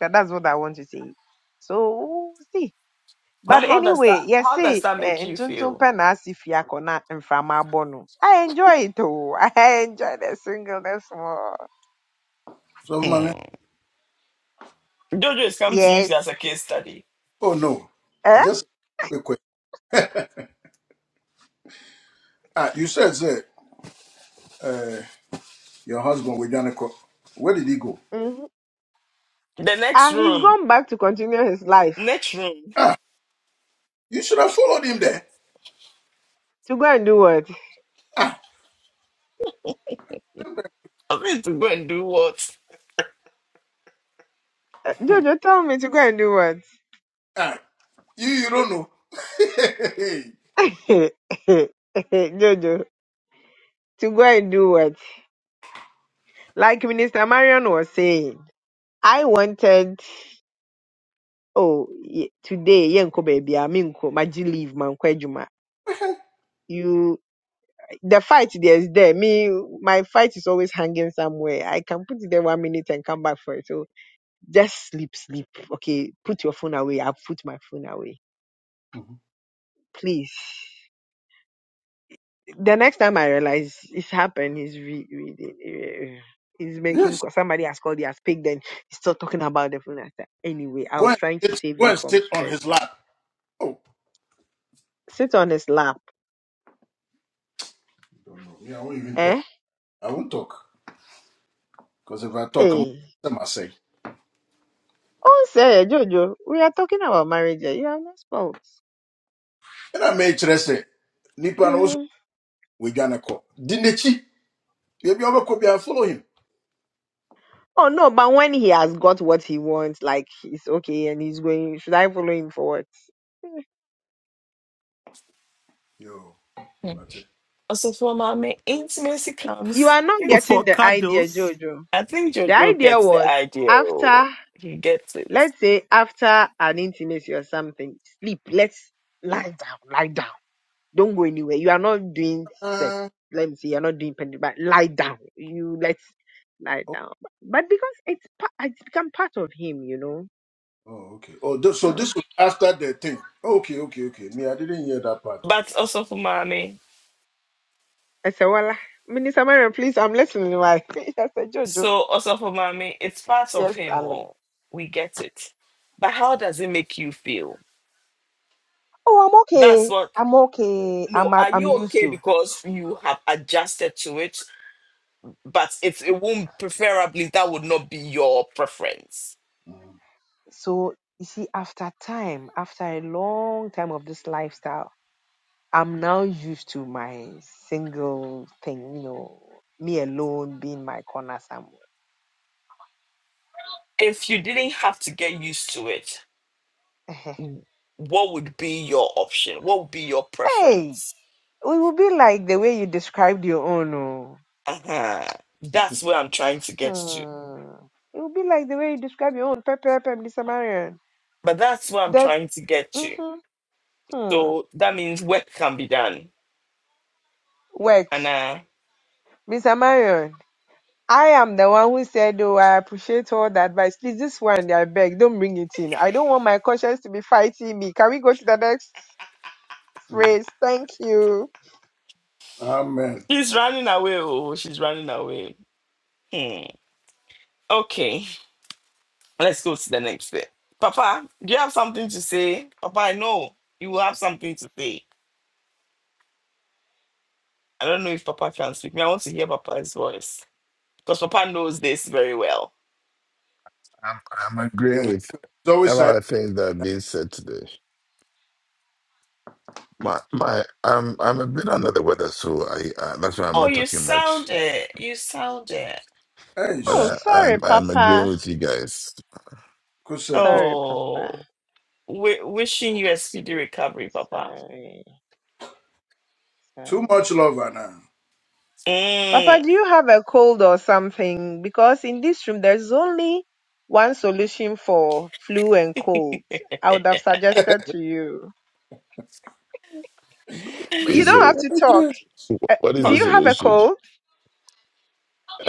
S4: That, that's what I want to say. So see.
S1: But
S4: But
S1: how does that
S4: anyway, yes,
S1: how does
S4: see,
S1: that make you
S4: ntuntun
S1: feel?
S4: pɛ na asi fie akɔ na mframa abɔ no. I enjoy it oh. I enjoy the singleness more.
S6: so my man.
S1: Hmm. Jojo has come to use
S4: Yes.
S1: it as a case study.
S6: Oh no,
S4: Eh?
S6: it's just a quick question. Ah, you said say, uh, your husband with Janico. Where did he go?
S4: hmm
S1: The
S4: Ah,
S1: next
S4: he's
S1: room,
S4: gone back to continue his life.
S1: next room,
S6: Ah, you should have followed him there.
S4: To go and do what?
S6: Ah,
S1: I'm going to go and do what?
S4: Eh, Jojo, tell me to go and do what?
S6: ah, you you don't know.
S4: Jojo, to go and do what? Like Minister Marion was saying, I wanted, oh, ye- today, yenko baby, aminko, maji leave, manko ejuma. You, the fight there is there. Me, my fight is always hanging somewhere. I can put it there one minute and come back for it. So just sleep, sleep. Okay, put your phone away. I'll put my phone away.
S6: Mhm.
S4: Please. The next time I realize it's happened, he's re- reading. eh, He's making
S6: Yes.
S4: somebody has called, he has picked, then he's still talking about the phone. I said, Anyway, I
S6: Go
S4: was
S6: and
S4: trying to
S6: sit.
S4: save
S6: Go
S4: you
S6: and
S4: from
S6: sit on
S4: stress,
S6: his lap. Oh,
S4: sit on his lap.
S6: you don't know. Me, I won't even
S4: Eh?
S6: talk. I won't talk because if I talk, I'm
S4: Hey.
S6: them I say.
S4: Oh, say, Jojo, we are talking about marriage. here. You are not spouse.
S6: And I made sure say, Nipa no so
S4: hmm
S6: we gonna call. Dinechi, maybe I will be and follow him.
S4: Oh, no, but when he has got what he wants, like he's okay and he's going, should I follow him for what?
S6: Yo,
S1: Hmm.
S6: that's it.
S1: Also, for mommy, intimacy
S4: You
S1: comes.
S4: are not
S1: It's,
S4: getting
S3: For
S4: the idea,
S3: cuddles.
S4: Jojo.
S1: I think
S4: The
S1: Jojo
S4: idea
S1: gets the
S4: was
S1: idea. oh.
S4: after,
S1: He gets it.
S4: let's say, after an intimacy or something, sleep, let's lie down, lie down. Don't go anywhere. You are not doing sex.
S6: Uh,
S4: Let me see. You're not doing pen, but lie down. You let's lie
S6: oh,
S4: down. But because it's pa- it's become part of him, you know.
S6: oh, okay. Oh, this, so
S4: So
S6: this was after the thing. Okay, okay, okay. Me, I didn't hear that part.
S1: But also for mommy,
S4: I said, well, Minister Marion, please, I'm listening. Why? I said, Jojo,
S1: so also for mommy, it's part of
S4: yes,
S1: him.
S4: darling.
S1: Oh, we get it. But how does it make you feel?
S4: Oh, I'm
S1: That's
S4: okay.
S1: what.
S4: I'm okay. I'm
S1: No, are
S4: I'm
S1: you
S4: used
S1: okay
S4: to.
S1: because you have adjusted to it? But it's it won't preferably that would not be your preference.
S6: oh.
S4: So you see, after time, after a long time of this lifestyle, I'm now used to my single thing. You know, me alone being my corner somewhere.
S1: If you didn't have to get used to it, what would be your option? What would be your
S4: Hey, it
S1: preference?
S4: will be like the way you described your own. Oh.
S1: Uh-huh.
S6: Mhm.
S1: That's where I'm trying to get to.
S4: Hmm. It will be like the way you describe your own. Pepe, pepe, Mr. Marion.
S1: But that's where I'm
S4: That,
S1: trying to get to.
S4: mm-hmm, hmm.
S1: So that means work can be done.
S4: Work.
S1: And uh
S4: Mr. Marion, I am the one who said, oh, I appreciate all the advice. Please, this one, I beg, don't bring it in. I don't want my conscience to be fighting me. Can we go to the next
S6: Mm.
S4: phrase? Thank you.
S6: Amen.
S1: she's running away. Oh, she's running away. Hmm. Okay. Let's go to the next bit. Papa, do you have something to say? Papa, I know you will have something to say. I don't know if Papa can speak. Me, I want to hear Papa's voice because Papa knows this very well.
S8: I'm, I'm
S6: Yes.
S8: agreeing with
S6: It's
S8: a
S6: always
S8: lot
S6: like,
S8: of things that have been said today. My, my, I'm, I'm a bit under the weather, so I, uh, that's why I'm
S1: Oh,
S8: not
S1: you
S8: talking much.
S1: sound it. You sound it.
S6: hey,
S8: But
S4: Oh,
S6: sh-
S8: I,
S4: sorry,
S8: I'm, I'm agreeing
S4: Papa.
S8: with you guys.
S6: kusa, kusa.
S4: Sorry,
S1: Oh,
S4: Papa.
S1: w- wishing you a speedy recovery, Papa.
S4: Sorry,
S6: too
S4: sorry.
S6: much love,
S4: Papa,
S1: Mm,
S4: do you have a cold or something? Because in this room, there's only one solution for flu and cold. I would have
S6: Anna.
S4: suggested to you. But You
S8: Please,
S4: don't have
S8: So,
S4: to talk. Uh,
S8: what is
S4: do
S8: the
S1: but,
S4: you have a
S8: solution?
S4: cold?
S8: Uh,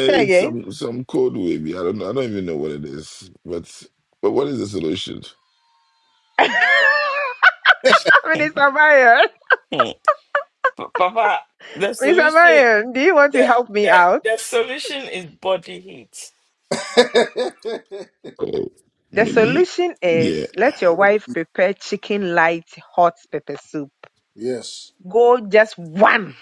S4: Say again.
S8: some, some code wavy. I don't, know. I don't even know what it is. But, but what is the solution?
S4: Minister Marion,
S1: mm, but Papa, the
S4: Minister
S1: solution,
S4: Marion, do you want to
S1: the,
S4: help me
S1: the,
S4: out?
S1: the solution is body heat.
S8: Oh,
S4: The
S8: me, me,
S4: solution is
S8: yeah.
S4: let your wife prepare chicken light hot pepper soup.
S6: yes,
S4: Go just one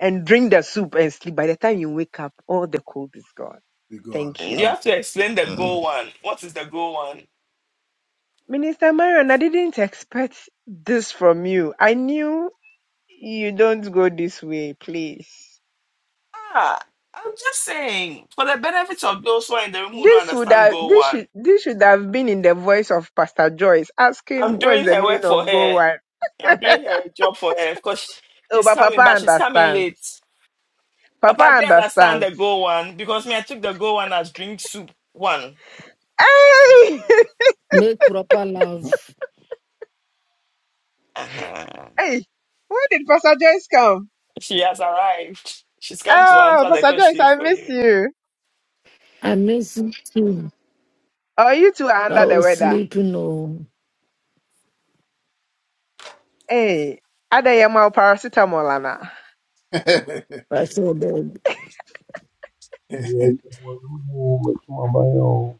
S4: and drink the soup and sleep. By the time you wake up, all the cold is gone.
S6: be gone.
S4: Thank you.
S1: You
S6: Amen.
S1: have to explain the
S8: Mm.
S1: goal one. What is the goal one?
S4: Minister Marion, I didn't expect this from you. I knew you don't go this way, please.
S1: Ah, I'm just saying, for the benefit of those who are in the room who don't
S4: This would
S1: understand
S4: have
S1: Go
S4: this
S1: One,
S4: should this should have been in the voice of Pastor Joyce asking
S1: I'm
S4: what is
S1: doing
S4: the
S1: her
S4: meaning
S1: work for
S4: of go
S1: her.
S4: one.
S1: I'm doing her job for her. Of course,
S4: Oh,
S1: she's
S4: but Papa
S1: coming, but she's coming
S4: understands.
S1: late.
S4: Papa
S1: Papa, do you understand the
S4: understands.
S1: Go One? Because me, I took the Go One as drink soup one.
S4: Hey,
S9: Make proper love.
S1: Uh-huh.
S4: hey, where did Pastor Joyce come?
S1: She has arrived. She's come to
S4: Oh,
S1: answer the
S4: Pastor Joyce,
S1: question
S4: I
S1: for
S4: miss
S1: you.
S4: you.
S9: I miss you too.
S4: Oh, you two are
S9: I
S4: under the
S9: was
S4: weather.
S9: sleeping. Oh,
S4: Hey, ada yamal ma wo paracetamol ana?
S9: I feel bad.
S5: Yes, well, oh, my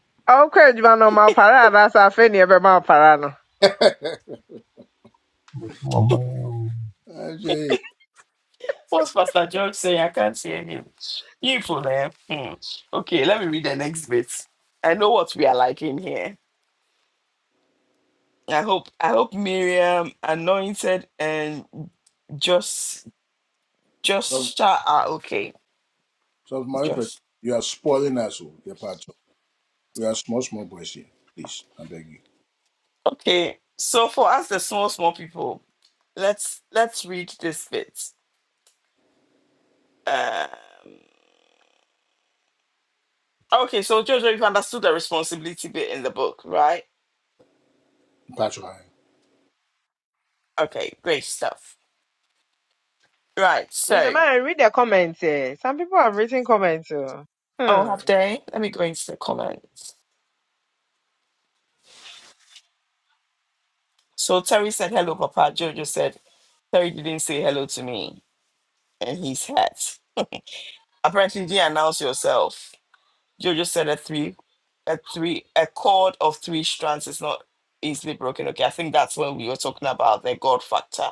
S5: oh,
S4: Oh, crazy, man, on my parana. That's a funny about my parade.
S6: Ajay,
S1: What's Pastor George saying? I can't see him. You for them. Okay, let me read the next bit. I know what we are like in here. I hope I hope Miriam anointed and just
S6: some,
S1: just shout out okay
S6: some my impression.
S1: just
S6: You are spoiling us, oh, dear Pacho. We are small, small boys here. Please, I beg you.
S1: okay so for us the small small people let's let's read this bit um okay so jojo you've understood the responsibility bit in the book right
S6: Pacho, I.
S1: okay great stuff right
S4: Mr.
S1: so
S4: Man, read the comments. eh. Some people have written comments. oh.
S1: oh have
S4: Hmm.
S1: they let me go into the comments so terry said hello papa jojo said terry didn't say hello to me and he's hat apparently you didn't announce yourself You just said a three, a three, a chord of three strands is not easily broken. Okay, I think that's when we were talking about the God factor.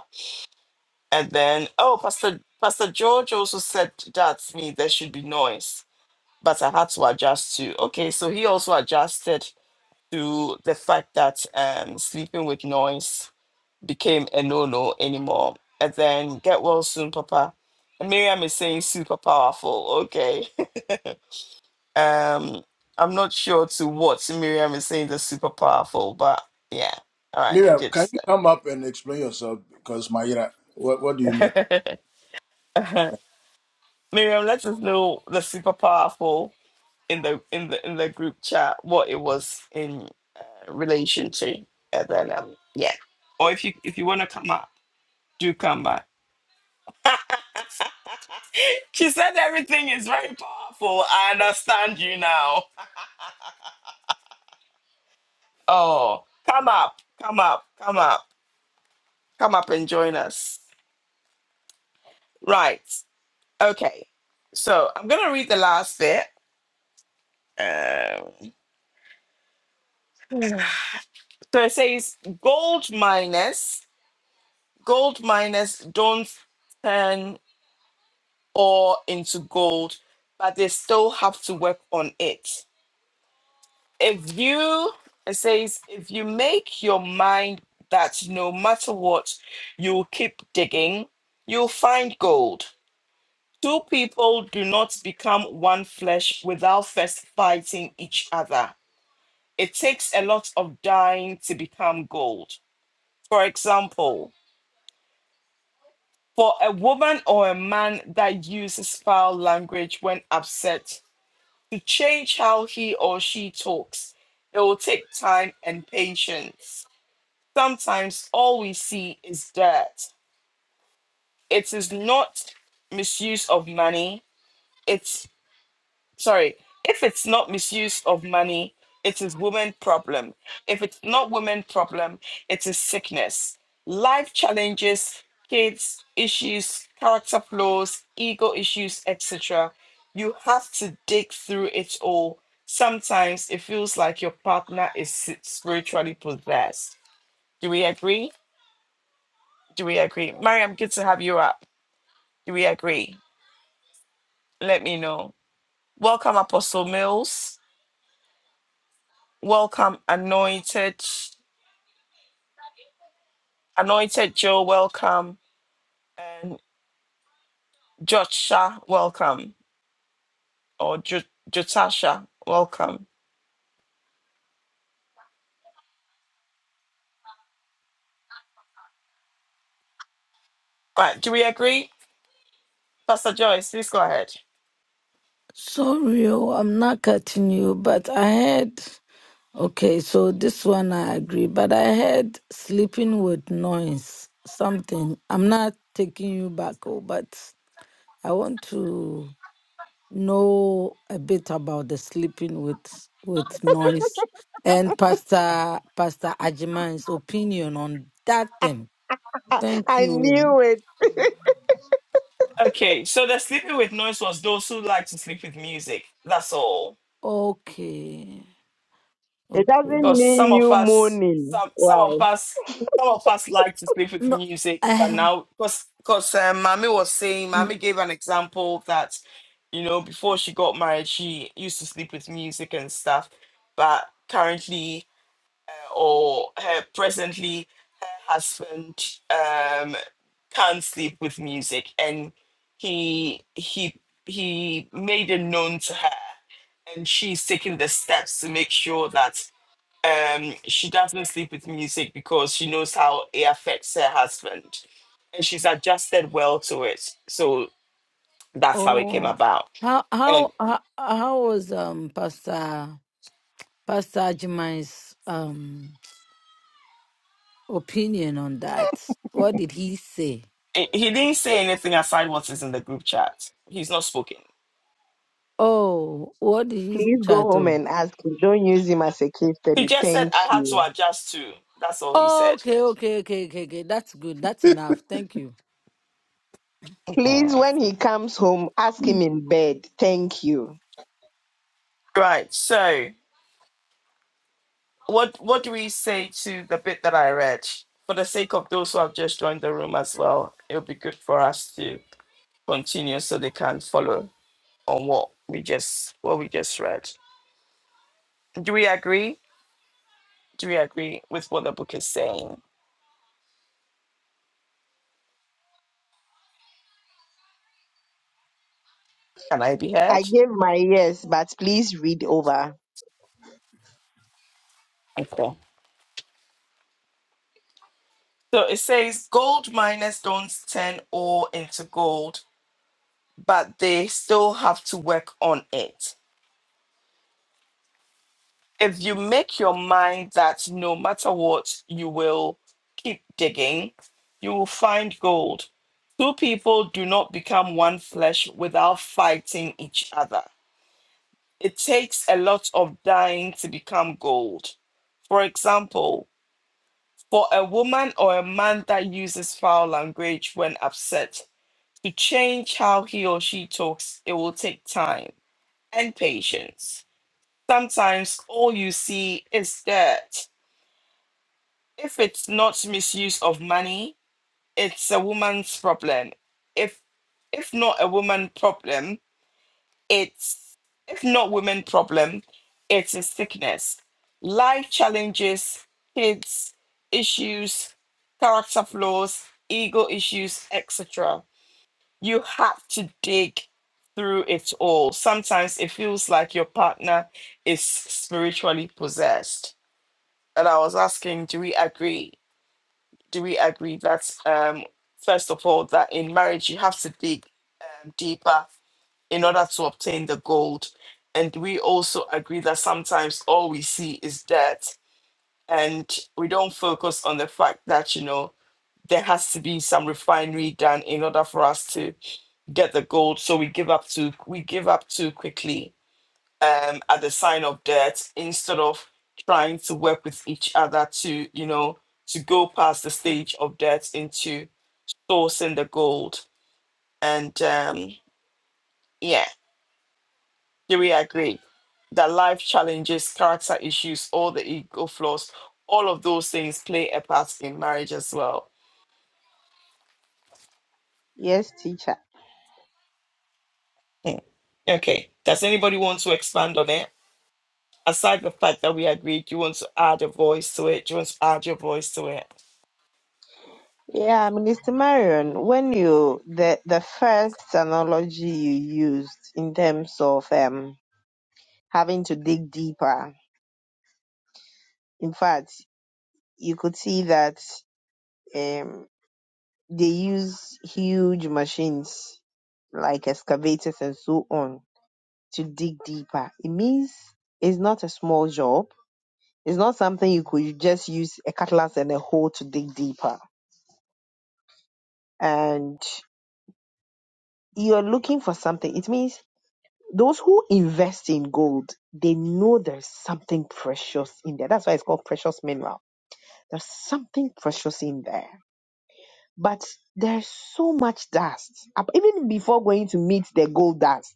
S1: And then, oh, Pastor Pastor George also said that me there should be noise, but I had to adjust to. Okay, so he also adjusted to the fact that um, sleeping with noise became a no-no anymore. And then get well soon, Papa. And Miriam is saying super powerful. Okay. Um, I'm not sure to what Miriam is saying that's super powerful, but yeah. All right,
S6: Miriam,
S1: good
S6: can you
S1: stuff.
S6: come up and explain yourself? Because Mayra, what, what do you mean?
S1: Miriam, let us know the super powerful in the in the in the group chat what it was in uh, relation to, and then um, yeah. Or if you if you want to come up, do come back. She said everything is very powerful. I understand you now. Oh, come up, come up, come up, come up and join us. Right. Okay, so I'm gonna read the last bit. Um, so it says, "Gold miners, gold miners don't turn ore into gold, but they still have to work on it. If you," it says, "if you make your mind that no matter what, you'll keep digging, you'll find gold." Two people do not become one flesh without first fighting each other It takes a lot of dying to become gold. For example, for a woman or a man that uses foul language when upset, to change how he or she talks, it will take time and patience. Sometimes all we see is dirt. It is not misuse of money, It's. sorry, if it's not misuse of money, it is women problem. If it's not women problem, it is sickness. Life challenges, kids, issues, character flaws, ego issues, etc. You have to dig through it all. Sometimes it feels like your partner is s- spiritually possessed. Do we agree? Do we agree? Mariam, good to have you up. Do we agree? Let me know. Welcome, Apostle Mills. Welcome, anointed, anointed Joe. Welcome, and Jotsha. Welcome, or Jo- Jotasha. Welcome. Right? Do we agree, Pastor Joyce? Please go ahead.
S9: Sorry, oh, I'm not cutting you, but I had. Okay, so this one I agree, but I had sleeping with noise, something. I'm not taking you back, oh, but I want to know a bit about the sleeping with with noise and Pastor Pastor Ajiman's opinion on that thing.
S4: I,
S9: Thank
S4: I
S9: you.
S4: knew it.
S1: Okay. So the sleeping with noise was those who like to sleep with music. That's all.
S9: Okay.
S4: It
S9: Okay.
S4: doesn't
S1: because
S4: mean
S1: some of
S4: you
S1: us
S4: moaning.
S1: some some of
S4: Why?
S1: us some of us like to sleep with
S9: No.
S1: music but
S9: eh,
S1: now because because um, mami was saying
S9: mm,
S1: mami gave an example that you know before she got married she used to sleep with music and stuff but currently uh, or her presently her husband um can't sleep with music and he he he made it known to her and she's taking the steps to make sure that um, she doesn't sleep with music because she knows how it affects her husband. And she's adjusted well to it. So that's how it came
S9: oh.
S1: about.
S9: How
S1: And
S9: how how, how was um Pastor Pastor Ajimai's um opinion on that? What did he say?
S1: he he didn't say anything aside what is in the group chat. He's not spoken.
S9: Oh, what did he
S4: Please go
S9: chat
S4: home
S9: to?
S4: and ask him. Don't use him as a case
S1: He
S4: study.
S1: just said,
S4: Thank
S1: I had to
S4: you.
S1: adjust to. That's all he
S9: Oh,
S1: said.
S9: Okay, okay, okay, okay, okay. That's good. That's enough. Thank you.
S4: Please,
S1: Mm.
S4: when he comes home, ask him in bed. Thank you.
S1: Right. So what what do we say to the bit that I read? For the sake of those who have just joined the room as well, it will be good for us to continue so they can follow. on what we just what we just read. Do we agree? Do we agree with what the book is saying? Can I be
S4: I
S1: heard?
S4: gave my yes, but please read over.
S1: Okay. So it says gold miners don't turn ore into gold, but they still have to work on it. If you make your mind that no matter what, you will keep digging, you will find gold. Two people do not become one flesh without fighting each other. It takes a lot of dying to become gold. For example, for a woman or a man that uses foul language when upset, to change how he or she talks, it will take time and patience. Sometimes all you see is dirt. If it's not misuse of money, it's a woman's problem. If if not a woman problem, it's if not women problem it's a sickness life challenges kids issues character flaws ego issues etc you have to dig through it all sometimes it feels like your partner is spiritually possessed and i was asking do we agree do we agree that um first of all that in marriage you have to dig um, deeper in order to obtain the gold. And we also agree that sometimes all we see is dirt, and we don't focus on the fact that, you know, there has to be some refinery done in order for us to get the gold. So we give up too we give up too quickly um, at the sign of debt instead of trying to work with each other to, you know, to go past the stage of debt into sourcing the gold. And um, yeah, Three, we agree that life challenges, character issues, all the ego flaws, all of those things play a part in marriage as well.
S4: Yes, teacher.
S1: Hmm. Okay. Does anybody want to expand on it? Aside the fact that we agreed, do you want to add a voice to it? Do you want to add your voice to it?
S4: Yeah, Minister Marion, when you the the first analogy you used in terms of um having to dig deeper. In fact, you could see that um they use huge machines like excavators and so on to dig deeper. It means it's not a small job. It's not something you could just use a cutlass and a hoe to dig deeper. And you're looking for something. It means those who invest in gold, they know there's something precious in there. That's why it's called precious mineral. There's something precious in there. But there's so much dust. Up- Even before going to meet the gold dust,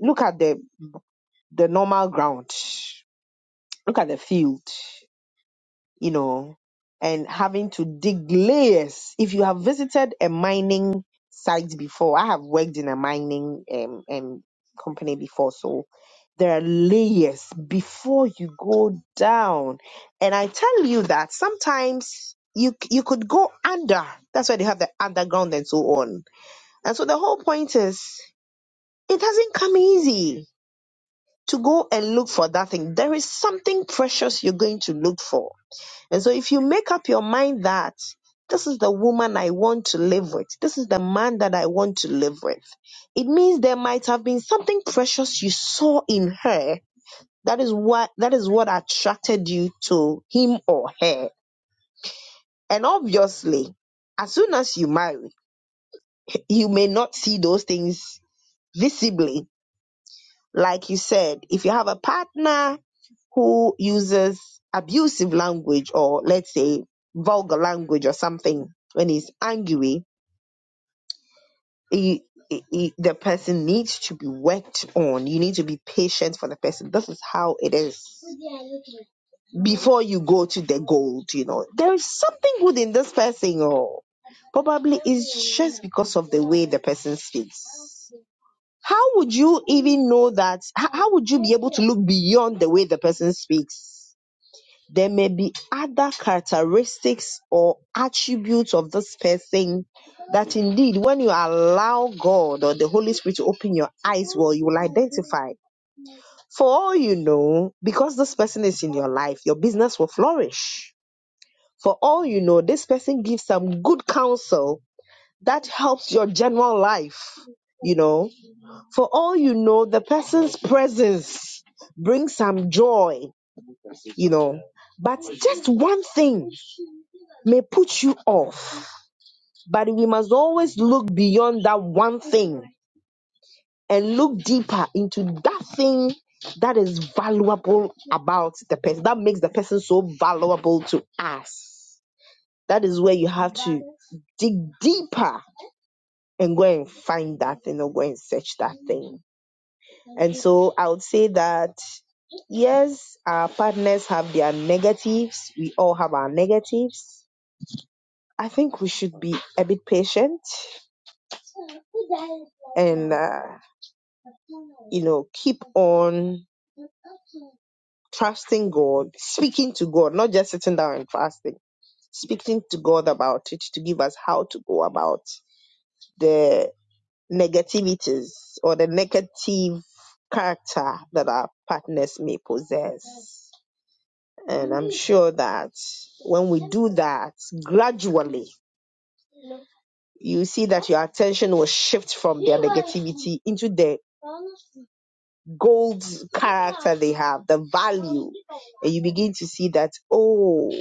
S4: look at the, the normal ground. Look at the field. you know, and having to dig layers. If you have visited a mining site before, I have worked in a mining um, um, company before, so there are layers before you go down. And I tell you that sometimes you you could go under. That's why they have the underground and so on. And so the whole point is, it doesn't come easy to go and look for that thing. There is something precious you're going to look for and so if you make up your mind that this is the woman I want to live with, this is the man that I want to live with, it means there might have been something precious you saw in her that is what that is what attracted you to him or her. And obviously, as soon as you marry, you may not see those things visibly Like you said, if you have a partner who uses abusive language or let's say vulgar language or something when he's angry, he, he- he- the person needs to be worked on. You need to be patient for the person. This is how it is before you go to the gold, you know. There is something good in this person, or probably it's just because of the way the person speaks. How would you even know that? How, how would you be able to look beyond the way the person speaks? There may be other characteristics or attributes of this person that indeed, when you allow God or the Holy Spirit to open your eyes, well, you will identify. For all you know, because this person is in your life, your business will flourish. For all you know, this person gives some good counsel that helps your general life, you know. For all you know, the person's presence brings some joy, you know. But just one thing may put you off. But we must always look beyond that one thing and look deeper into that thing that is valuable about the person, that makes the person so valuable to us. That is where you have to dig deeper and go and find that thing or go and search that thing. And so I would say that Yes, our partners have their negatives. We all have our negatives. I think we should be a bit patient and, uh, you know, keep on trusting God, speaking to God, not just sitting down and fasting, speaking to God about it to give us how to go about the negativities or the negative character that our partners may possess. And I'm sure that when we do that gradually, you see that your attention will shift from their negativity into the gold character they have, the value. And you begin to see that, oh,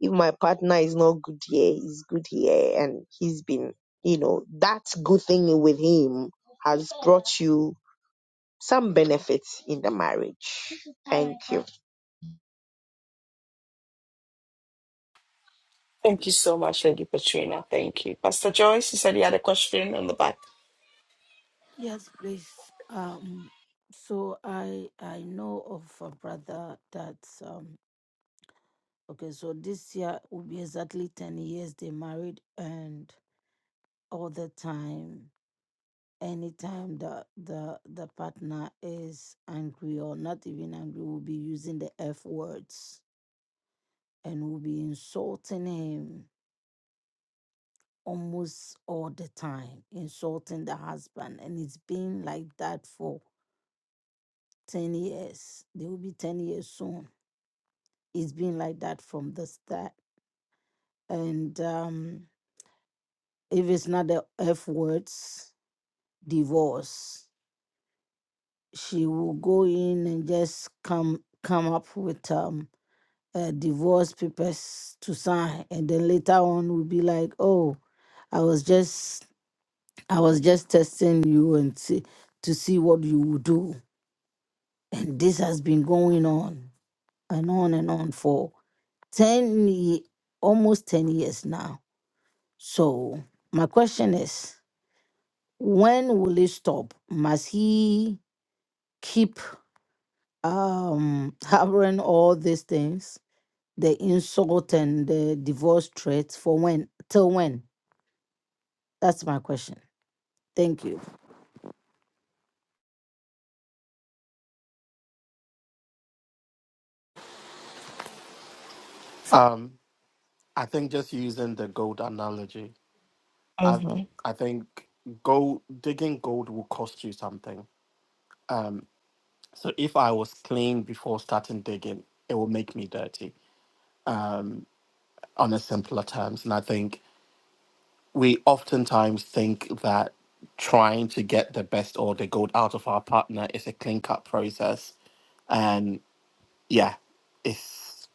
S4: if my partner is not good here, he's good here. And he's been, you know, that good thing with him has brought you some benefits in the marriage. Thank you.
S1: Thank you so much, Lady Petrina. Thank you. Pastor Joyce, you said you had a question on the back.
S9: Yes, please. Um, so I I know of a brother that. um Okay, so this year will be exactly 10 years they married and all the time, anytime the the the partner is angry or not even angry, will be using the F words and will be insulting him almost all the time, insulting the husband. And it's been like that for 10 years. They will be 10 years soon. It's been like that from the start. And um if it's not the F words divorce. She will go in and just come come up with um uh, divorce papers to sign, and then later on will be like, "Oh, I was just I was just testing you and see to see what you would do." And this has been going on and on and on for ten ye- almost ten years now. So my question is, when will it stop? Must he keep um harboring all these things the insult and the divorce threats for when till when that's my question thank you
S3: Um, I think just using the gold analogy, I
S1: Mhm.
S3: I think gold digging gold will cost you something. Um, so if I was clean before starting digging, it will make me dirty. Um, on a simpler terms, and I think we oftentimes think that trying to get the best or the gold out of our partner is a clean cut process, yeah it's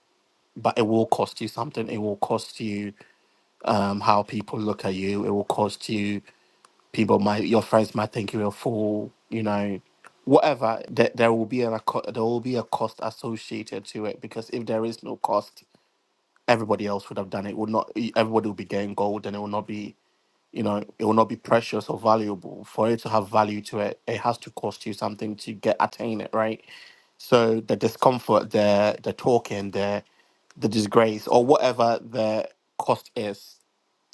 S3: but it will cost you something it will cost you um how people look at you it will cost you people might your friends might think you're a fool you know whatever there, there will be an acco- there will be a cost associated to it because if there is no cost everybody else would have done it would not everybody would be getting gold and it will not be you know it will not be precious or valuable for it to have value to it it has to cost you something to get attain it right so the discomfort the the talking the the disgrace or whatever the cost is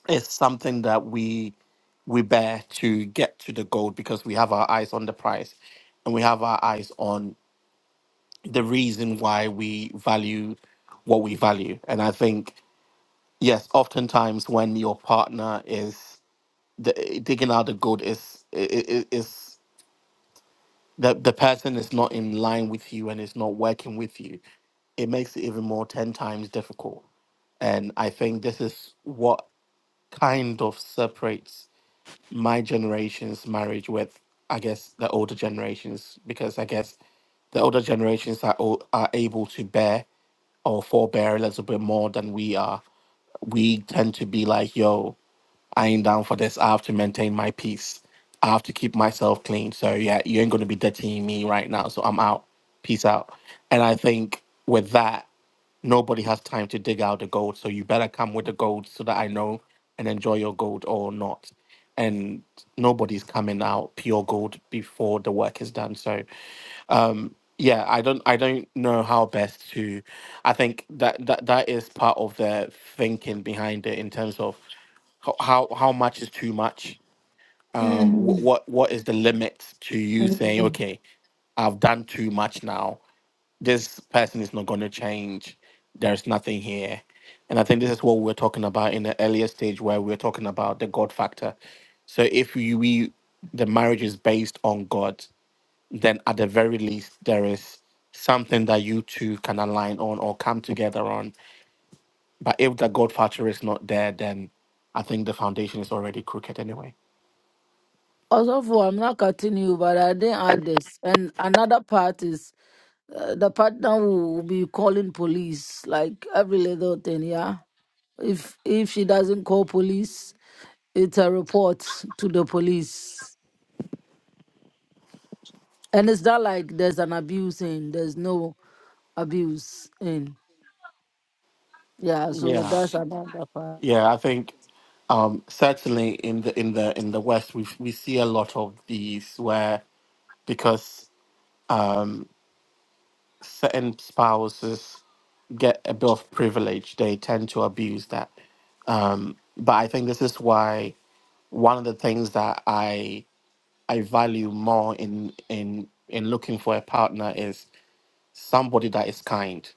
S3: is something that we we bear to get to the gold because we have our eyes on the price and we have our eyes on the reason why we value what we value and i think yes oftentimes when your partner is the, digging out the gold is is is the the person is not in line with you and is not working with you. It makes it even more ten times difficult. And I think this is what kind of separates my generation's marriage with I guess the older generations because I guess the older generations are o- are able to bear or forbear a little bit more than we are. We tend to be like, yo, I ain't down for this. I have to maintain my peace. I have to keep myself clean. So yeah, you ain't gonna be dirtying me right now. So I'm out. Peace out. And I think with that. Nobody has time to dig out the gold, so you better come with the gold so that I know and enjoy your gold or not. And nobody's coming out pure gold before the work is done. So yeah, I don't I don't know how best to I think that that, that is part of the thinking behind it in terms of how how, how much is too much. Um, wh-
S9: Mhm,
S3: what what is the limit to you saying
S9: mhm.
S3: okay, I've done too much now this person is not going to change. There's nothing here. And I think this is what we were talking about in the earlier stage where we were talking about the God factor. So if we, we the marriage is based on God, then at the very least there is something that you two can align on or come together on. But if the God factor is not there, then I think the foundation is already crooked anyway.
S9: also for i'm not cutting you but i didn't add this and another part is uh, the partner will be calling police like every little thing yeah if if she doesn't call police it's a report to the police and it's not like there's an abuse in there's no abuse in Yeah, so
S3: Yeah,
S9: that's another part.
S3: yeah. I think um, certainly in the in the in the West, we we see a lot of these where because um, certain spouses get a bit of privilege. They tend to abuse that. Um, but I think this is why one of the things that I I value more in in in looking for a partner is somebody that is kind.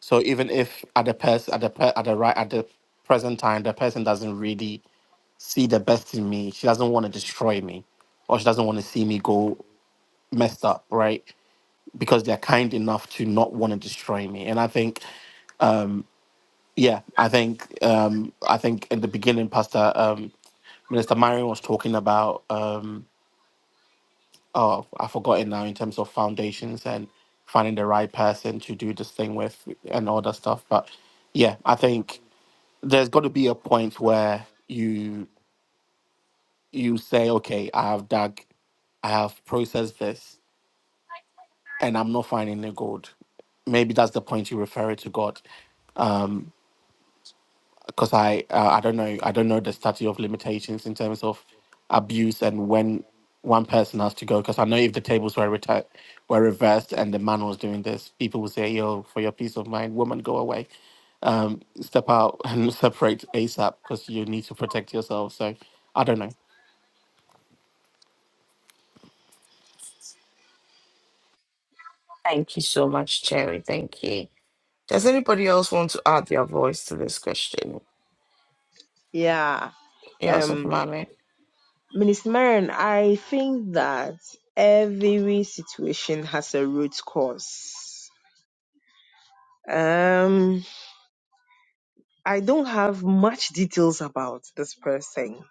S3: So even if at the person at the per- at the right at the present time the person doesn't really see the best in me, she doesn't want to destroy me, or she doesn't want to see me go messed up, right? because they're kind enough to not want to destroy me. And I think, yeah, I think, um, I think in the beginning, Pastor um, Minister Marion was talking about, um, oh, I've forgotten now in terms of foundations and finding the right person to do this thing with and all that stuff. But yeah, I think there's got to be a point where you you say, okay, I have dug, I have processed this, and I'm not finding the gold. Maybe that's the point you refer it to God because I uh, I don't know I don't know the statute of limitations in terms of abuse and when one person has to go because I know if the tables were reti- were reversed and the man was doing this people would say yo for your peace of mind woman go away um, step out and separate ASAP because you need to protect yourself so I don't know
S1: Thank you so much, Cherry. Thank you. Does anybody else want to add their voice to this question?
S4: Yeah.
S1: Yourself, Mami.
S4: Minister Marion, I think that every situation has a root cause. Um, I don't have much details about this person,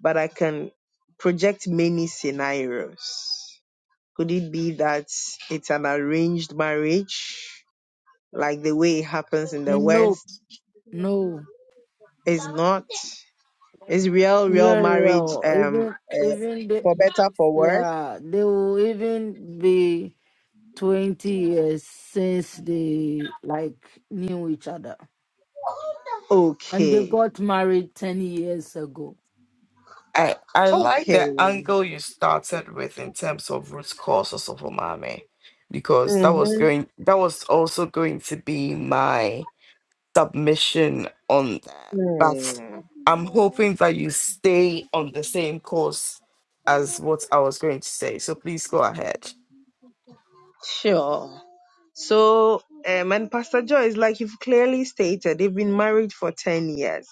S4: but I can project many scenarios. Could it be that it's an arranged marriage, like the way it happens in the
S9: Nope,
S4: West?
S9: no.
S4: It's not. It's real, real
S9: Yeah,
S4: marriage,
S9: yeah.
S4: um,
S9: Even
S4: uh,
S9: even the
S4: for better, for worse.
S9: yeah, they will even be twenty years since they like knew each other. And they
S4: Okay.
S9: got married ten years ago.
S1: I I like
S4: Okay.
S1: the angle you started with in terms of root causes of umami, because that
S4: Mm-hmm.
S1: was going that was also going to be my submission on that. But
S4: Hmm,
S1: I'm hoping that you stay on the same course as what I was going to say. So please go ahead.
S4: sure. So, um, and Pastor Joyce, like you've clearly stated, they've been married for 10 years.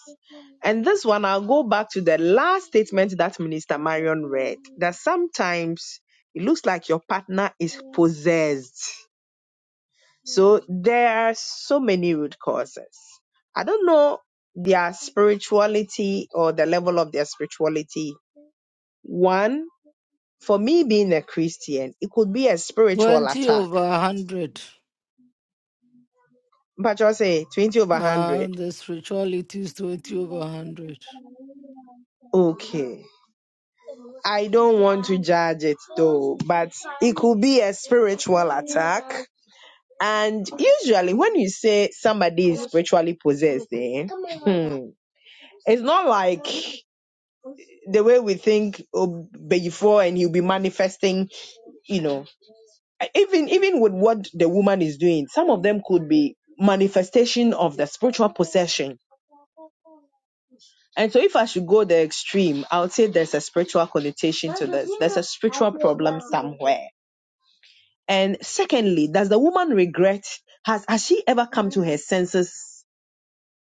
S4: And this one, I'll go back to the last statement that Minister Marion read that sometimes it looks like your partner is possessed. So, there are so many root causes. I don't know their spirituality or the level of their spirituality. One, for me being a Christian, it could be a spiritual
S9: Twenty
S4: attack
S9: over a hundred.
S4: Patrick say 20 over
S9: Uh
S4: 100.
S9: the spirituality is twenty over a hundred.
S4: Okay. I don't want to judge it though, but it could be a spiritual attack. And usually, when you say somebody is spiritually possessed, eh, hmm, it's not like the way we think oh, before and he'll be manifesting, you know, even even with what the woman is doing, some of them could be manifestation of the spiritual possession And so, if I should go the extreme, I would say there's a spiritual connotation to this. There's a spiritual problem somewhere. And secondly, does the woman regret? Has has she ever come to her senses,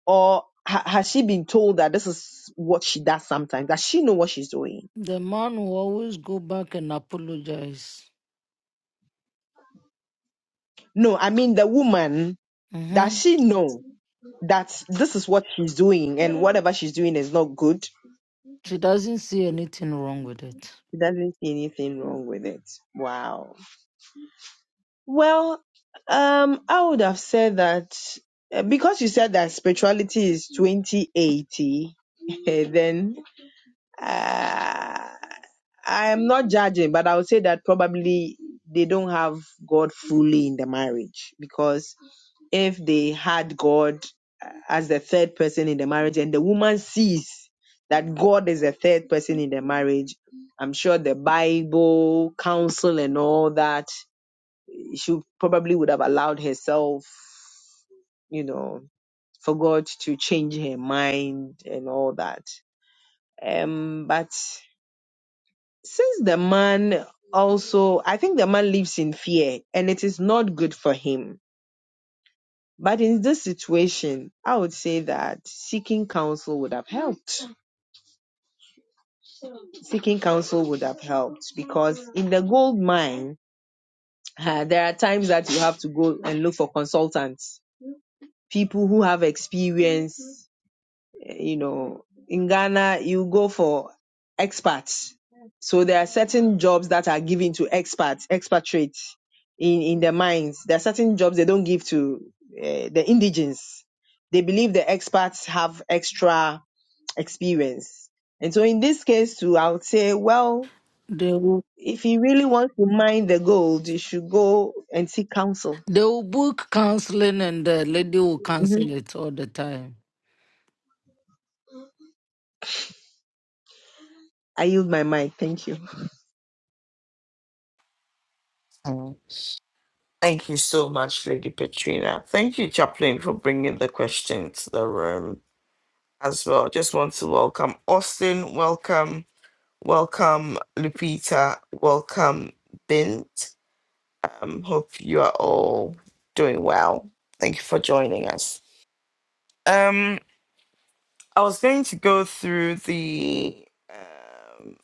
S4: or ha- has she been told that this is what she does sometimes? Does she know what she's doing?
S9: The man will always go back and apologize.
S4: No, I mean the woman. Does
S9: Mm-hmm.
S4: she know that this is what she's doing, and whatever she's doing is not good?
S9: She doesn't see anything wrong with it.
S4: She doesn't see anything wrong with it. Wow. Well, um, I would have said that uh, because you said that spirituality is 2080, then uh, I am not judging, but I would say that probably they don't have God fully in the marriage because if they had God uh, as the third person in the marriage and the woman sees that God is the third person in the marriage, I'm sure the Bible, counsel, and all that she probably would have allowed herself, you know, for God to change her mind and all that. Um, but since the man also, I think the man lives in fear and it is not good for him. But in this situation, I would say that seeking counsel would have helped. Seeking counsel would have helped because in the gold mine, uh, there are times that you have to go and look for consultants, people who have experience you know, in Ghana, you go for expats. So there are certain jobs that are given to expats, expatriates in, in the mines. There are certain jobs they don't give to uh, the indigens. They believe the expats have extra experience. And so in this case too, I would say, well,
S9: They will.
S4: if you really want to mine the gold, you should go and seek counsel.
S9: They will book counseling and the lady will
S4: Mhm.
S9: cancel it all the time.
S4: I yield my mind. Thank you.
S1: Mm. Thank you so much, Lady Petrina. Thank you, Chaplain, for bringing the question to the room as well. Just want to welcome Austin. Welcome. Welcome, Lupita. Welcome, Bint. Um, hope you are all doing well. Thank you for joining us. Um, I was going to go through the um,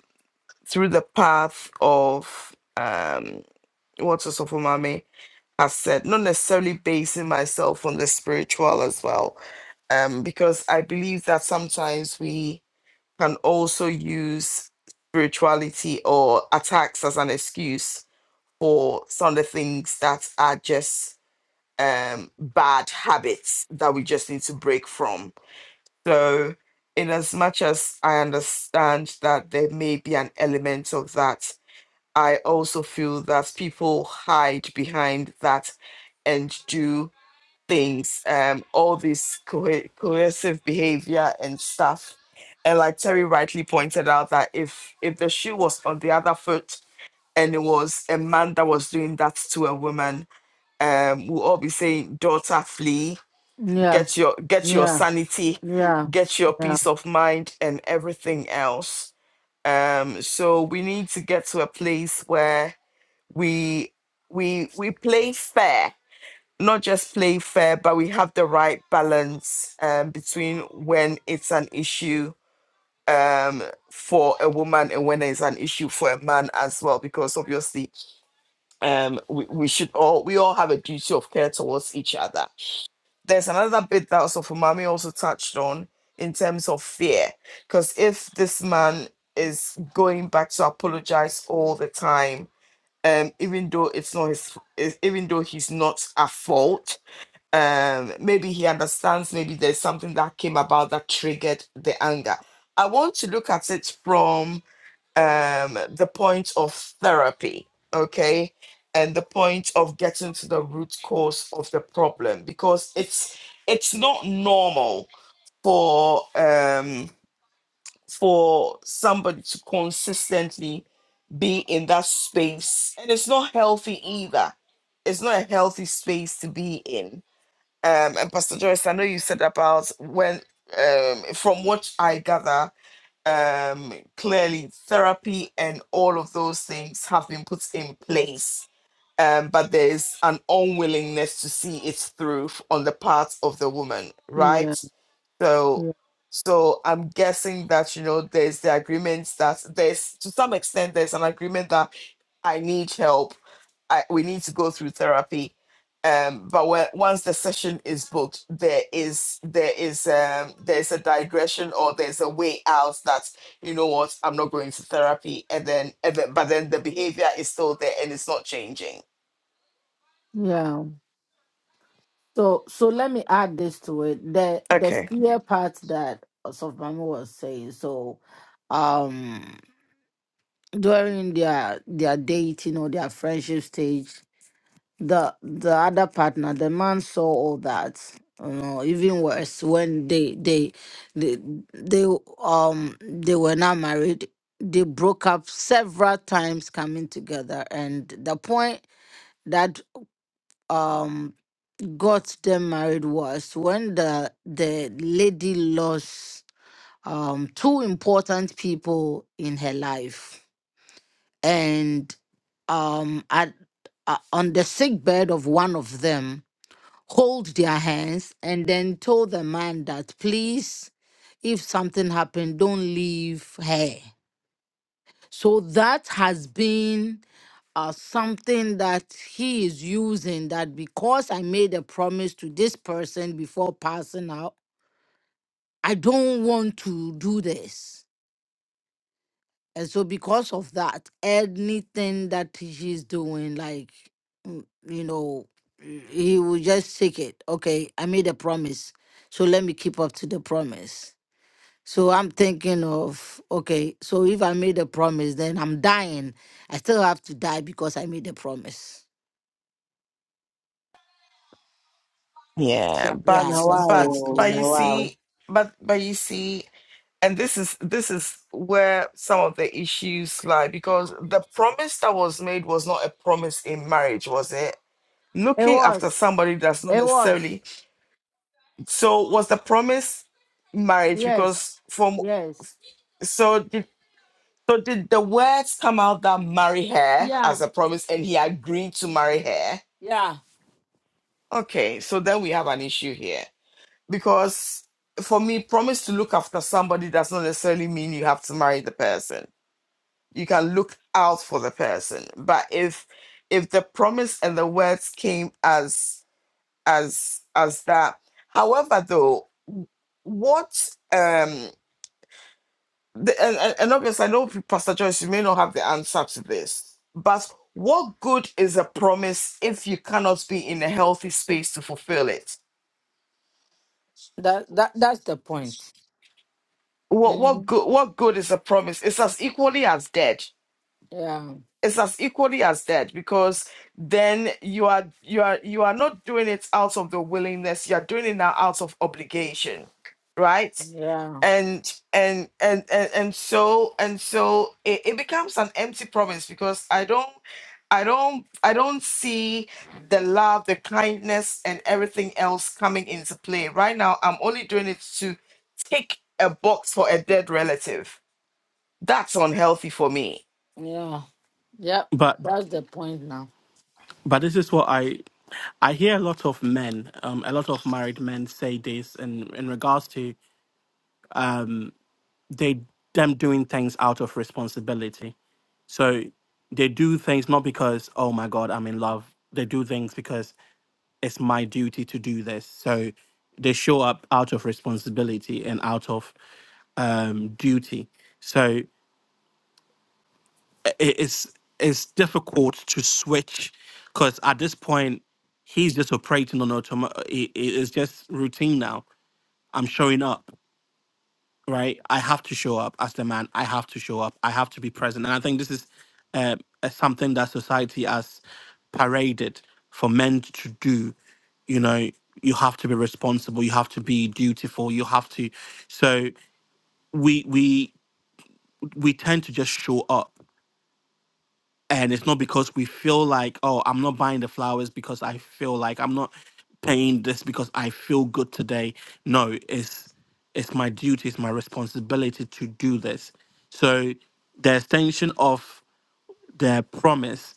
S1: through the path of um, what Osofumame has said, not necessarily basing myself on the spiritual as well, um, because I believe that sometimes we can also use spirituality or attacks as an excuse for some of the things that are just um, bad habits that we just need to break from. So, in as much as I understand that there may be an element of that, I also feel that people hide behind that and do things, um, all this cohe- coercive behavior and stuff. And like Terry rightly pointed out, that if if the shoe was on the other foot, and it was a man that was doing that to a woman um we'll all be saying daughter flee
S9: Yeah,
S1: get your get your
S9: yeah,
S1: sanity
S9: yeah,
S1: get your
S9: yeah,
S1: peace of mind and everything else um so we need to get to a place where we we we play fair not just play fair but we have the right balance um between when it's an issue um for a woman and when it's an issue for a man as well because obviously um we, we should all we all have a duty of care towards each other there's another bit that also Mami also touched on in terms of fear because if this man is going back to apologize all the time um even though it's not his is- even though he's not at fault um maybe he understands maybe there's something that came about that triggered the anger i want to look at it from um, the point of therapy, okay, and the point of getting to the root cause of the problem because it's it's not normal for um, for somebody to consistently be in that space, and it's not healthy either. It's not a healthy space to be in. Um, and Pastor Joyce, I know you said about when, um, from what I gather, um clearly therapy and all of those things have been put in place um, but there's an unwillingness to see it through on the part of the woman,
S9: yeah,
S1: right? So,
S9: yeah,
S1: so I'm guessing that you know there's the agreement that there's to some extent there's an agreement that I need help, I we need to go through therapy, um, but when, once the session is booked, there is there is um, there's a digression or there's a way out that you know what I'm not going to therapy, and then and then but then the behavior is still there and it's not changing
S9: yeah. So so let me add this to it. The the
S1: Okay.
S9: fear part that Soframi was saying. So um during their their dating or their friendship stage, the the other partner the man saw all that you know even worse when they they they they um they were not married they broke up several times coming together and the point that um got them married was when the the lady lost um two important people in her life and um at uh, on the sick bed of one of them hold their hands and then told the man that please if something happened don't leave her so that has been uh, something that he is using that because i made a promise to this person before passing out i don't want to do this And so because of that, anything that he's doing, like mm, you know, mm, he will just take it. Okay, I made a promise. So let me keep up to the promise. So I'm thinking of, okay, so if I made a promise, then I'm dying. I still have to die because I made a promise.
S1: Yeah,
S9: Yeah, yeah
S1: but
S9: so they
S1: but
S9: told me
S1: but you
S9: that.
S1: see, but but you see, and this is this is where some of the issues lie because the promise that was made was not a promise in marriage, was it?
S9: It
S1: Looking after
S9: was.
S1: somebody that's not
S9: It was.
S1: necessarily so was the promise marriage
S9: Yes.
S1: because from
S9: Yes.
S1: so did so did the words come out that marry her
S9: Yeah.
S1: as a promise and he agreed to marry her?
S9: Yeah.
S1: Okay, so then we have an issue here because for me, promise to look after somebody does not necessarily mean you have to marry the person. You can look out for the person, but if if the promise and the words came as as as that, however, though, w- what um the, and, and and obviously I know Pastor Joyce, you may not have the answer to this, but what good is a promise if you cannot be in a healthy space to fulfill it?
S9: That that that's the point.
S1: What what
S9: Mhm.
S1: good what good is a promise? It's as equally as dead it's as equally as dead because then you are you are you are not doing it out of the willingness you are doing it now out of obligation right
S9: Yeah.
S1: and and and and, and so and so it, it becomes an empty promise because i don't i don't i don't see the love the kindness and everything else coming into play right now i'm only doing it to tick a box for a dead relative that's unhealthy for me
S9: Yeah. Yep.
S3: but
S9: That's the point now.
S3: but this is what I I hear a lot of men, um, a lot of married men say this in, in regards to um, they them doing things out of responsibility. So they do things not because, oh my God, I'm in love. They do things because it's my duty to do this. So they show up out of responsibility and out of um, duty. So i- it's it's difficult to switch because at this point he's just operating on automatic. It's just routine now. I'm showing up. right? I have to show up as the man. I have to show up. I have to be present. And I think this is uh, uh, something that society has paraded for men to do. You know, you have to be responsible. You have to be dutiful. You have to. So we we we tend to just show up and it's not because we feel like oh i'm not buying the flowers because i feel like i'm not paying this because i feel good today no it's it's my duty it's my responsibility to do this so the extension of the promise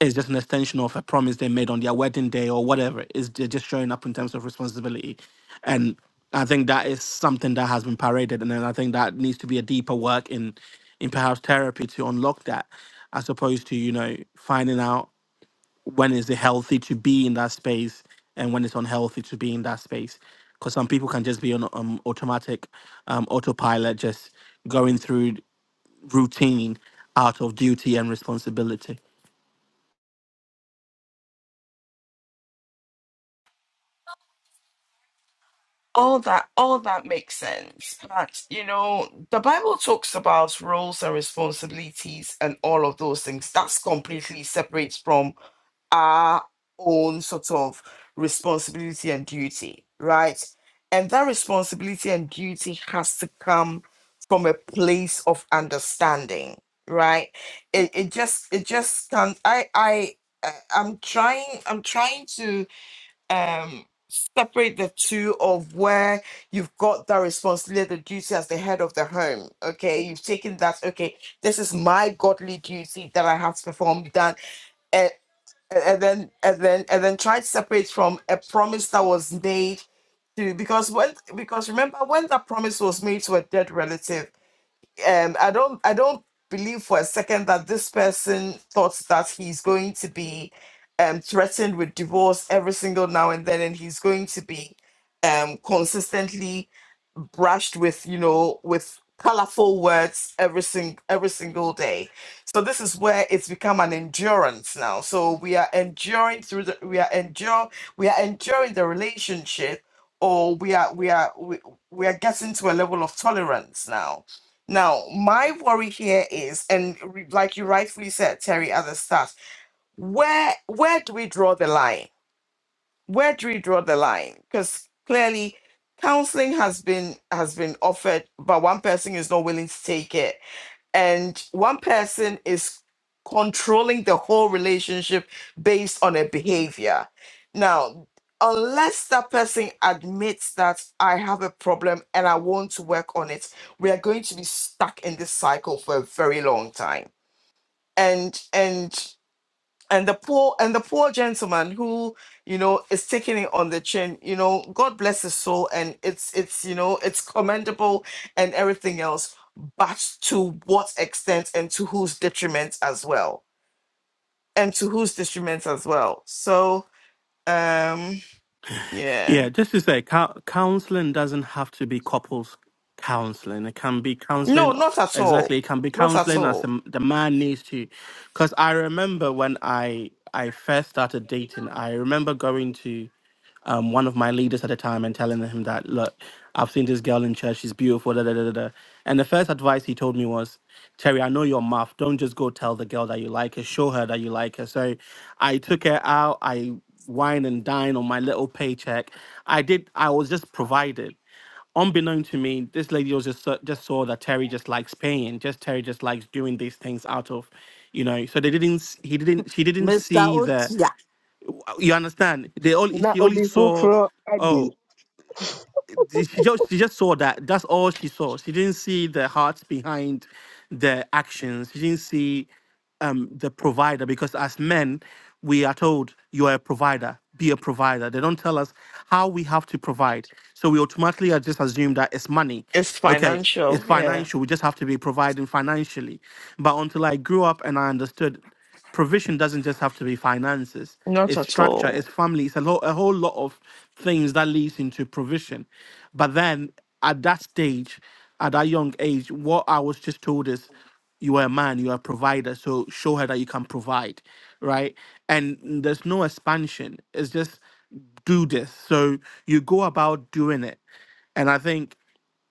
S3: it's just an extension of a promise they made on their wedding day or whatever. Is they're just showing up in terms of responsibility, and I think that is something that has been paraded, and then I think that needs to be a deeper work in, in perhaps therapy to unlock that, as opposed to you know finding out when is it healthy to be in that space and when it's unhealthy to be in that space, because some people can just be on um, automatic, um, autopilot, just going through routine out of duty and responsibility.
S1: all that all that makes sense but you know the bible talks about roles and responsibilities and all of those things that's completely separate from our own sort of responsibility and duty right and that responsibility and duty has to come from a place of understanding right it, it just it just can't i i I- i'm trying i'm trying to um separate the two of where you've got that responsibility the duty as the head of the home okay you've taken that okay this is my godly duty that i have to perform done and, and then and then and then try to separate from a promise that was made to because when because remember when that promise was made to a dead relative um i don't i don't believe for a second that this person thought that he's going to be um threatened with divorce every single now and then and he's going to be um consistently brushed with you know with colorful words every sing every single day so this is where it's become an endurance now so we are enduring through the we are endure we are enduring the relationship or we are we are we, we are getting to a level of tolerance now now, my worry here is, and re- like you rightfully said, Terry, at the start, where where do we draw the line? Where do we draw the line? Because clearly, counseling has been has been offered, but one person is not willing to take it and one person is controlling the whole relationship based on a behavior. Now, unless that person admits that I have a problem and I want to work on it, we are going to be stuck in this cycle for a very long time. And and and the poor and the poor gentleman who you know is taking it on the chin you know god bless his soul and it's it's you know it's commendable and everything else but to what extent and to whose detriment as well and to whose detriment as well so um yeah
S3: Yeah, just to say, cou- counseling doesn't have to be couples counseling. It can be
S1: no
S3: counseling.
S1: not at all
S3: Exactly, it can be
S1: not at
S3: counseling as
S1: all
S3: the, the man needs to. Because I remember when I I first started dating, I remember going to um, one of my leaders at the time and telling him that, look, I've seen this girl in church. She's beautiful. Da, da, da, da, da. And the first advice he told me was. Terry, I know your mouth. Don't just go tell the girl that you like her. Show her that you like her. So I took her out. I wine and dine on my little paycheck. I did. I was just provided. Unbeknown to me, this lady was just saw- just saw that Terry just likes paying. Just Terry just likes doing these things out of, you know. So they didn't. s- He didn't. She didn't
S9: Mr.
S3: see the.
S9: Otia.
S3: You understand? They only.
S4: Na
S3: She only
S4: obi
S3: saw.
S4: foforo adi.
S3: Oh the- she just she just saw that. That's all she saw. She didn't see the heart behind the actions. She didn't see um the provider because as men we are told you are a provider be a provider they don't tell us how we have to provide so we automatically are just assume that it's money
S1: it's
S3: okay it's
S1: financial yeah
S3: financial we just have to be providing financially but until i grew up and i understood provision doesn't just have to be finances
S1: not
S3: it's
S1: at
S3: structure it's
S1: all
S3: family it's a, lo- a whole lot of things that leads into provision but then at that stage at that young age what i was just told is you are a man you are a provider so show her that you can provide right and there's no expansion it's just do this so you go about doing it and i think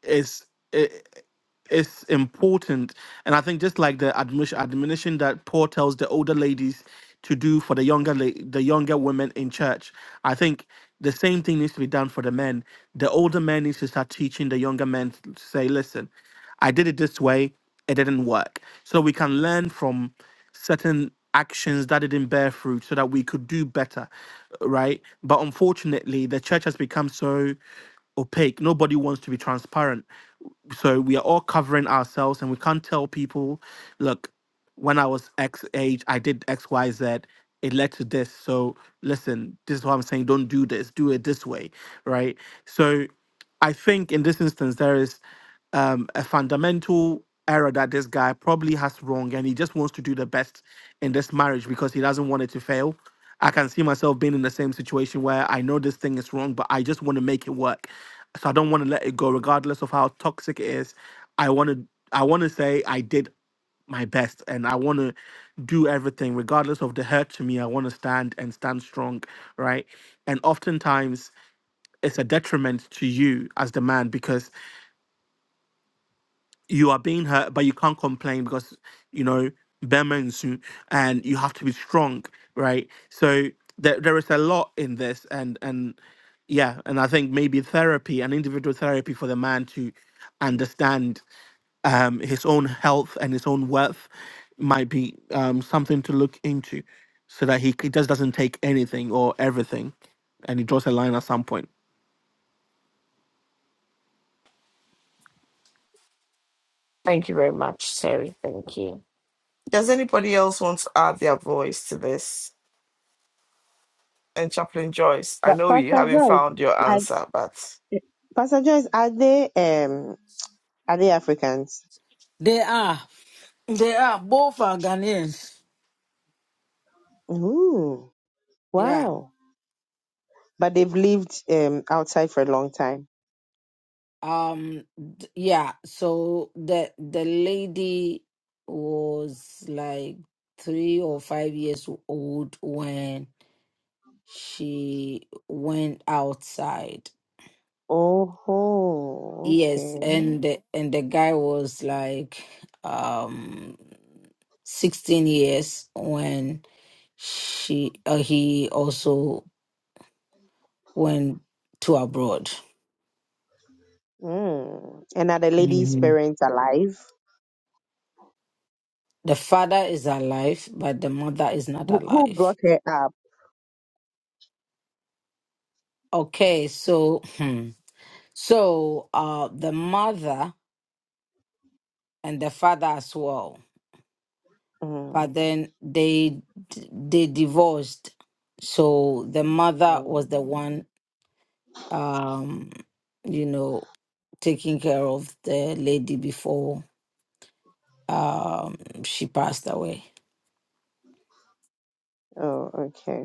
S3: it's it it's important. And I think just like the admonish- admonition that Paul tells the older ladies to do for the younger la- the younger women in church, I think the same thing needs to be done for the men. The older men needs to start teaching the younger men to say, "Listen, I did it this way, it didn't work," so we can learn from certain actions that didn't bear fruit so that we could do better right but unfortunately the church has become so opaque nobody wants to be transparent so we are all covering ourselves and we can't tell people look when i was x age i did xyz it led to this so listen this is what i'm saying don't do this do it this way right so i think in this instance there is um, a fundamental error that this guy probably has wrong and he just wants to do the best in this marriage because he doesn't want it to fail i can see myself being in the same situation where i know this thing is wrong but i just want to make it work so I don't want to let it go, regardless of how toxic it is. I want to, I want to say I did my best, and I want to do everything, regardless of the hurt to me. I want to stand and stand strong, right? And oftentimes, it's a detriment to you as the man because you are being hurt, but you can't complain because you know Burma and Sue, and you have to be strong, right? So there there is a lot in this, and and yeah, and I think maybe therapy, an individual therapy for the man to understand um, his own health and his own worth might be um, something to look into, so that he, c- just doesn't take anything or everything, and he draws a line at some point.
S1: thank you very much terry thank you does anybody else want to add their voice to this And Chaplain Joyce, I
S4: But
S1: know you
S4: Pastor
S1: haven't
S4: Joyce,
S1: found your
S4: are,
S1: answer, but
S4: Pastor Joyce, are they um are they Africans?
S9: They are. They are. Both are Ghanaians.
S4: Ooh,
S9: Yeah.
S4: wow! But they've lived um outside for a long time.
S9: Um d- yeah, so the the lady was like three or five years old when she went outside.
S4: Oh, ho,
S9: Yes,
S4: okay.
S9: and the, and the guy was like um 16 years when she uh, he also went to abroad.
S4: Mm. And are the lady's
S9: Mhm.
S4: parents alive?
S9: The father is alive, but the mother is not
S4: Who, who
S9: alive.
S4: brought her up?
S9: Okay, so hmm. so uh, the mother and the father as well,
S4: Mm.
S9: but then they they divorced. So the mother was the one, um, you know, taking care of the lady before um, she passed away.
S4: Oh, okay.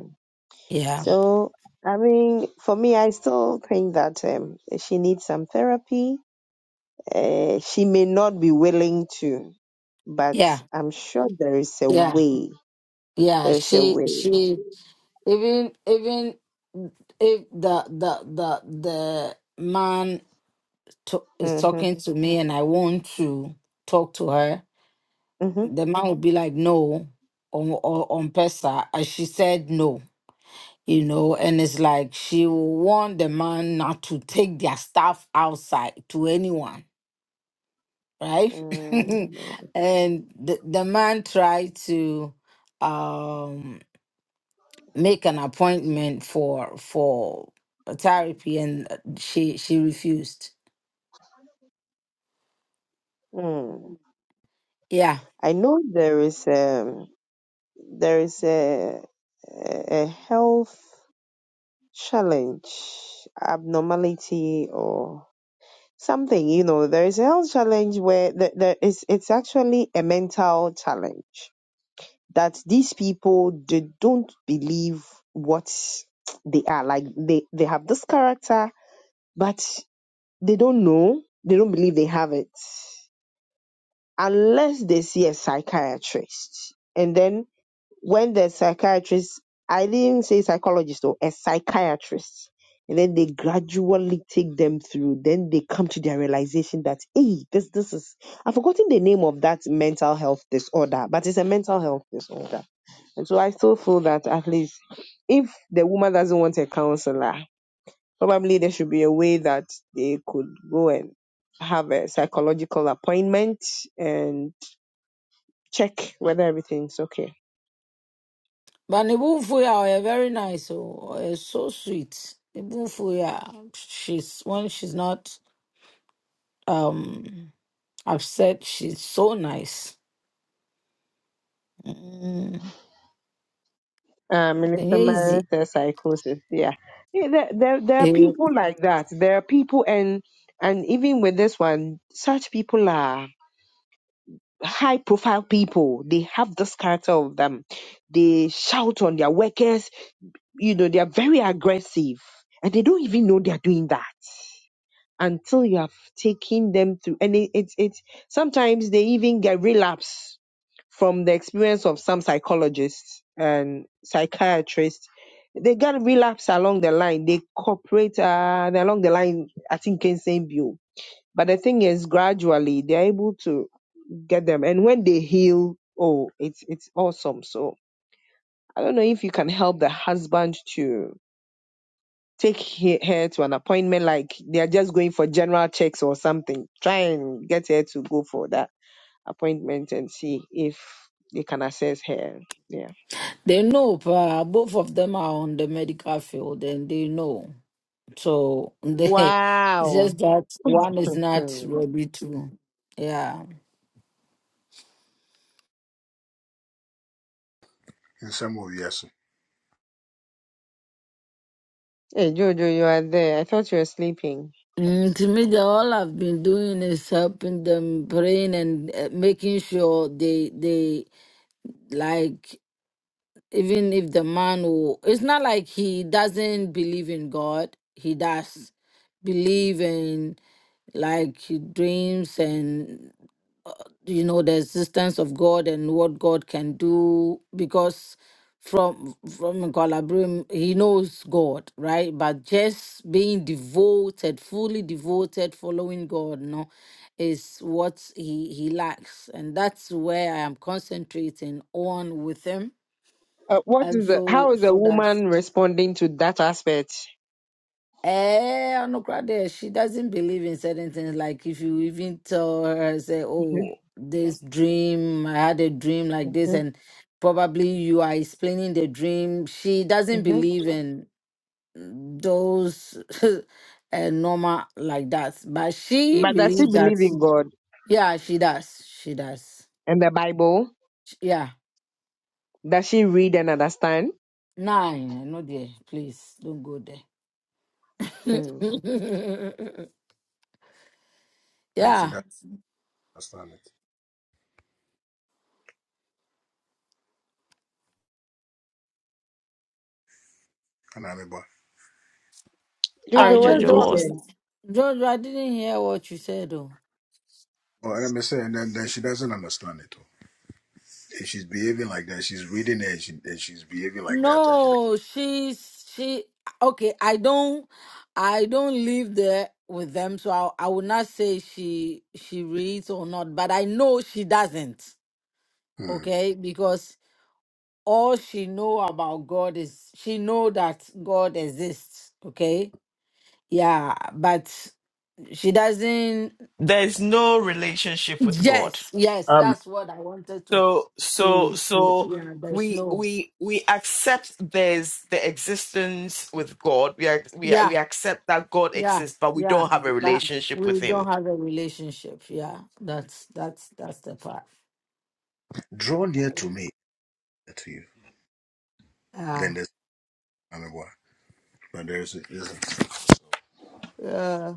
S9: Yeah,
S4: So, I mean, for me, I still think that um, she needs some therapy. Uh, she may not be willing to, but
S9: yeah.
S4: I'm sure there is a
S9: Yeah,
S4: way.
S9: yeah.
S4: There is a
S9: She
S4: way.
S9: she even even if the the the the man to, is
S4: Mm-hmm.
S9: talking to me and I want to talk to her,
S4: Mm-hmm.
S9: the man will be like no on on, on Pesa. And she said no, you know, and it's like she will want the man not to take their stuff outside to anyone, right?
S4: Mm.
S9: and the, the man tried to um make an appointment for for therapy and uh, she she refused.
S4: Mm.
S9: Yeah.
S4: I know there is um there is a a a health challenge, abnormality, or something you know there is a health challenge where th- there is it's actually a mental challenge that these people they don't believe what they are like they they have this character but they don't know they don't believe they have it unless they see a psychiatrist and then when the psychiatrist, I didn't say psychologist, or a psychiatrist, and then they gradually take them through, then they come to their realization that, hey, this, this is, I've forgotten the name of that mental health disorder, but it's a mental health disorder. And so I still feel that at least if the woman doesn't want a counselor, probably there should be a way that they could go and have a psychological appointment and check whether everything's okay.
S9: But Nibunfuya are very nice. Oh, is so sweet. Nibunfuya, she's when she's not um upset, she's so nice. Mm.
S4: uh,
S9: And
S4: Minister
S9: yeah, easy.
S4: Myers says psychosis. Yeah, yeah there, there, there are
S9: They,
S4: people like that. There are people, and and even with this one, such people are high profile people. They have this character of them. They shout on their workers. You know, they are very aggressive, and they don't even know they are doing that until you have taken them through. And it, it, it sometimes they even get relapse from the experience of some psychologists and psychiatrists, they got relapse along the line. They cooperate uh, along the line, I think, can say view. But the thing is, gradually, they're able to get them. And when they heal, oh, it's it's awesome. So I don't know if you can help the husband to take he- her to an appointment, like they're just going for general checks or something. Try and get her to go for that appointment and see if they can assess her. Yeah.
S9: they know pa, both of them are on the medical field and they know. So they it's
S4: Wow.
S9: just that one is not
S4: Hmm.
S9: ready to. Yeah.
S6: In some way, yes.
S4: Hey, Jojo, you are there. I thought you were sleeping.
S9: Mm, to me, the, all I've been doing is helping them praying and uh, making sure they they like even if the man who it's not like he doesn't believe in God, he does believe in like he dreams and you know the existence of God and what God can do because from from Colabrim he knows God right but just being devoted fully devoted following God no is what he he lacks and that's where I am concentrating on with him
S4: Uh, what
S9: and
S4: is the,
S9: so
S4: how is a
S9: so that
S4: woman responding to that aspect?
S9: Eh, Anokrade, she doesn't believe in certain things. Like if you even tell her, say,
S4: Mhm,
S9: "Oh, this dream, I had a dream like this," and probably you are explaining the dream. She doesn't
S4: mhm.
S9: believe in those uh, normal like that. But she
S4: But does she
S9: believes that.
S4: believe in God
S9: Yeah, she does. She does.
S4: and the Bible?
S9: Sh- Yeah,
S4: Does she read and understand?
S9: nine. I know there. Please don't go there.
S4: Hmm.
S6: And she
S9: yeah,
S6: doesn't understand it. And I'm about.
S9: I
S1: Sorry,
S4: Jojo, what
S9: just
S4: did
S1: Jojo,
S4: you
S1: what
S9: don't.
S1: was that?
S4: say?
S9: Jojo, I didn't hear what you said though.
S6: Oh, and I'm saying, and then, then she doesn't understand it. oh. If she's behaving like that, she's reading it, and, she, and she's behaving like that. And she,
S9: No, she's she okay, I don't I don't live there with them, so I I would not say she she reads or not, but I know she doesn't.
S6: hmm.
S9: Okay? Because all she know about God is she know that God exists, okay? Yeah, but she doesn't
S1: there's no relationship with God.
S9: yes, yes,
S6: Amen.
S9: that's what I wanted to
S1: So so
S9: to to-
S1: so
S9: yeah, there's
S1: we
S9: no
S1: we we accept there's the existence with God. We ac- we
S9: yeah.
S1: we accept that God
S9: Yeah,
S1: exists, but we
S9: yeah.
S1: don't have a
S9: But
S1: relationship with
S9: we
S1: Him.
S9: don't have a relationship. Yeah, that's that's that's the part.
S6: Draw near to me. to you.
S9: Yeah,
S6: Then there's I don't but there's there's
S9: yeah.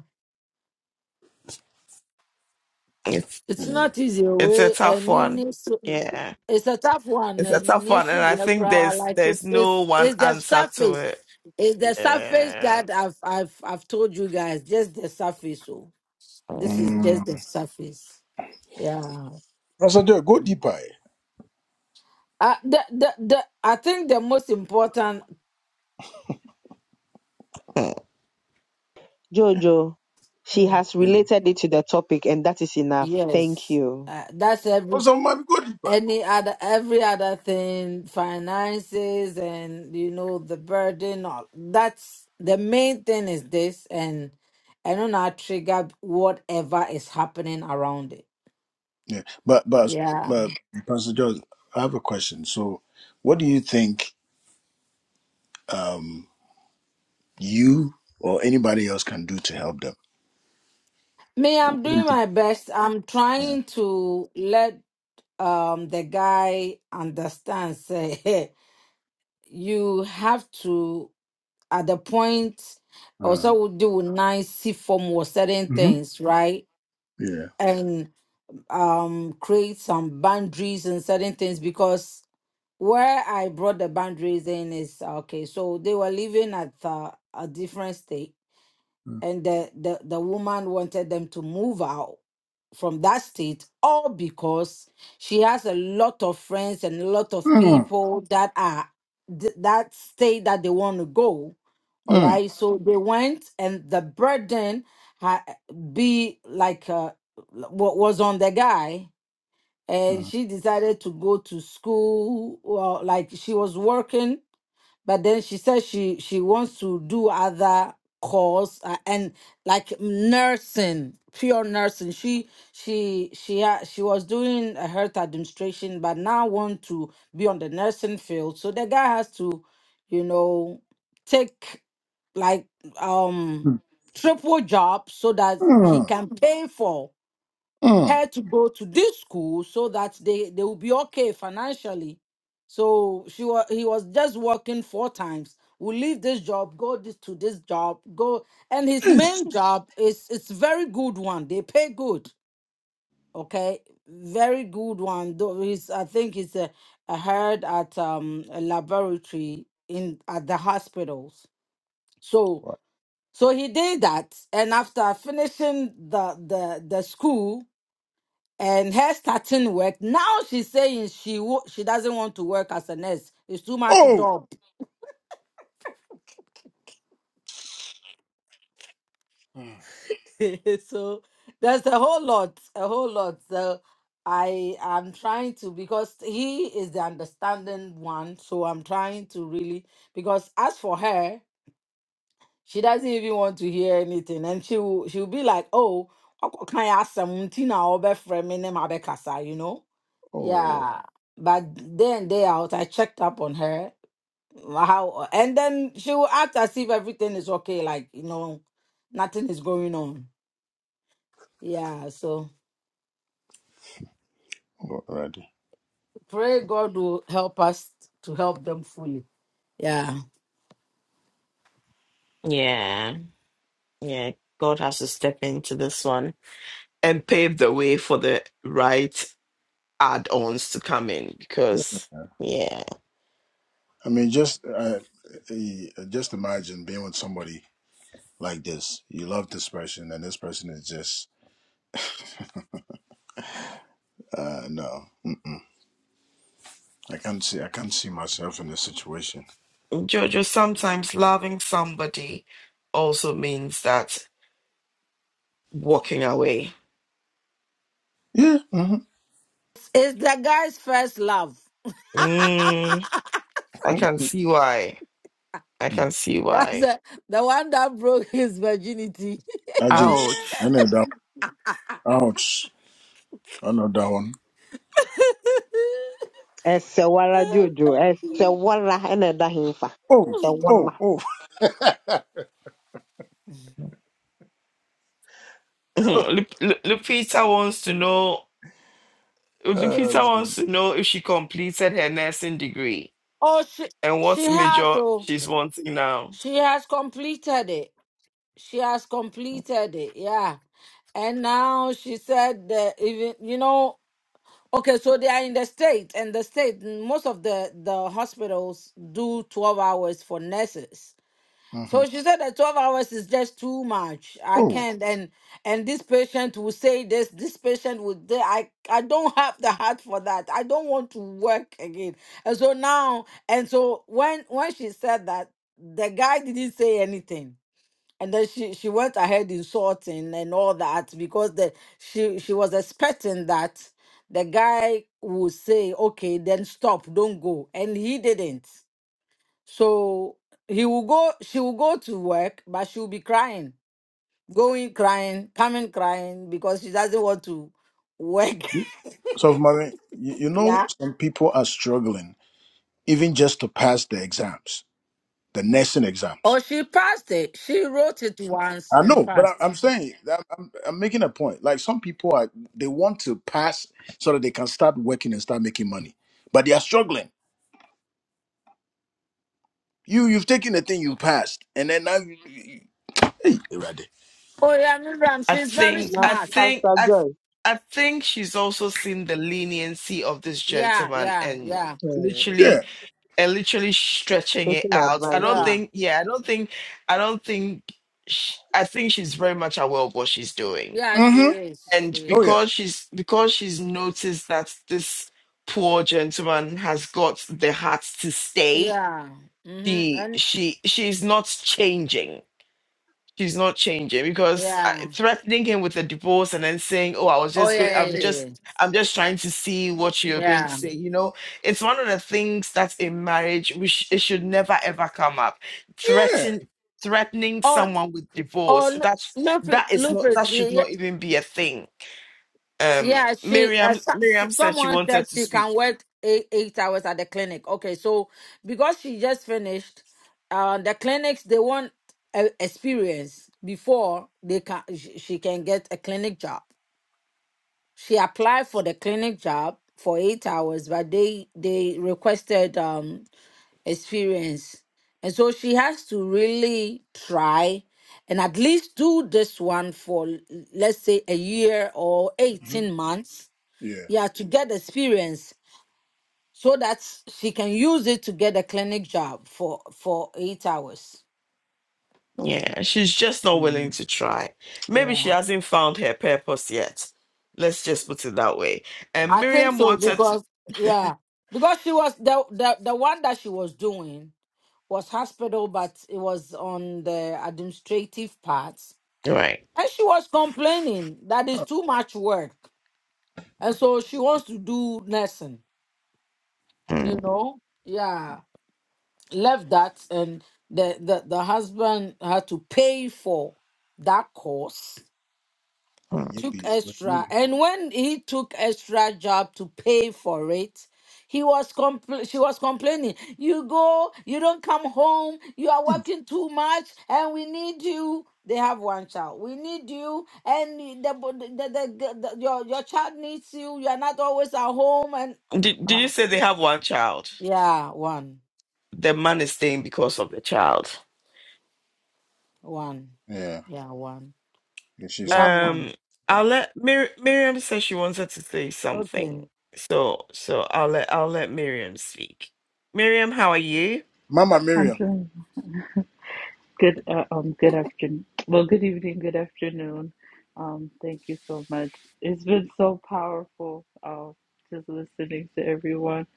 S1: It's
S9: It's
S6: anyway.
S9: not easy.
S1: it's a
S9: We
S1: tough one.
S9: and
S1: Yeah,
S9: it's a tough one.
S1: it's a
S9: And it
S1: tough
S9: needs
S1: one, and
S9: to be
S1: I
S9: a
S1: think
S9: crowd.
S1: there's
S9: Like
S1: there's
S9: it's it's
S1: no one
S9: it's the
S1: answer to
S9: surface.
S1: it.
S9: It's the surface
S1: Yeah.
S9: that I've I've I've told you guys. Just the surface. So this
S1: Mm.
S9: is
S6: Mm.
S9: just the surface. Yeah.
S6: That's a Go deeper. eh.
S9: Uh, the, the the I think the most important
S4: Jojo, she
S6: Mm.
S4: has
S6: Mm.
S4: related it to the topic, and that is enough. Thank
S9: yes.
S4: you.
S9: Uh, that's every
S6: Also, man, go deeper.
S9: any other every other thing finances and you know the burden all- that's the main thing is this and I do not trigger whatever is happening around it
S6: Yeah, but but
S9: yeah
S6: but Pastor George, I have a question. So, what do you think um, you or anybody else can do to help them?
S9: me i'm
S6: What do you
S9: doing
S6: think?
S9: my best i'm
S6: Yeah.
S9: trying to let um the guy understand say hey, you have to at the point also
S6: Uh,
S9: we do nice see form or certain
S6: hmm
S9: things right
S6: Yeah.
S9: um create some boundaries and certain things because where I brought the boundaries in is okay. So they were living at uh, a different state,
S6: Mm.
S9: and the, the the woman wanted them to move out from that state, all because she has a lot of friends and a lot of
S6: Mm.
S9: people that are th- that state that they want to go. All
S6: Mm.
S9: right, so they went, and the burden ha- be like uh, wa- was on the guy and
S6: Mm.
S9: she decided to go to school well like she was working but then she said she she wants to do other course uh, and like nursing pure nursing she she she ha- she was doing a health administration but now want to be on the nursing field so the guy has to you know take like um triple job so that he
S6: Mm.
S9: can pay for
S6: Mm.
S9: her to go to this school so that they they will be okay financially. So she was he was just working four times. Will leave this job, go this to this job, go and his
S6: Yes.
S9: main job is it's very good one. They pay good, okay, very good one. Though he's I think he's a, a head at um a laboratory in at the hospitals. So
S6: What?
S9: so he did that, and after finishing the the the school, and her starting work now she's saying she wo- she doesn't want to work as a nurse it's too much
S6: Oh.
S9: job
S6: Mm.
S9: so there's a whole lot a whole lot so i am trying to because he is the understanding one so i'm trying to really because as for her she doesn't even want to hear anything and she will she'll be like oh can i ask something I'll be framing them, you know
S6: Oh.
S9: yeah but day in day out i checked up on her how and then she will act as if everything is okay like you know nothing is going on yeah so
S6: Alrighty.
S9: pray god will help us to help them fully yeah
S1: Yeah. Yeah, God has to step into this one and pave the way for the right add-ons to come in because yeah,
S6: I mean, just uh, uh, just imagine being with somebody like this. You love this person, and this person is just uh, no. I can't see. I can't see myself in this situation.
S1: Jojo, sometimes loving somebody also means that walking away.
S6: Yeah. Mm-hmm.
S9: it's the guy's first love
S1: Mm, I can see why. I
S6: mm-hmm.
S1: can see
S9: that's
S1: why.
S9: the, the one that broke his virginity
S6: I just.
S3: Ouch.
S6: I know that. Ouch. I know that one.
S4: Esewala Jojo, Esewala, and Dahimfa.
S6: Oh. Oh.
S4: Esewala.
S6: Oh.
S1: Lu- Lu- Lupita wants to know
S6: uh,
S1: Lupita wants to know if she completed her nursing degree
S9: oh she
S1: and
S9: she
S1: what
S9: has
S1: major
S9: oh
S1: she's wanting now.
S9: she has completed it she has completed it yeah and now she said that even you know Okay, so they are in the state, and the state, most of the the hospitals do 12 hours for nurses.
S6: hmm
S9: So she said that 12 hours is just too much. I
S6: Oh.
S9: can't and and this patient will say this, this patient will th- I I don't have the heart for that. I don't want to work again. And so now and so when when she said that, the guy didn't say anything and then she she went ahead insulting and all that because the she she was expecting that the guy would say okay then stop don't go and he didn't so he will go she will go to work but she will be crying going crying coming crying because she doesn't want to work
S6: So, mommy, you, you know,
S9: yeah
S6: some people are struggling even just to pass the exams, the nursing exams.
S9: oh she passed it she wrote it once
S6: I
S9: and
S6: know, but I,
S9: passed
S6: I'm saying that I'm, I'm making a point. Like some people are, they want to pass so that they can start working and start making money, but they are struggling. You, you've taken the thing you passed, and then now, you, you, you- hey, you ready.
S9: oh yeah Miriam,
S1: I
S9: she's very
S1: think
S4: Na-
S1: I
S9: smart
S1: think
S4: Pastor
S1: I I think she's also seen the leniency of this
S9: yeah
S1: gentleman
S9: yeah
S1: and
S9: yeah
S4: Joy.
S6: Yeah.
S1: literally and literally stretching it
S4: taking
S1: out. I don't
S4: advantage.
S9: yeah
S1: think yeah, I don't think I don't think sh I think she's very much aware of what she's doing.
S9: Yeah, she
S6: Mm-hmm.
S9: is. She
S1: And
S6: Oh
S9: is.
S1: because
S6: yeah.
S1: she's because she's noticed that this poor gentleman has got the heart to stay,
S9: Yeah. hmm
S1: she
S9: And
S1: she she's not changing she's not changing because I,
S9: yeah.
S1: threatening him with a divorce and then saying, "Oh, I was
S9: Oh
S1: just going.
S9: yeah, yeah,
S1: I'm
S9: yeah. Yeah.
S1: just.
S9: Yeah.
S1: I'm just trying to see what you're going to
S9: Yeah.
S1: say." You know, it's one of the things that in marriage we sh- it should never ever come up.
S6: Yeah.
S1: Threaten threatening
S9: Oh,
S1: someone with divorce
S9: oh,
S1: that
S9: Lupus,
S1: that is not
S9: Lupus.
S1: that should
S9: Yeah,
S1: not even be a thing. Um,
S9: yeah. She. Uh,
S1: Miriam
S9: so, so,
S1: Miriam said she
S9: someone said
S1: wanted to
S9: she
S1: speak.
S9: can work eight, eight hours at the clinic. Okay, so because she just finished, uh, the clinics they want uh, experience before they can she she can get a clinic job. She applied for the clinic job for eight hours, but they they requested um experience. And so she has to really try and at least do this one for, l- let's say, a year or
S6: hmm
S9: 18 months.
S6: Yeah.
S9: Yeah, to get experience so that she can use it to get a clinic job for, for eight hours.
S1: Yeah, she's just not willing
S9: Mm.
S1: to try. Maybe she
S9: Yeah,
S1: hasn't found her purpose yet. Let's just put it that way.
S6: Mm.
S1: And
S9: I think
S1: Miriam
S9: so
S1: wanted
S9: because, yeah, because she was the, the, the one that she was doing was hospital, but it was on the administrative part
S1: to. Right.
S9: And she was complaining that it's too much work. And so she wants to do nursing, you know? Yeah. Left that and the, the, the husband had to pay for that course
S6: When you
S9: took
S6: be, when you
S9: extra
S6: be.
S9: and when he took extra job to pay for it he was compl- she was complaining you go you don't come home you are working too much and we need you they have one child we need you and the, the, the, the, the- your, your child needs you you are not always at home and
S1: Did, did you
S9: Ah,
S1: say they have one child?
S9: yeah one
S1: The man is staying because of the child.
S9: one
S6: Yeah.
S9: yeah one
S6: And
S9: they
S6: she's a
S9: have one
S1: Um,
S6: boy.
S1: I'll let Mir- Miriam say she wanted to say
S9: okay
S1: something. So, so I'll let I'll let Miriam speak. Miriam, how are you?
S6: Mama
S10: I'm
S6: Miriam.
S10: doing good. Uh, um, good afternoon. Well, good evening. Good afternoon. Um, thank you so much. It's been so powerful. Uh, just listening to everyone,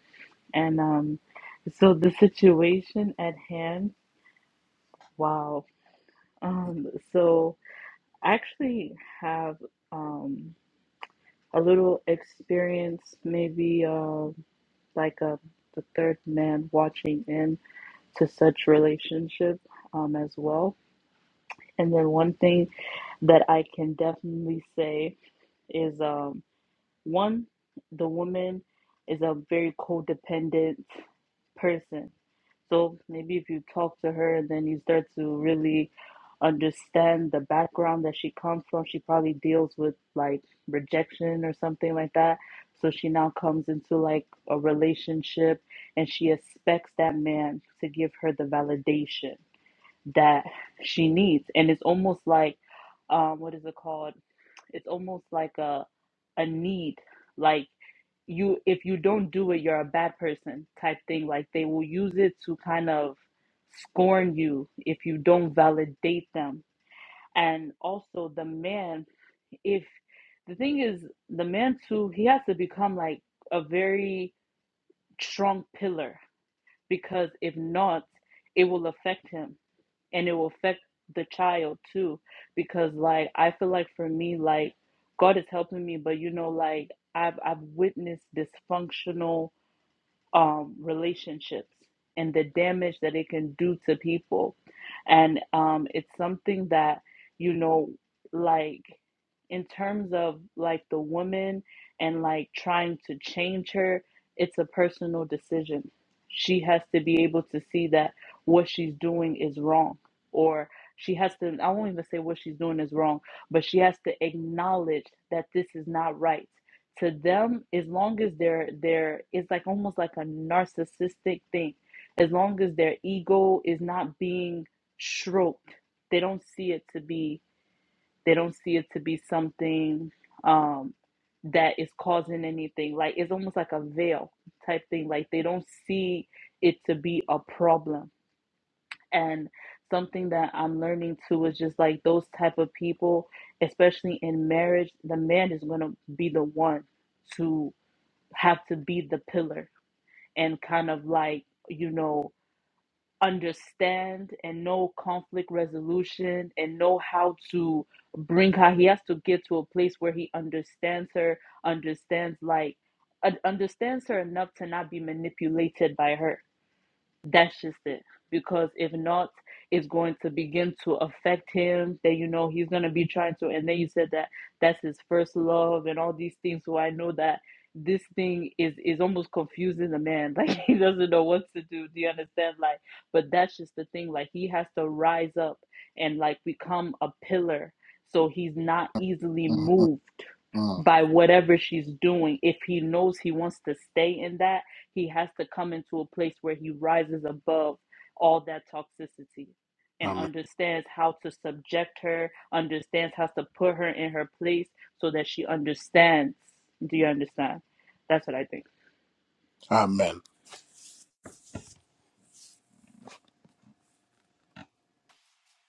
S10: and um, so the situation at hand. Wow. Um, so I actually have um a little experience, maybe um like a the third man watching in to such relationship um as well. And then one thing that I can definitely say is um, one, the woman is a very codependent person. So maybe if you talk to her, then you start to really understand the background that she comes from. She probably deals with like rejection or something like that. So she now comes into like a relationship and she expects that man to give her the validation that she needs. And it's almost like, um, what is it called? It's almost like a a need, like you if you don't do it, you're a bad person type thing. Like they will use it to kind of scorn you if you don't validate them. And also the man, if the thing is, the man too, he has to become like a very strong pillar because if not, it will affect him and it will affect the child too because like i feel like for me like god is helping me but you know like i've i've witnessed dysfunctional um relationships and the damage that it can do to people and um it's something that you know like in terms of like the woman and like trying to change her, it's a personal decision. She has to be able to see that what she's doing is wrong, or she has to, I won't even say what she's doing is wrong, but she has to acknowledge that this is not right. To them, as long as they're they're it's like almost like a narcissistic thing. As long as their ego is not being stroked, they don't see it to be they don't see it to be something um, that is causing anything. Like it's almost like a veil type thing. Like they don't see it to be a problem. And something that I'm learning too is just like those type of people, especially in marriage, the man is gonna be the one to have to be the pillar and kind of like, you know understand and know conflict resolution and know how to bring her he has to get to a place where he understands her understands like understands her enough to not be manipulated by her that's just it. Because if not, it's going to begin to affect him. That you know he's gonna be trying to. And then you said that that's his first love and all these things. So I know that this thing is is almost confusing the man. Like he doesn't know what to do. Do you understand? Like, but that's just the thing. Like he has to rise up and like become a pillar. So he's not easily
S6: Mhm.
S10: moved
S6: Mm.
S10: by whatever she's doing. If he knows he wants to stay in that he has to come into a place where he rises above all that toxicity and
S6: Amen.
S10: understands how to subject her, understands how to put her in her place so that she understands. Do you understand? That's what I think.
S6: Amen.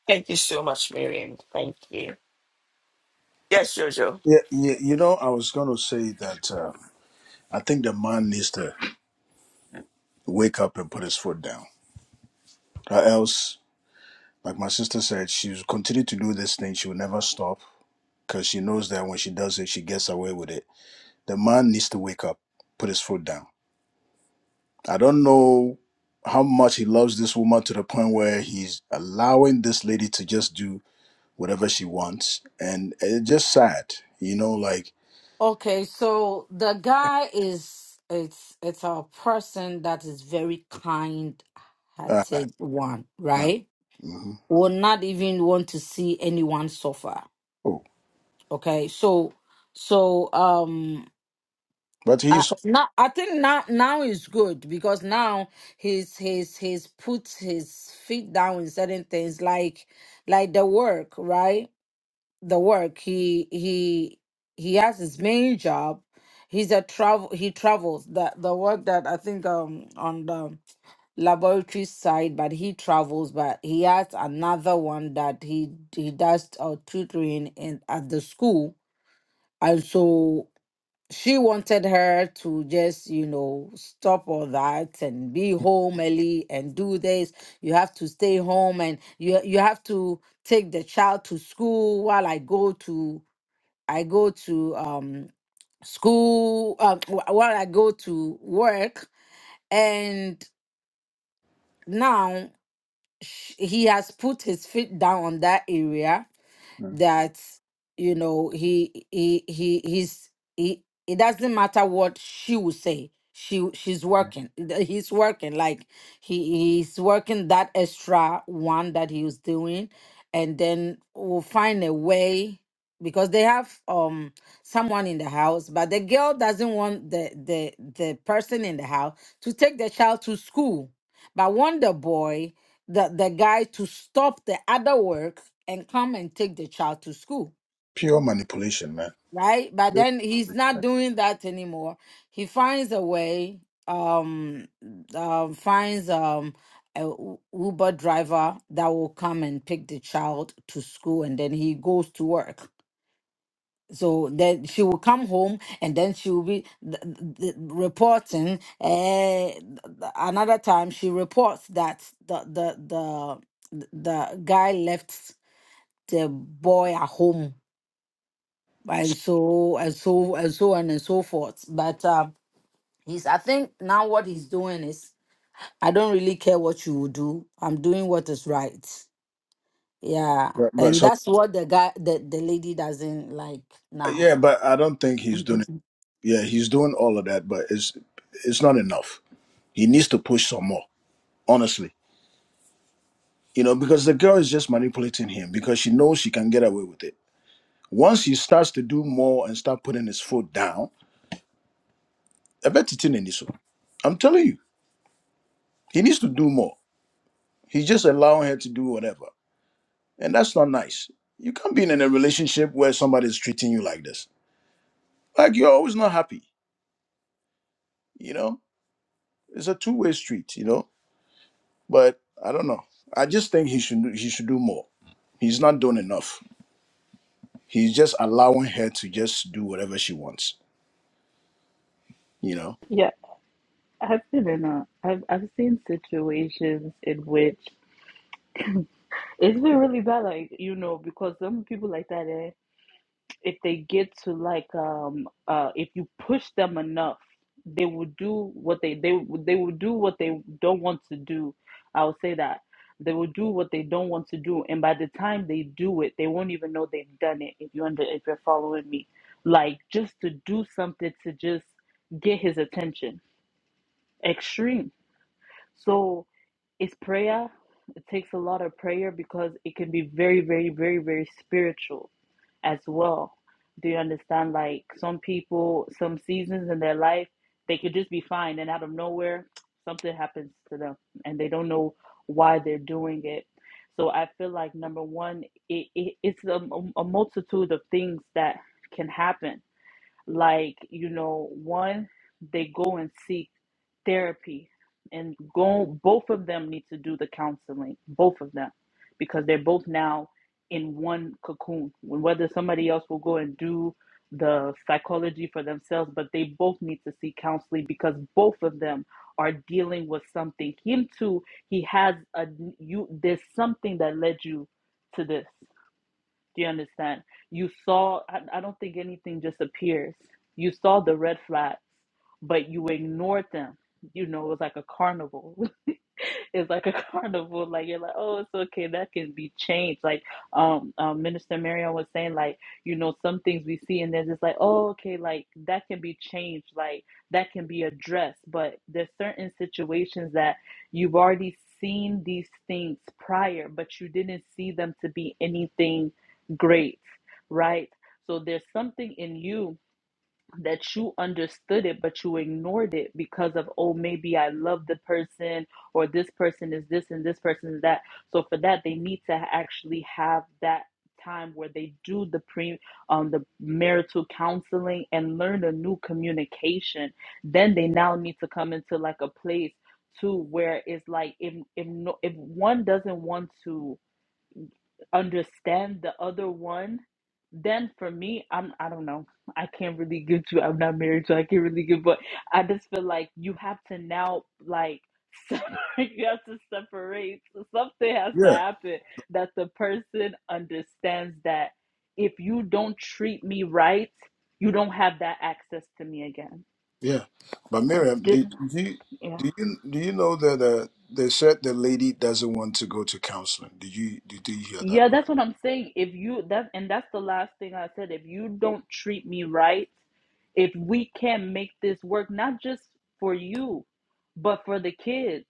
S1: Thank you so much, Miriam. Thank you. Yes, Jojo.
S6: Yeah, yeah, you know, I was going to say that uh, I think the man needs to wake up and put his foot down. Or else, like my sister said, she's continued to do this thing. She will never stop because she knows that when she does it, she gets away with it. The man needs to wake up, put his foot down. I don't know how much he loves this woman to the point where he's allowing this lady to just do whatever she wants. And it's just sad, you know, like,
S9: Okay, so the guy is it's it's a person that is very
S6: uh,
S9: kind-hearted one,
S6: uh,
S9: right?
S6: hmm
S9: Will not even want to see anyone suffer.
S6: oh,
S9: Okay, so so um
S6: but
S9: I,
S6: he's
S9: now I think now now is good because now he's he's he's put his feet down in certain things like like the work, right? the work he he he has his main job he's a travel he travels the the work that i think um on the laboratory side but he travels but he has another one that he he does uh, tutoring in at the school and so she wanted her to just you know stop all that and be home early and do this you have to stay home and you you have to take the child to school while i go to I go to um school uh, wh- while I go to work and now sh- he has put his feet down on that area that you know he he he he's he it doesn't matter what she will say she she's working th- he's working like he he's working that extra one that he was doing and then we'll find a way because they have um someone in the house but the girl doesn't want the the the person in the house to take the child to school but want the boy the the guy to stop the other work and come and take the child to school
S6: pure manipulation, man.
S9: right but then he's not doing that anymore he finds a way um um finds um a U- uber driver that will come and pick the child to school and then he goes to work so then she will come home and then she will be th- th- th- reporting. Uh, another time she reports that the the the the guy left the boy at home and so and so and so on and so forth. But uh, he's I think now what he's doing is I don't really care what you will do. I'm doing what is right. Yeah,
S6: But, but
S9: and
S6: so,
S9: that's what the guy the, the lady doesn't like now.
S6: yeah, but I don't think he's doing Yeah, he's doing all of that, but it's it's not enough. He needs to push some more, honestly. You know, because the girl is just manipulating him because she knows she can get away with it. Once he starts to do more and start putting his foot down, I bet it's in Eniso. I'm telling you, he needs to do more. He's just allowing her to do whatever. And that's not nice. You can't be in a relationship where somebody's treating you like this. Like you're always not happy, you know? It's a two-way street, you know? But I don't know. I just think he should do- he should do more. He's not doing enough. He's just allowing her to just do whatever she wants. You know.
S10: Yeah, I've been in a, I've, I've seen situations in which it's been really bad, like, you know, because some people like that, eh? if they get to like um uh if you push them enough they will do what they they they will do what they don't want to do i would say that they will do what they don't want to do and by the time they do it they won't even know they've done it if you under if you're following me like just to do something to just get his attention extreme so it's prayer. It takes a lot of prayer because it can be very, very, very, very spiritual as well. Do you understand? Like some people, some seasons in their life, they could just be fine, and out of nowhere, something happens to them, and they don't know why they're doing it. So I feel like number one, it, it it's a, a multitude of things that can happen like you know one they go and seek therapy and go both of them need to do the counseling both of them because they're both now in one cocoon whether somebody else will go and do the psychology for themselves but they both need to seek counseling because both of them are dealing with something him too he has a you there's something that led you to this do you understand? You saw, I, I don't think anything just appears. You saw the red flags, but you ignored them. You know, it was like a carnival. It's like a carnival. Like you're like, oh, it's okay. That can be changed. Like um, um Minister Marion was saying, like you know, some things we see and there's just like, oh, okay, like that can be changed. Like that can be addressed. But there's certain situations that you've already seen these things prior, but you didn't see them to be anything great, right? So there's something in you that you understood it but you ignored it because of oh maybe i love the person or this person is this and this person is that so for that they need to actually have that time where they do the pre um the marital counseling and learn a new communication then they now need to come into like a place too where it's like if if no, if one doesn't want to understand the other one, then for me, I'm I don't know. I can't really give you. I'm not married, so I can't really give. But I just feel like you have to now like separate. You have to separate. So something has to
S6: Yeah,
S10: happen that the person understands that if you don't treat me right, you don't have that access to me again.
S6: yeah. But Miriam,
S10: Didn't?
S6: did did you
S10: Yeah.
S6: do you do you know that uh, they said the lady doesn't want to go to counseling? Did you did you hear that
S10: Yeah, that's
S6: part?
S10: what I'm saying. If you that and that's the last thing I said. If you don't treat me right, if we can't make this work, not just for you, but for the kids.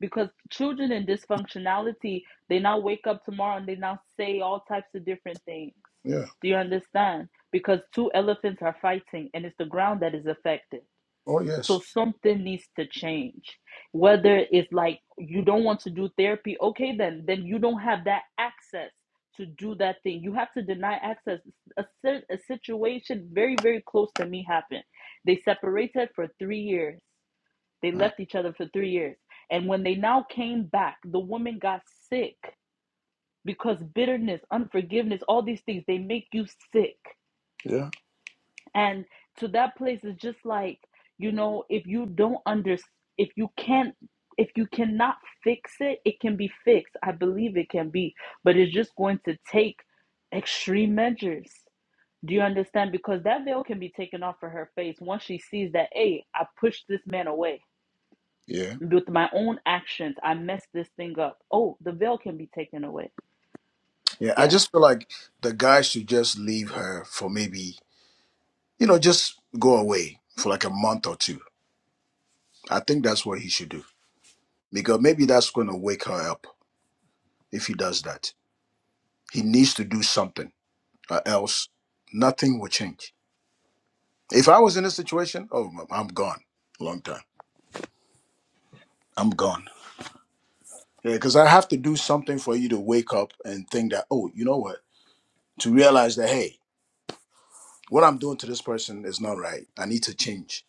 S10: Because children in dysfunctionality, they now wake up tomorrow and they now say all types of different things.
S6: Yeah.
S10: Do you understand? Because two elephants are fighting and it's the ground that is affected.
S6: Oh
S10: So
S6: yes.
S10: something needs to change. Whether it's like you don't want to do therapy, okay, then then you don't have that access to do that thing. You have to deny access. A, si- a situation very very close to me happened. They separated for three years. They
S6: Mm.
S10: left each other for three years, and when they now came back, the woman got sick because bitterness, unforgiveness, all these things they make you sick.
S6: Yeah.
S10: And to that place is just like, you know, if you don't under if you can't if you cannot fix it, it can be fixed. I believe it can be, but it's just going to take extreme measures. Do you understand? Because that veil can be taken off of her face once she sees that, hey, I pushed this man away
S6: Yeah.
S10: with my own actions. I messed this thing up. Oh, the veil can be taken away.
S6: Yeah. I
S10: Yeah.
S6: just feel like the guy should just leave her for maybe you know just go away for like a month or two. I think that's what he should do. because maybe that's going to wake her up if he does that. He needs to do something, or else nothing will change. If I was in this situation, oh, i I'm gone. Long time. I'm gone. Yeah, because I have to do something for you to wake up and think that, oh, you know what? To realize that, hey, what I'm doing to this person is not right. I need to change,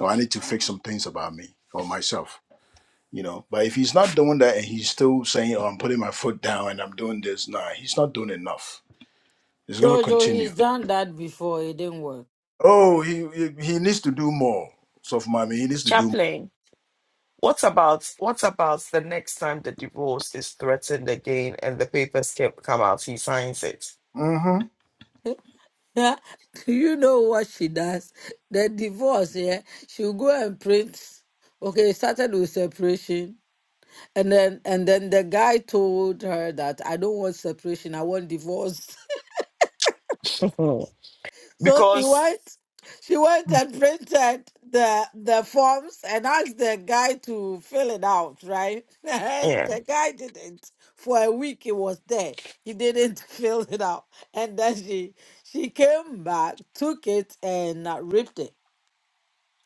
S6: or I need to fix some things about me or myself. You know, but if he's not doing that and he's still saying, "Oh, I'm putting my foot down and I'm doing this," nah, he's not doing enough. It's gonna
S9: Jojo,
S6: continue
S9: he's done that before. It didn't work.
S6: Oh, he he, he needs to do more. So for mommy, he needs to do.
S1: Chaplain. What about what about the next time the divorce is threatened again and the papers ca- come out, he signs it?
S6: Mm-hmm.
S9: Do you know what she does? The divorce, yeah. She'll go and print. Okay, it started with separation. And then and then the guy told her that I don't want separation, I want divorce. So she
S1: because
S9: went, she went and printed the the forms and asked the guy to fill it out, right? And
S1: yeah,
S9: the guy didn't. For a week, he was there. He didn't fill it out, and then she she came back, took it, and uh, ripped it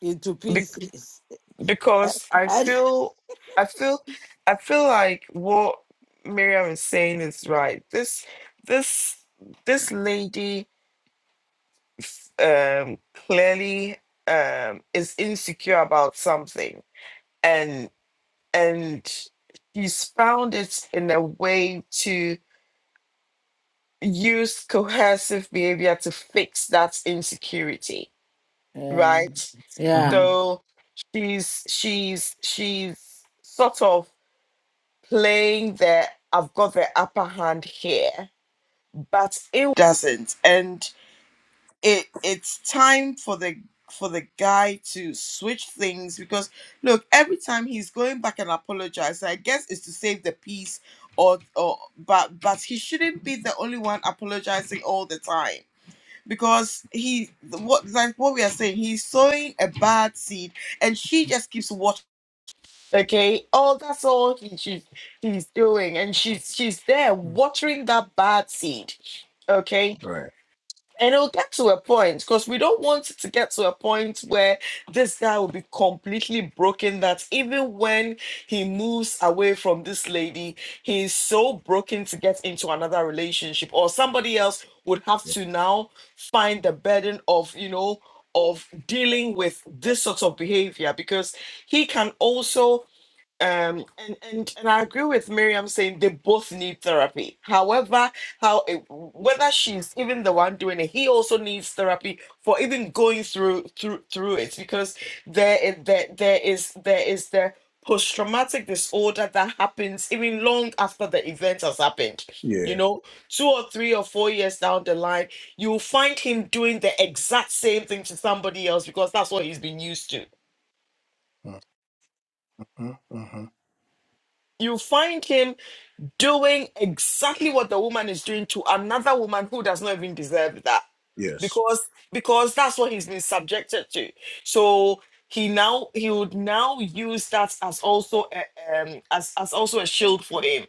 S9: into
S1: be-
S9: pieces.
S1: because I
S9: And-
S1: feel I feel I feel like what Miriam is saying is right. This this this lady um clearly um is insecure about something and and she's found it in a way use coercive behavior to fix that insecurity,
S9: yeah,
S1: right?
S9: yeah.
S6: Mm-hmm.
S1: So she's she's she's sort of playing the I've got the upper hand here, but it doesn't. And it it's time for the for the guy to switch things because look, every time he's going back and apologize, I guess it's to save the peace or or but but he shouldn't be the only one apologizing all the time because he what like what we are saying he's sowing a bad seed and she just keeps watching okay oh that's all he, she he's doing and she's she's there watering that bad seed okay
S6: Right.
S1: and it'll get to a point because we don't want it to get to a point where this guy will be completely broken that even when he moves away from this lady, he is so broken to get into another relationship, or somebody else would have to now find the burden of, you know, of dealing with this sort of behavior because he can also um and and and i agree with miriam saying they both need therapy however how it, whether she's even the one doing it he also needs therapy for even going through through through it because there is there, there is there is the post-traumatic disorder that happens even long after the event has happened you
S6: Yeah.
S1: know two or three or four years down the line you'll find him doing the exact same thing to somebody else because that's what he's been used to
S6: Mm-hmm. Mm-hmm.
S1: You find him doing exactly what the woman is doing to another woman who does not even deserve that
S6: Yes.
S1: because because that's what he's been subjected to so he now he would now use that as also a, um as, as also a shield for him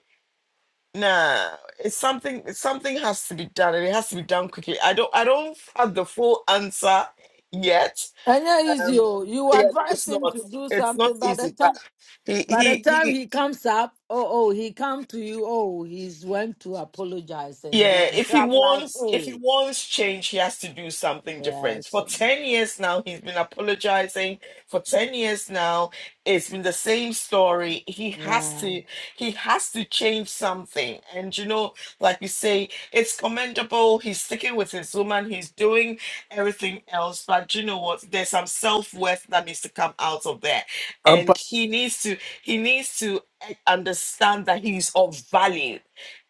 S1: nah it's something it's something has to be done and it has to be done quickly i don't i don't have the full answer yet
S9: And yeah, is
S1: um
S9: you you
S1: yeah no, it's
S9: advise him
S1: not
S9: to do
S1: it's not
S9: something by the
S1: easy but
S9: time.
S1: he
S9: By the
S1: he he
S9: time he comes up, oh oh, he come to you. Oh, he's went to apologize, and then
S1: Yeah, if he
S9: I'm like,
S1: wants if he
S9: hey,
S1: wants change, he has to do something different.
S9: yes,
S1: For 10 years now, he's been apologizing. For 10 years now, it's been the same story. He has
S9: yeah,
S1: to he has to change something. And you know, like you say, it's commendable. He's sticking with his woman, he's doing everything else, but you know what? There's some self-worth that needs to come out of there.
S6: I'm pa-
S1: And he needs to he needs to eh, understand that he's of value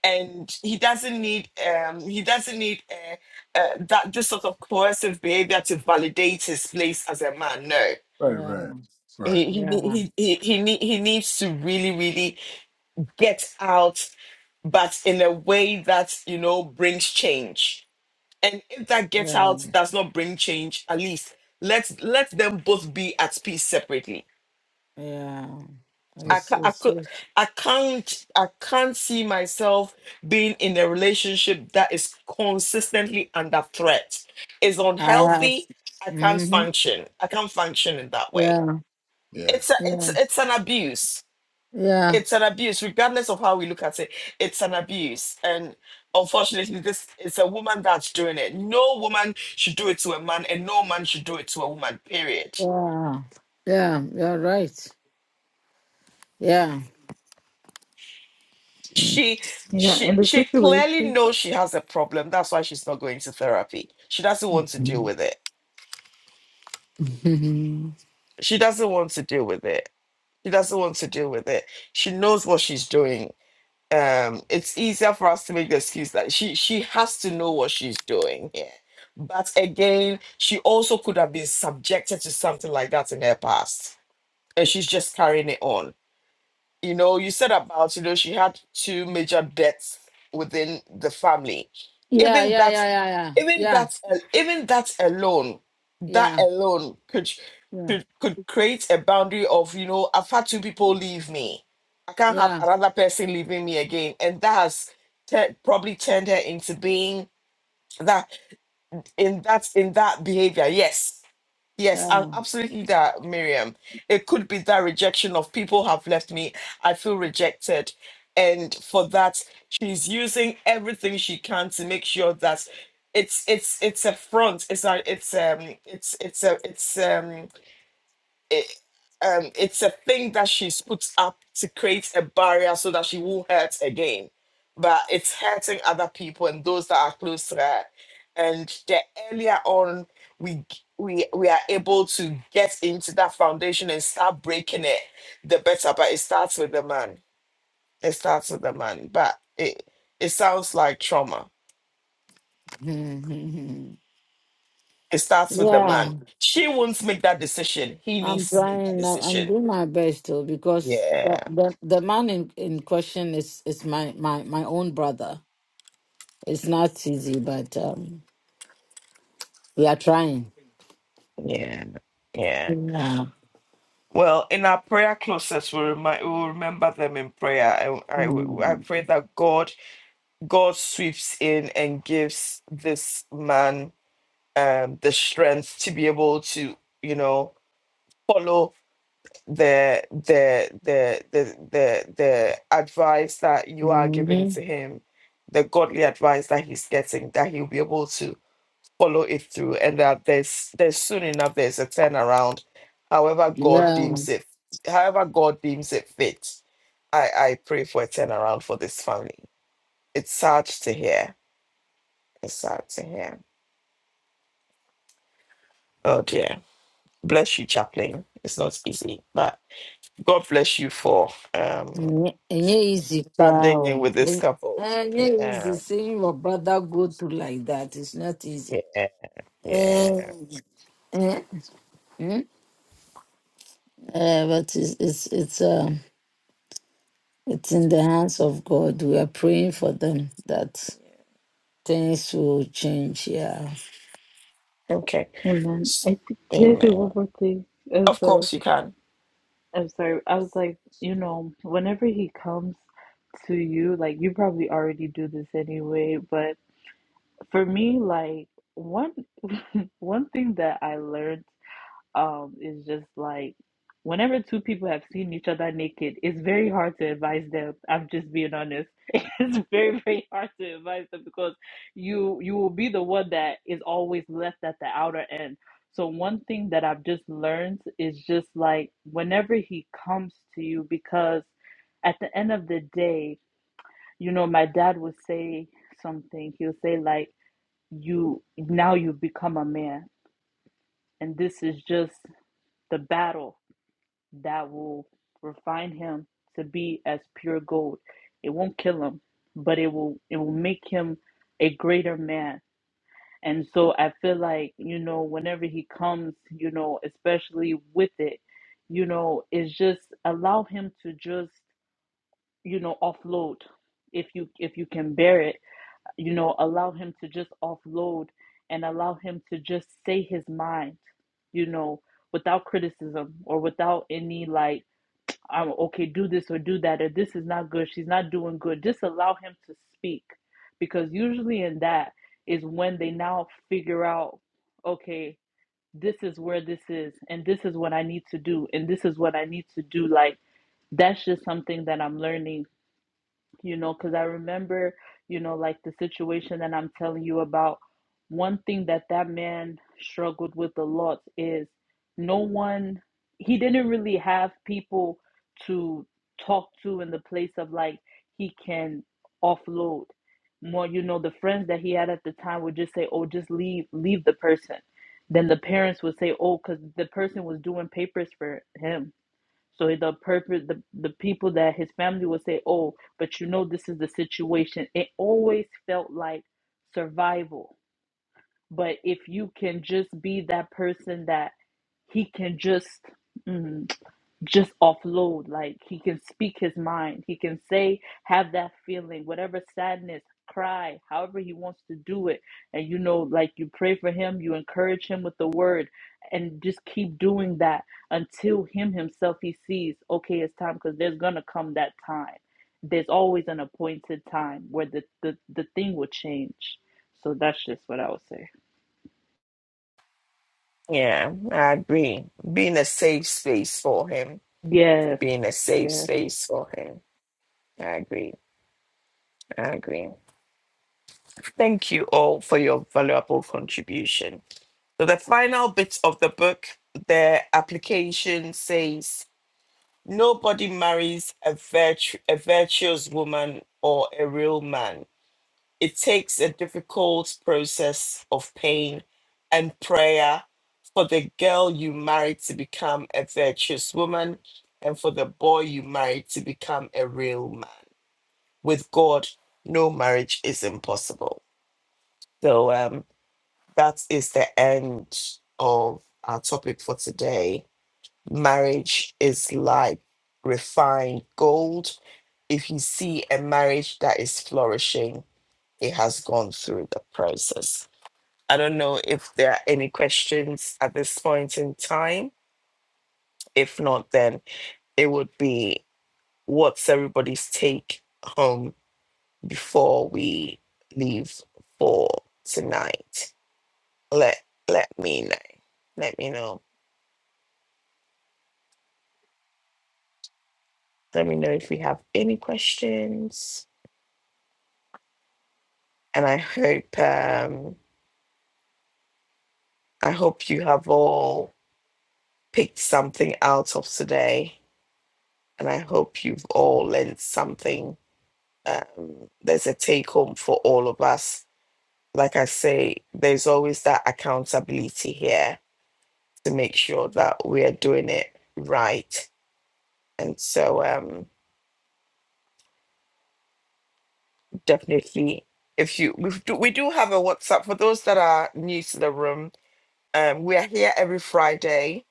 S1: and he doesn't need um he doesn't need uh, uh, that this sort of coercive behavior to validate his place as a man no
S6: right.
S9: yeah,
S6: Right. Right.
S1: he he
S9: yeah,
S1: he he he, need, he needs to really really get out but in a way that you know brings change and if that get
S9: yeah,
S1: out does not bring change at least let let them both be at peace separately
S9: yeah.
S6: Mm,
S1: I,
S9: It's,
S1: ca- I,
S9: it's,
S1: could,
S9: it's,
S1: I can't I can't see myself being in a relationship that is consistently under threat. It's
S9: I have,
S1: unhealthy. I can't
S9: mm-hmm.
S1: function. I can't function in that way.
S9: yeah,
S6: Yeah.
S1: It's a,
S9: yeah,
S1: it's it's an abuse.
S9: yeah,
S1: It's an abuse, regardless of how we look at it. It's an abuse, and unfortunately, this is a woman that's doing it. No woman should do it to a man, and no man should do it to a woman. Period.
S9: yeah, yeah. You're right. Yeah.
S1: she
S10: Yeah,
S1: she
S10: in the
S1: she clearly
S10: situation,
S1: knows she has a problem that's why she's not going to therapy she doesn't want to deal
S9: Mhm.
S1: with it she doesn't want to deal with it she doesn't want to deal with it she knows what she's doing um it's easier for us to make the excuse that she she has to know what she's doing here but again she also could have been subjected to something like that in her past and she's just carrying it on you know, you said about, you know, she had two major deaths within the family.
S9: yeah,
S1: Even
S9: yeah, yeah,
S1: that,
S9: yeah,
S1: even
S9: yeah,
S1: that, even that alone, that
S9: yeah,
S1: alone could
S9: yeah,
S1: could could create a boundary of, you know, I've had two people leave me. I can't have
S9: yeah,
S1: another person leaving me again, and that has tur- probably turned her into being that in that in that behavior. Yes, Yes, a-
S9: yeah,
S1: absolutely that, Miriam. It could be that rejection of people have left me. I feel rejected. And for that, she's using everything she can to make sure that it's it's it's a front. It's a it's um it's it's a it's um it, um, it's a thing that she's put up to create a barrier so that she won't hurt again. But it's hurting other people and those that are close to her. And the earlier on we g- we we are able to get into that foundation and start breaking it, the better. But it starts with the man. It starts with the man. But it it sounds like trauma.
S9: yeah,
S1: It starts with the
S9: yeah,
S1: man. She won't make that decision. He
S9: I'm
S1: needs to make that
S9: trying. I- I'm
S1: decision.
S9: doing my best too because the
S1: Yeah.
S9: the, the man in, in question is is my, my my own brother. It's not easy, but um, we are trying.
S1: Yeah. Yeah.
S9: Yeah.
S1: Well, in our prayer closets, we remind, we'll remember them in prayer. I, I, I
S9: Mm-hmm.
S1: pray that God God sweeps in and gives this man um, the strength to be able to, you know, follow the the the the the the advice that you are giving to him, the godly advice that he's getting, that he'll be able to follow it through and that there's there's soon enough there's a turnaround however god
S9: Yeah.
S1: deems it however god deems it fit i i pray for a turnaround for this family it's sad to hear it's sad to hear oh dear bless you chaplain it's not easy but god bless you for um
S9: It ain't easy,
S1: standing in
S9: bro.
S1: with this
S9: It
S1: couple
S9: easy
S1: yeah
S9: seeing your brother go through like that. It's not easy.
S1: yeah
S9: Eh,
S1: yeah
S9: eh, hmm? Eh, but it's it's it's um it's in the hands of God. We are praying for them that Things will change, yeah.
S1: okay
S10: amen.
S1: S-
S10: I think, can I say
S1: amen
S10: one more thing?
S1: of
S10: i
S1: course you can
S10: I'm sorry. I was like, you know, whenever he comes to you, like you probably already do this anyway, but for me, like one one thing that I learned um is just like whenever two people have seen each other naked, it's very hard to advise them. I'm just being honest. It's very, very hard to advise them because you you will be the one that is always left at the outer end. So one thing that I've just learned is just like whenever he comes to you because at the end of the day, you know, my dad would say something. He'll say like you now you become a man and this is just the battle that will refine him to be as pure gold. It won't kill him, but it will it will make him a greater man. And so I feel like, you know, whenever he comes, you know, especially with it, you know, it's just allow him to just, you know, offload if you if you can bear it, you know, allow him to just offload and allow him to just say his mind, you know, without criticism or without any like um, okay, do this or do that, or this is not good, she's not doing good. Just allow him to speak because usually in that is when they now figure out, okay, this is where this is, and this is what I need to do, and this is what I need to do. Like, that's just something that I'm learning you know, because I remember, you know, like the situation that I'm telling you about. One thing that that man struggled with a lot is no one, he didn't really have people to talk to in the place of like he can offload. More, you know, the friends that he had at the time would just say, oh, just leave, leave the person. Then the parents would say, oh, because the person was doing papers for him so the purpose, the, the people that his family would say, oh, but you know, this is the situation. It always felt like survival. But if you can just be that person that he can just, mhm just offload. Like he can speak his mind. He can say, have that feeling, whatever sadness, cry, however he wants to do it. And you know, like you pray for him, you encourage him with the word, and just keep doing that until him himself he sees, okay, it's time because there's gonna come that time. There's always an appointed time where the, the, the thing will change. So that's just what I would say.
S1: Yeah, I agree. Being a safe space for him.
S10: Yes.
S1: Being a safe
S10: Yes.
S1: space for him. I agree. I agree. Thank you all for your valuable contribution. So, the final bit of the book, the application says nobody marries a, virtu- a virtuous woman or a real man It takes a difficult process of pain and prayer for the girl you married to become a virtuous woman and for the boy you married to become a real man. With God, no marriage is impossible. So um, that is the end of our topic for today. Marriage is like refined gold. If you see a marriage that is flourishing, it has gone through the process. I don't know if there are any questions at this point in time. If not, then it would be what's everybody's take home before we leave for tonight. Let let me know. Let me know. Let me know if you have any questions. And I hope um, I hope you have all picked something out of today. And I hope you've all learned something um, there's a take home for all of us. Like I say, there's always that accountability here to make sure that we are doing it right. And so, um, definitely, if you we do, we do have a WhatsApp for those that are new to the room. Um, we are here every Friday,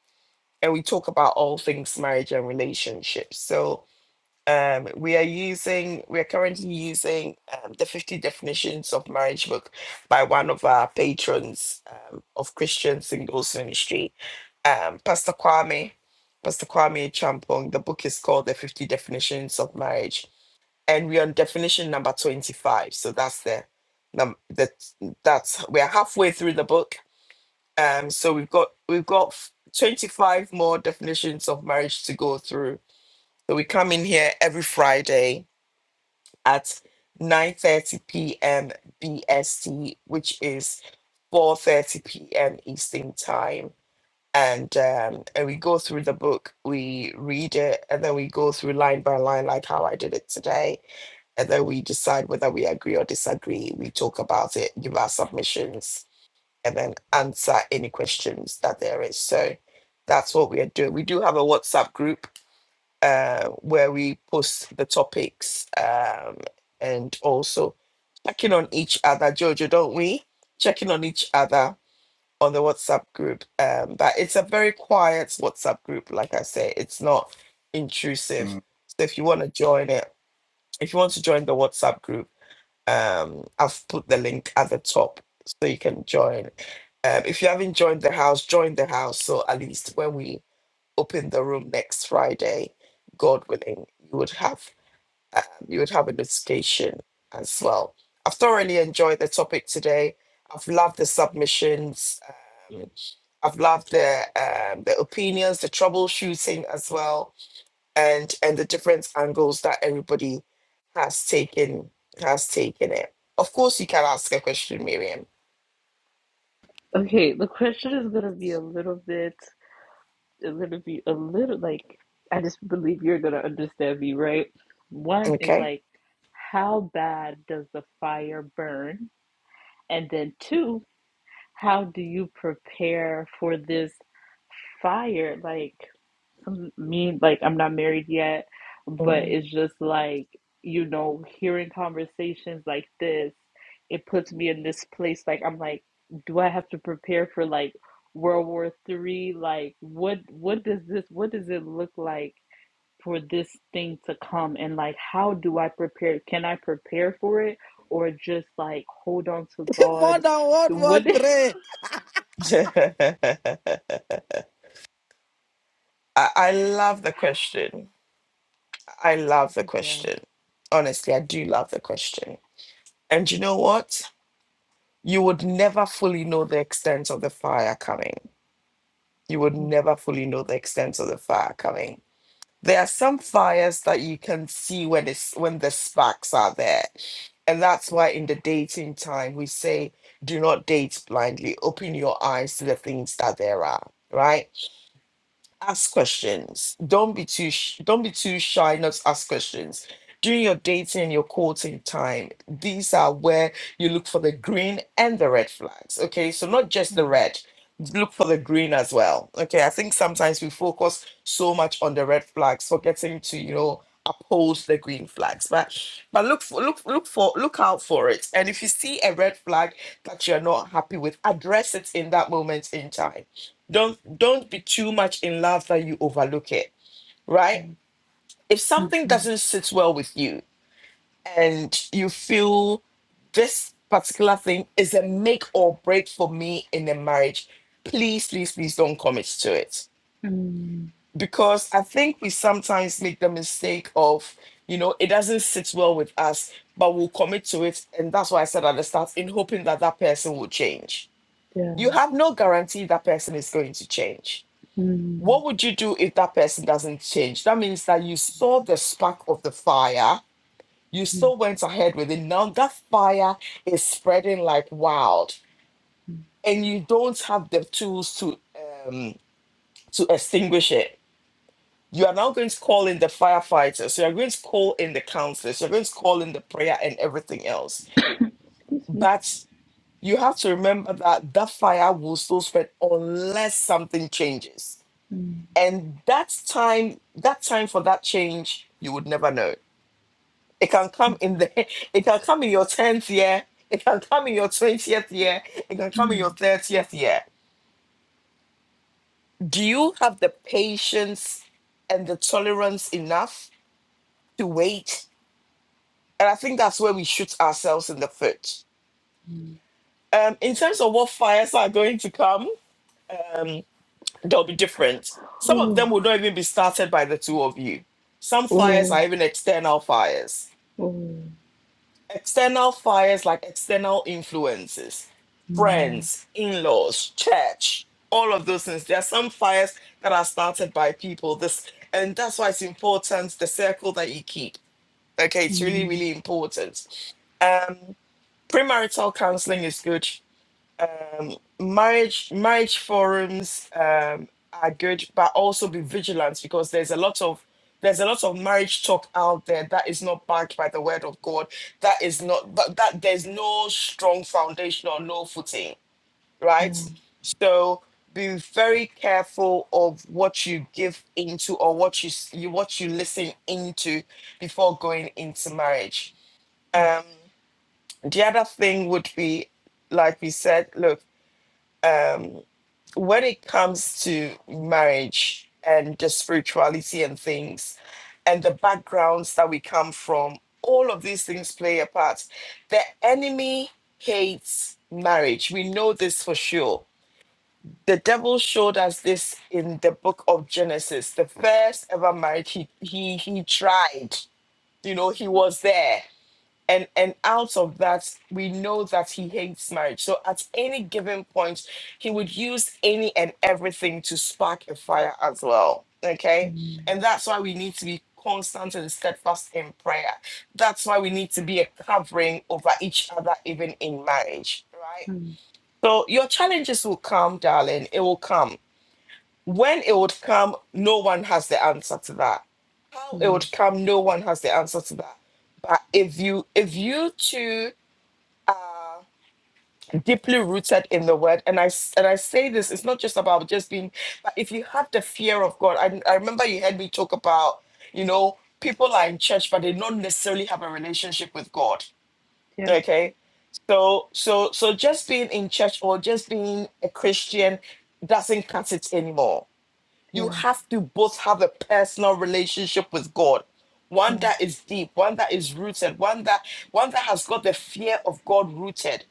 S1: and we talk about all things marriage and relationships. So Um, we are using, we are currently using um, the 50 definitions of marriage book by one of our patrons um, of Christian Singles Ministry, um, Pastor Kwame, Pastor Kwame Champong. The book is called The 50 Definitions of Marriage, and we're on definition number 25. So that's the num that that's we're halfway through the book. Um, so we've got we've got 25 more definitions of marriage to go through. So we come in here every Friday at 9:30 p.m. BST, which is 4:30 p.m. Eastern Time. And um, and we go through the book, we read it, and then we go through line by line, like how I did it today. And then we decide whether we agree or disagree. We talk about it, give our submissions, and then answer any questions that there is. So that's what we are doing. We do have a WhatsApp group uh, where we post the topics um, and also checking on each other, Jojo, don't we? Checking on each other on the WhatsApp group. Um, but it's a very quiet WhatsApp group, like I say, it's not intrusive.
S6: Mm.
S1: So if you want to join it, if you want to join the WhatsApp group, um, I've put the link at the top so you can join. Um, if you haven't joined the house, join the house. So at least when we open the room next Friday, God willing, you would have um, you would have a notification as well. I've thoroughly enjoyed the topic today. I've loved the submissions. Um, I've loved the um, the opinions, the troubleshooting as well, and and the different angles that everybody has taken has taken it. Of course, you can ask a question, Miriam.
S10: Okay, the question is gonna be a little bit a little bit, a little like, I just believe you're gonna understand me, right? One is
S1: Okay.
S10: like, how bad does the fire burn? And then two, how do you prepare for this fire? Like, um, me like I'm not married yet, but
S1: Mm.
S10: it's just like you know hearing conversations like this, it puts me in this place like I'm like, do I have to prepare for like World War Three? Like what what does this what does it look like for this thing to come and like how do I prepare? Can I prepare for it or just like hold on to
S9: More
S10: God?
S9: than one,
S10: What
S9: one, three.
S1: I, I love the question. I love the
S10: yeah.
S1: question. Honestly, I do love the question. And you know what? You would never fully know the extent of the fire coming. You would never fully know the extent of the fire coming. There are some fires that you can see when it's when the sparks are there. And that's why in the dating time we say do not date blindly. Open your eyes to the things that there are, right? ask questions. Don't be too sh- don't be too shy not to ask questions. During your dating and your courting time, these are where you look for the green and the red flags. Okay, so not just
S10: Mm,
S1: the red, look for the green as well. Okay, I think sometimes we focus so much on the red flags, forgetting to you know oppose the green flags. But but look for look look for look out for it. And if you see a red flag that you're not happy with, address it in that moment in time don't don't be too much in love that you overlook it right
S10: mm,
S1: if something
S10: mm,
S1: doesn't sit well with you and you feel this particular thing is a make or break for me in a marriage please please please don't commit to it
S10: mm, mm,
S1: because i think we sometimes make the mistake of you know it doesn't sit well with us but we'll commit to it and that's why i said at the start in hoping that that person will change
S10: yeah.
S1: you have no guarantee that person is going to change
S10: Mm,
S1: What would you do if that person doesn't change? That means that you saw the spark of the fire, you
S10: mm.
S1: still went ahead with it. Now that fire is spreading like wild, and you don't have the tools to um, to extinguish it. You are now going to call in the firefighters. You are going to call in the counselors. You're going to call in the prayer and everything else.
S10: Excuse me.
S1: But you have to remember that that fire will still spread unless something changes
S10: Mm,
S1: and that's time that time for that change you would never know it can come in the it can come in your 10th year it can come in your 20th year it can come in your
S10: mm,
S1: 30th year do you have the patience and the tolerance enough to wait and i think that's where we shoot ourselves in the foot
S10: mm.
S1: um in terms of what fires are going to come um they'll be different some of them
S10: Oh,
S1: will not even be started by the two of you some fires
S10: oh,
S1: are even external fires
S10: oh.
S1: External fires like external influences,
S10: Mm,
S1: friends, in laws, church, all of those things. There are some fires that are started by people. This and that's why it's important the circle that you keep. Okay, it's really,
S10: mm.
S1: really important. Um, premarital counseling is good um, marriage marriage forums um, are good, but also be vigilant because there's a lot of there's a lot of marriage talk out there that is not backed by the word of God. That is not but that there's no strong foundation or no footing, right?
S10: Yeah,
S1: So be very careful of what you give into or what you, s- you what you listen into before going into marriage.
S10: yes.
S1: Um, the other thing would be, like we said, look. um, when it comes to marriage and the spirituality and things and the backgrounds that we come from, all of these things play a part. The enemy hates marriage. We know this for sure. The devil showed us this in the book of Genesis, the first ever marriage he he he tried. You know, he was there and and out of that we know that he hates marriage so at any given point he would use any and everything to spark a fire as well okay
S10: Mm,
S1: and that's why we need to be constant and steadfast in prayer that's why we need to be a covering over each other even in marriage right
S10: mm,
S1: so your challenges will come darling it will come when it would come, no one has the answer to that. How it
S10: mm.
S1: would come, no one has the answer to that. But if you if you two are deeply rooted in the word, and I s- and I say this, it's not just about just being, but if you have the fear of God, I, I remember you heard me talk about, you know, people are in church, but they don't necessarily have a relationship with God.
S10: Yes,
S1: Okay. So so so just being in church or just being a Christian doesn't cut it anymore you
S10: yeah,
S1: have to both have a personal relationship with God. One
S10: yeah.
S1: that is deep, one that is rooted, one that one that has got the fear of God rooted.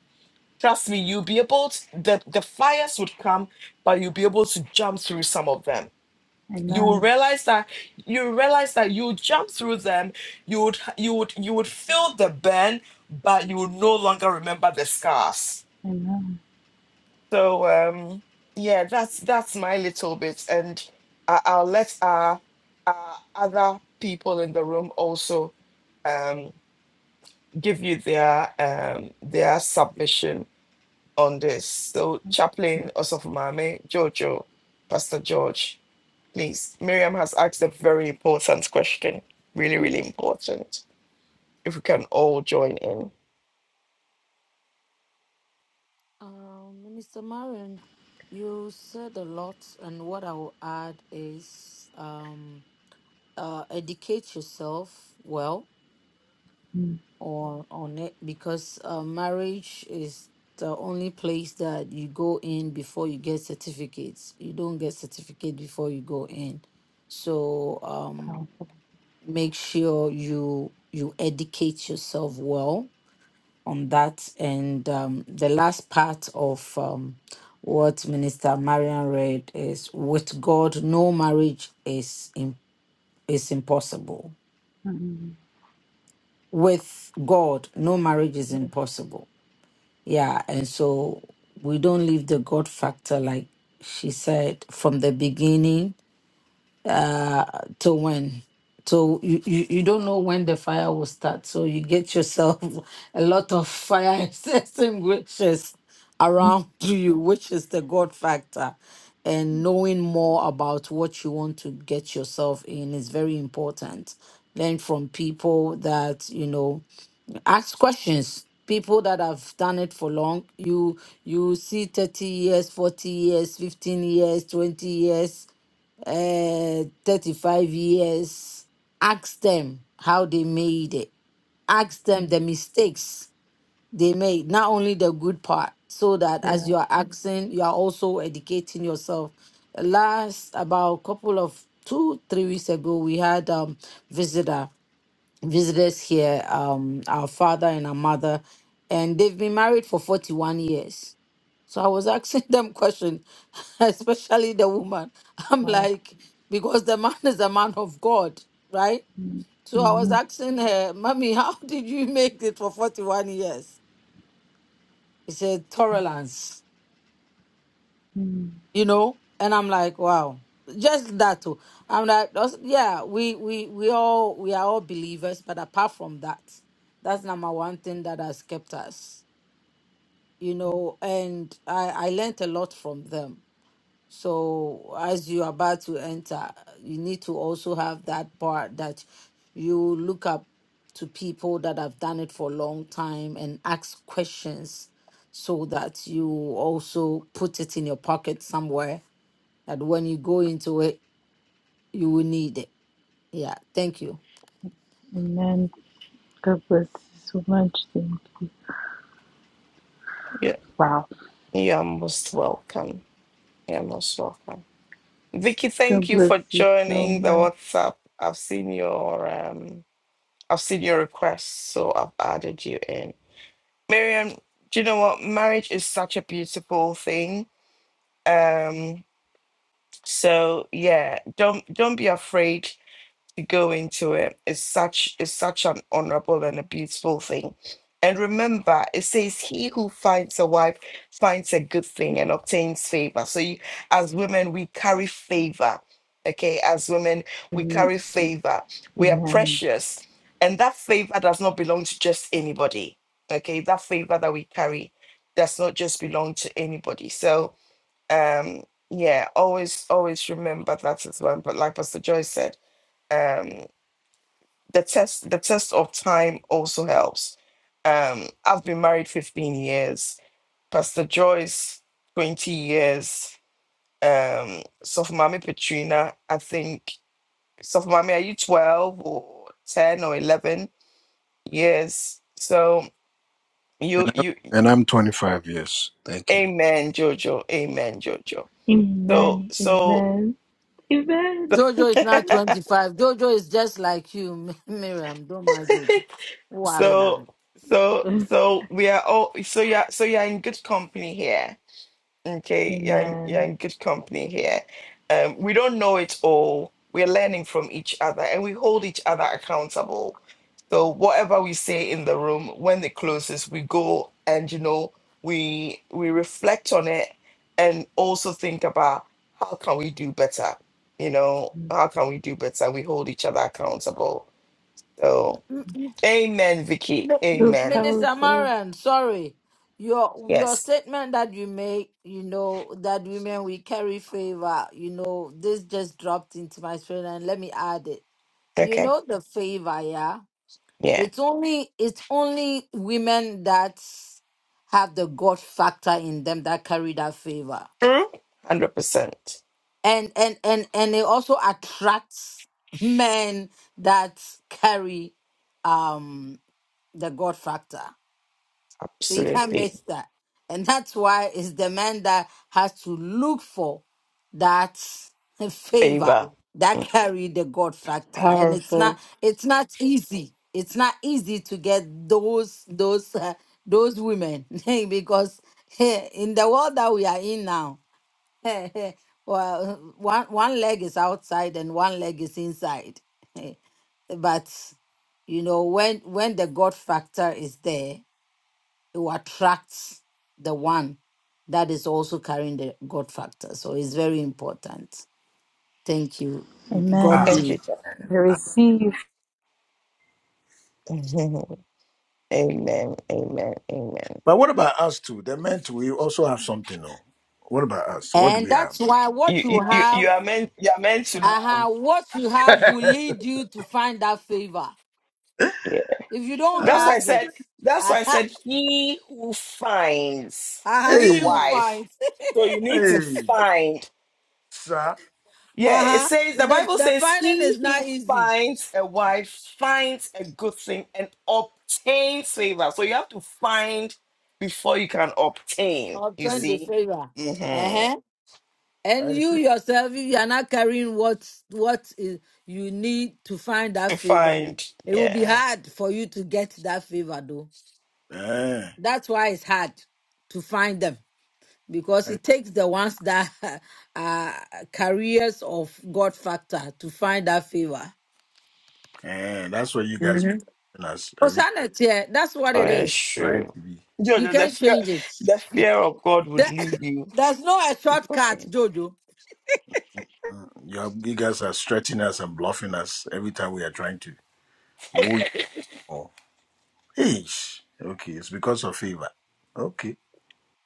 S1: Trust me, you'll be able to, the, the fires would come, but you'll be able to jump through some of them. You will
S10: Amen,
S1: realize that you realize that you jump through them, you would you would you would feel the burn, but you would no longer remember the scars
S10: amen.
S1: so um, yeah, that's that's my little bit, and I, I'll let our, our other people in the room also um, give you their um, their submission on this. So
S10: Mm,
S1: Chaplain Osofumame, Jojo, Pastor George, please. Miriam has asked a very important question, really really important. If we can all join in,
S9: Um, Minister Marion, you said a lot, and what I will add is um, uh, educate yourself well
S10: mm.
S9: or on it because uh, marriage is the only place that you go in before you get certificates. You don't get certificate before you go in, so um,
S10: Powerful.
S9: make sure you you educate yourself well on that. And um, the last part of um, what Minister Marian read is with God, no marriage is, im- is impossible.
S10: Mm,
S9: With God, no marriage is
S10: yeah,
S9: impossible. Yeah. And so we don't leave the God factor, like she said, from the beginning uh to when so you, you you don't know when the fire will start so you get yourself a lot of fire extinguishers
S10: mm,
S9: around you which is the god factor and knowing more about what you want to get yourself in is very important learn from people that you know ask questions people that have done it for long you you see 30 years 40 years 15 years 20 years uh, 35 years, ask them how they made it. Ask them
S10: mm.
S9: the mistakes they made, not only the good part, so that as
S10: yeah,
S9: you are asking, you are also educating yourself. Last about couple of two, three weeks ago, we had um visitor visitors here, um, our father and our mother, and they've been married for 41 years. So I was asking them question, especially the woman. I'm
S10: wow.
S9: like, because the man is a man of God, right?
S10: Mm,
S9: So I was
S10: mm,
S9: asking her, Mommy, how did you make it for 41 years? She said, tolerance.
S10: mm.
S9: you know and i'm like wow just that too i'm like us- yeah we we we all we are all believers but apart from that that's number one thing that has kept us you know and i i learned a lot from them so as you're about to enter you need to also have that part that you look up to people that have done it for a long time and ask questions so that you also put it in your pocket somewhere that when you go into it, you will need it. Yeah, thank you.
S10: Amen. God bless you so much. Thank you.
S1: yeah,
S10: Wow.
S1: you are most welcome. You are most welcome. Vicky,
S10: God
S1: thank you
S10: bless
S1: for
S10: you so
S1: joining the
S10: much.
S1: WhatsApp. I've seen your um I've seen your request, so I've added you in. Miriam, do you know what? Marriage is such a beautiful thing. Um so yeah, don't don't be afraid to go into it is such is such an honorable and a beautiful thing. And remember, it says, "He who finds a wife finds a good thing and obtains favor." So, you, as women, we carry favor. Okay, as women, we
S10: Mm,
S1: carry favor. We are
S10: Amen.
S1: precious, and that favor does not belong to just anybody. Okay, that favor that we carry does not just belong to anybody. So, um, yeah, always, always remember that as well. But like Pastor Joyce said. um, the test the test of time also helps. Um, I've been married 15 years, Pastor Joyce 20 years, um, Sofumami Petrina, I think Sofumami, are you 12 or 10 or 11 years? So you
S6: And I'm,
S1: you
S6: and I'm 25 years. Thank you.
S1: amen Jojo, amen Jojo. So
S10: Amen.
S1: so
S10: Amen. Amen.
S9: Jojo is not 25. Jojo is just like you, Miriam. Don't mind Jojo. Worried of
S1: so
S9: it.
S1: so so we are all so yeah so you're in good company here Okay, you're in, you're
S10: Amen.
S1: in good company here. Um, we don't know it all. We're learning from each other and we hold each other accountable. So whatever we say in the room, when it closes, we go and you know, we we reflect on it and also think about how can we do better? You know, how can we do better? We hold each other accountable. So
S9: M- m-
S1: amen, Vicky.
S9: no, m-
S10: So
S1: Amen.
S9: Minister
S10: powerful.
S9: Marian, sorry. Your your
S1: Yes.
S9: statement that you make, you know, that women we carry favor, you know, this just dropped into my spirit and let me add it. You
S1: Okay.
S9: know the favor, yeah?
S1: Yeah.
S9: It's only it's only women that have the God factor in them that carry that favor.
S1: True. one Hundred percent.
S9: And and and and it also attracts men that carry um the God factor. So you can't
S1: Absolutely.
S9: miss that. And that's why it's the man that has to look for that favor
S1: favor.
S9: that carry the God factor. And it's not
S10: Powerful.
S9: it's not easy. It's not easy to get those those uh, those women because eh, in the world that we are in now, well, one one leg is outside and one leg is inside. but you know when when the God factor is there you attract the one that is also carrying the God factor. So it's very important. Thank you. God
S10: Amen.
S6: Amen.
S1: Thank you,
S9: bless.
S1: Jack.
S10: I receive.
S1: amen. Amen. Amen.
S6: But what about us too? The men too. We also have something. No. What about us? What do
S9: And
S6: we
S9: that's
S6: have?
S9: why what
S1: You,
S9: you
S1: you you
S9: have,
S1: you are meant you are meant to love.
S9: uh-huh, what you have will lead you to find that favor.
S1: Yeah.
S9: If you don't
S1: That's
S6: Uh,
S1: why I
S9: have it,
S1: said that's why I
S9: uh-huh,
S1: said he who finds
S9: uh-huh,
S1: a
S9: he
S6: hey.
S9: who
S1: wife.
S9: finds.
S1: So you need to
S6: Hey.
S1: find.
S6: Sir.
S1: Yeah, it
S9: uh-huh.
S1: says the
S9: The,
S1: Bible
S9: the
S1: says
S9: finding
S1: he
S9: is
S1: who
S9: not easy.
S1: finds a wife finds a good thing and obtains favor. So you have to find before you can obtain, you
S6: I
S9: Obtain the
S1: see?
S9: favor.
S1: hmm
S9: Uh-huh. And
S6: I
S9: you
S6: see.
S9: yourself, if you are not carrying what what is, you need to find that
S1: To
S9: favor,
S1: find.
S9: it will be
S1: Yeah.
S9: hard for you to get that favor, though.
S6: Eh.
S9: That's why it's hard to find them because it takes the ones that are carriers of God factor to find that favor.
S6: And that's what you guys be
S9: hmm
S6: us every
S9: Osanet, yeah, that's what
S1: Oh,
S9: it
S1: that's
S9: is.
S6: trying
S1: true.
S6: to be.
S9: You
S1: Jojo, the
S9: can't
S1: fear,
S9: change it.
S1: the fear of God would
S9: There-
S1: lead you
S9: There's no a
S1: to
S9: shortcut,
S1: find.
S9: Jojo.
S6: Uh, You, are- you guys are stretching us and bluffing us every time we are trying to woo you. all. Eesh. Okay, it's because of favor. Okay,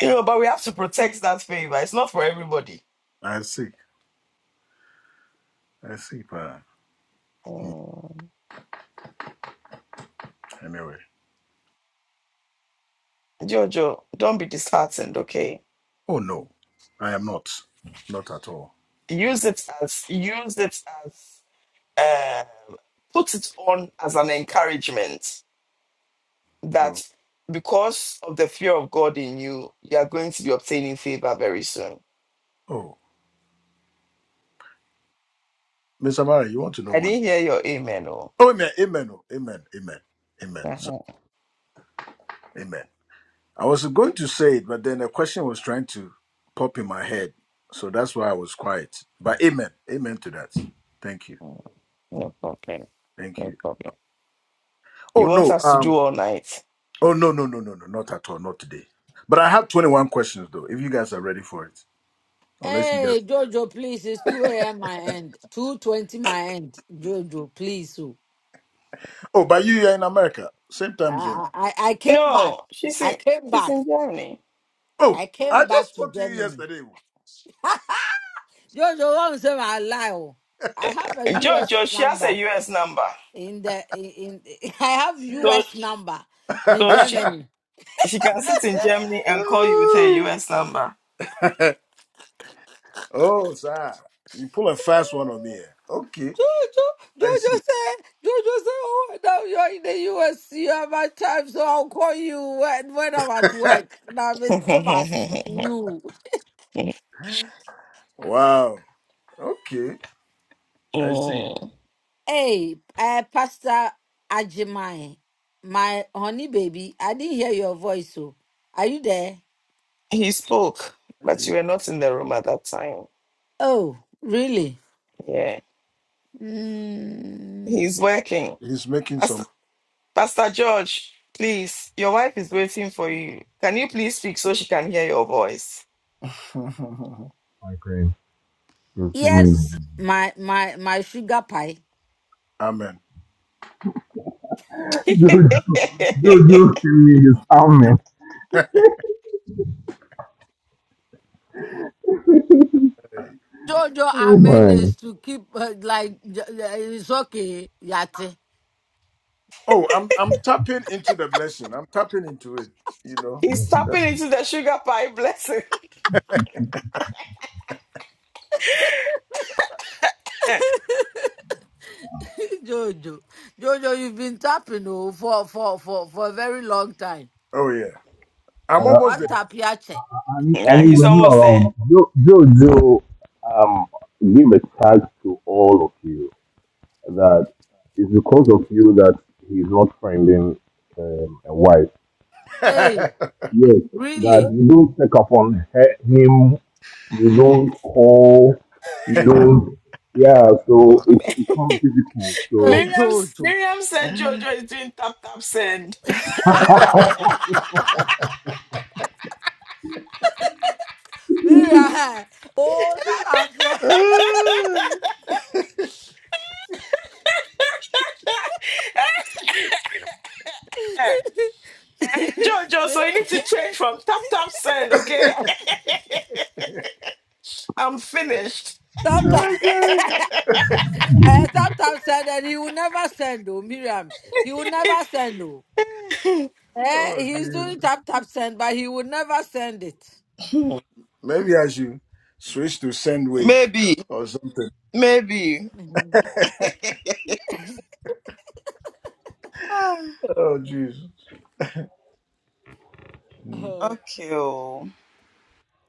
S1: You know, but we have to protect that favor. It's not for everybody.
S6: I see. I see. Pa. Hmm,
S1: Mm.
S6: Anyway.
S1: Jojo, don't be disheartened, okay?
S6: Oh no, I am not. Not at all.
S1: Use it as, use it as, um, put it on as an encouragement
S6: Oh,
S1: that because of the fear of God in you, you are going to be obtaining favor very soon.
S6: oh, Mr. Mara, you want to know
S1: I
S6: one?
S1: didn't hear your amen, oh.
S6: Oh, amen, amen, oh, amen, amen, amen. So,
S1: Uh-huh.
S6: amen. I was going to say it, but then the question was trying to pop in my head. So that's why I was quiet. But amen. Amen to that. Thank you.
S1: No problem.
S6: Thank
S1: No
S6: you.
S1: problem.
S6: Oh
S1: You want
S6: no.
S1: us to
S6: Um
S1: do all night.
S6: oh no no no no no not at all. Not today. But I have 21 questions though, if you guys are ready for it. Unless you guys
S9: Hey, Jojo, please. It's 2 a.m. my end. 2.20 my end. Jojo, please. oh.
S6: Oh, but you are in America. Same
S9: I,
S6: time zone.
S9: I, I came back.
S1: No, she's
S9: I
S1: in
S9: came
S1: she's
S9: back.
S1: in Germany.
S6: Oh,
S9: I
S6: I
S9: came
S6: just
S9: back to
S6: spoke to you
S9: Germany.
S6: yesterday.
S9: Jojo, won't say my lie. oh. I have a
S1: Jojo,
S9: U.S.
S1: she has a
S9: number
S1: US number.
S9: in the, in, in I have
S1: So
S9: U.S. number in
S1: so she
S9: Germany.
S1: she can sit in Germany and call you with her
S6: oh,
S1: US number.
S6: Oh, sir. You pull a fast one on me. eh? Okay.
S9: Jojo,
S6: I
S9: Jojo
S6: see.
S9: said, Jojo said, oh, no, you're in the US, you have my time, so I'll call you when, when I'm at work. Now I'm in you.
S6: wow. Okay, I see.
S1: Mm.
S9: Hey, uh, Pastor Ajimai, my honey baby, I didn't hear your voice, so are you there?
S1: he spoke, but you were not in the room at that time.
S9: Oh, really?
S1: Yeah.
S9: Mm,
S1: He's working.
S6: He's making
S1: Pastor,
S6: some.
S1: Pastor George, please, your wife is waiting for you. Can you please speak so she can hear your voice?
S5: friend, you'll see me.
S9: yes, my, my, my sugar pie.
S6: Amen.
S1: he's
S5: Jojo, Jojo, see me in his
S6: Hey.
S9: Jojo,
S5: Oh
S9: amen
S5: my.
S9: is to keep, uh, like, j- j- it's okay, Yate.
S6: oh, I'm I'm tapping into the blessing. I'm tapping into it. You know.
S1: tapping into the sugar pie blessing.
S6: That-
S9: Jojo, Jojo, you've been tapping oh, for for for for a very long time.
S6: oh yeah, I'm
S5: Uh,
S6: almost
S9: What
S6: there.
S9: tap ya che?
S5: I, need, I
S1: nah,
S5: need
S1: he's
S5: another
S1: almost there.
S5: round. Jo- Jojo, um, give a thanks to all of you. that it's because of you that he's not finding um, a wife.
S9: Hey,
S6: Mhm.
S5: Yes, that
S9: really?
S5: you don't take upon he- him, you don't call, you don't. Yeah, so it's become difficult.
S9: Hey,
S5: So,
S1: Miriam,
S9: Jojo.
S1: Miriam said Jojo is doing tap tap send.
S5: oh,
S9: Mira, oh, Sarah.
S1: Jojo, so you need to change from tap tap send, okay? I'm finished.
S9: Sometimes,
S6: Okay.
S9: eh, sometimes said that he will never send, oh, Miriam. He will never send, oh. Eh,
S6: oh
S9: he's doing
S6: Jesus.
S9: tap tap send, but he will never send it.
S6: Maybe I should switch to send wave
S1: Maybe,
S6: or something.
S1: maybe. Ah,
S6: oh Jesus. Mm,
S9: Mhm.
S1: okay. oh.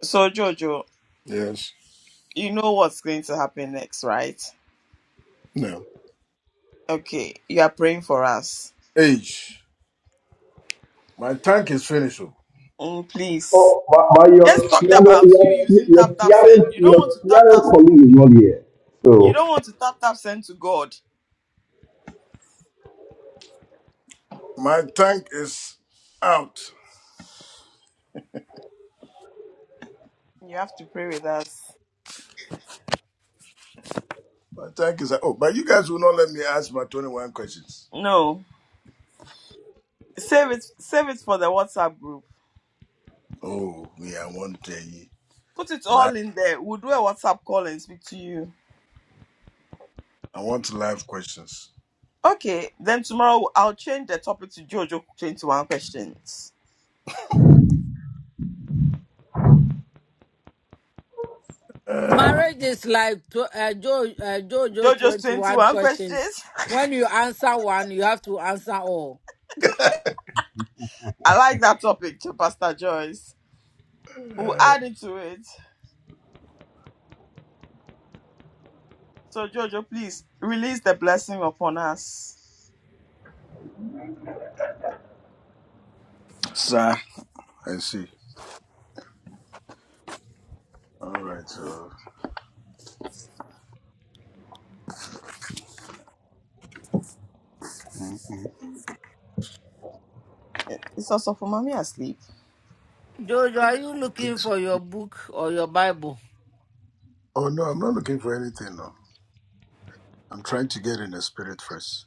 S1: So, Jojo,
S6: Yes.
S1: you know what's going to happen next, right?
S6: No.
S1: Okay, you are praying for us.
S6: Age. My tank is finished. oh.
S1: Mm, please.
S5: but, but
S1: Just
S5: your
S1: talked
S5: Seattle,
S1: about you
S5: your,
S1: using
S5: your
S1: tap tap send.
S5: Seattle,
S1: You don't want
S5: your
S1: to tap
S5: Seattle
S1: tap.
S5: colleague is not here.
S1: You
S5: So,
S1: don't want to tap tap send to God.
S6: My tank is out.
S1: You have to pray with us.
S6: My tank is out. Oh, but you guys will not let me ask my 21 questions.
S1: No. Save it. Save it for the WhatsApp group.
S6: Oh, me, I want uh,
S1: Put it
S6: live.
S1: all in there. We'll do a WhatsApp call and speak to you.
S6: I want live questions.
S1: Okay. Then tomorrow I'll change the topic to Jojo twenty one questions.
S6: Hey.
S9: Marriage is like tw- uh, Joe, uh, JoJo's
S1: Jojo's twenty
S9: 21
S1: one
S9: questions.
S1: questions.
S9: When you answer one, you have to answer all.
S1: I like that topic, Pastor Joyce. We'll add it to it. So Jojo, please release the blessing upon us.
S6: Sir. I see. All right. So Mhm.
S1: It's also for mommy asleep.
S9: Jojo, are you
S6: I
S9: looking
S6: think so.
S9: for your book or your Bible?
S6: Oh no, I'm not looking for anything. No, I'm trying to get in the spirit first.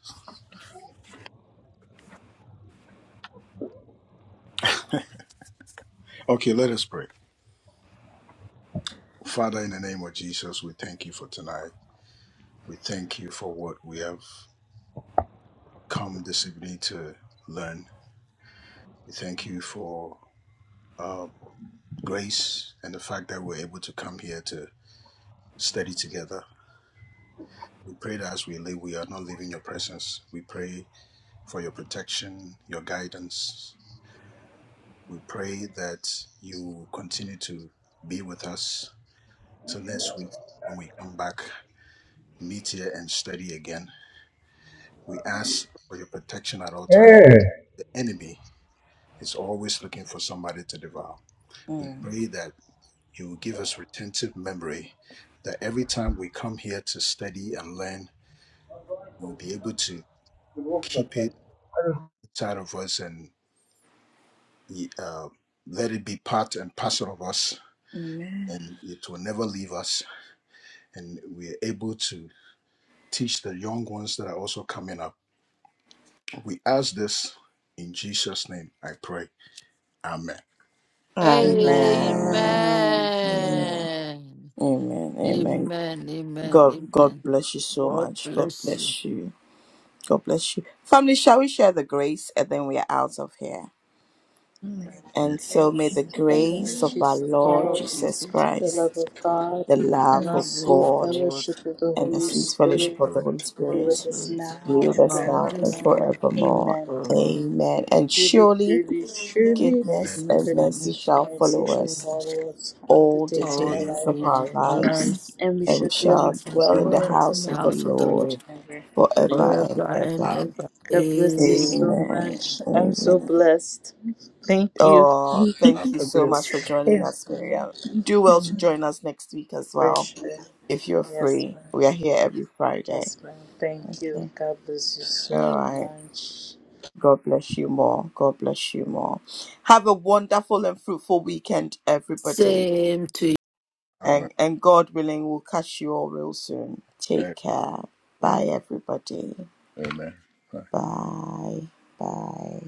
S6: Okay, let us pray. Father, in the name of Jesus, we thank you for tonight. We thank you for what we have come this evening to learn. We thank you for. um, grace and the fact that we're able to come here to study together. We pray that as we live, we are not leaving your presence. We pray for your protection, your guidance. We pray that you continue to be with us till next week when we come back, meet here and study again. We ask for your protection at all times.
S5: eh.
S6: The enemy is always looking for somebody to devour. We
S1: Mm.
S6: pray that you will give us retentive memory that every time we come here to study and learn, we'll be able to keep it inside of us and uh, let it be part and parcel of us, and it will never leave us. And we are able to teach the young ones that are also coming up. We ask this in Jesus' name, I pray. Amen.
S1: Amen.
S10: Amen.
S1: Amen.
S9: Amen.
S1: Amen. Amen.
S9: Amen. Amen.
S1: God, God
S9: Amen.
S1: bless you so
S9: God
S1: much. God
S9: bless you.
S1: bless you. God bless you. Family, shall we share the grace and then we are out of here?
S6: May
S1: And so may the
S10: Grace of
S9: In
S10: our
S9: the
S10: Lord
S1: grace of
S9: name
S1: our
S10: Jesus
S9: of
S6: God
S9: our
S1: Lord
S9: Lord
S10: Christ,
S1: Jesus
S9: Jesus
S10: the
S1: Christ,
S10: love
S9: Christ,
S10: of God,
S1: the
S9: the
S1: love
S10: and
S1: of
S9: love
S10: sweet
S9: of
S1: God,
S9: God,
S10: fellowship of the
S1: and the
S10: Holy
S1: sweet
S9: the
S1: fellowship
S10: Spirit
S1: of the
S6: bless
S1: Holy
S10: be
S9: Holy
S6: you
S10: with
S1: Spirit
S10: us
S9: Spirit,
S10: now
S1: be with
S10: and
S1: us
S9: about
S1: now
S6: with
S1: and
S9: this
S10: forevermore.
S9: now.
S1: forevermore.
S10: Amen.
S1: Amen. And
S10: Truly,
S1: surely
S10: truly, truly,
S6: goodness
S1: goodness and
S9: goodness and
S10: goodness
S1: mercy
S9: mercy
S10: and
S1: shall
S9: and
S10: mercy
S1: follow
S6: in
S10: shall
S1: us
S9: forgiveness
S10: follow us all the
S1: all the
S10: days
S6: the
S10: of
S9: all
S10: our
S6: days
S9: the
S10: life.
S1: days of
S6: of
S9: days
S1: our
S9: of our
S1: lives,
S9: lives.
S10: and we
S1: and we
S10: should dwell in
S1: shall
S10: the
S9: And
S10: house
S1: dwell
S10: of
S6: work
S1: in the
S10: the
S9: dwell
S10: Lord
S9: in
S1: house
S9: the
S1: of the
S6: and
S9: house of the
S1: Lord
S10: forever
S9: Lord
S10: and ever.
S6: for
S1: forever
S10: Amen.
S1: and
S9: forever and
S1: ever.
S6: our-
S9: ever.
S10: God bless you
S9: Amen.
S10: so
S1: Amen.
S10: much. I'm so
S1: Amen.
S10: blessed. Thank you.
S1: Oh,
S6: our- our-
S1: thank you
S9: God
S1: so much
S9: bless
S1: for
S9: you.
S1: joining
S10: Amen.
S1: us, Miriam. Do well to
S10: Amen.
S1: join us next week as
S10: For
S1: well
S10: sure.
S1: if you're
S10: Yes,
S1: free.
S10: ma'am.
S1: We are here every Friday.
S10: Yes, ma'am. Thank you.
S1: Okay.
S10: God bless you
S1: All
S10: so
S1: right.
S10: much.
S1: God bless you more. God bless you more. Have a wonderful and fruitful weekend, everybody.
S9: Same to
S1: And
S6: Amen.
S1: and God willing, we'll catch you all real soon. Take care. Bye, everybody.
S6: Amen.
S1: Bye. Bye.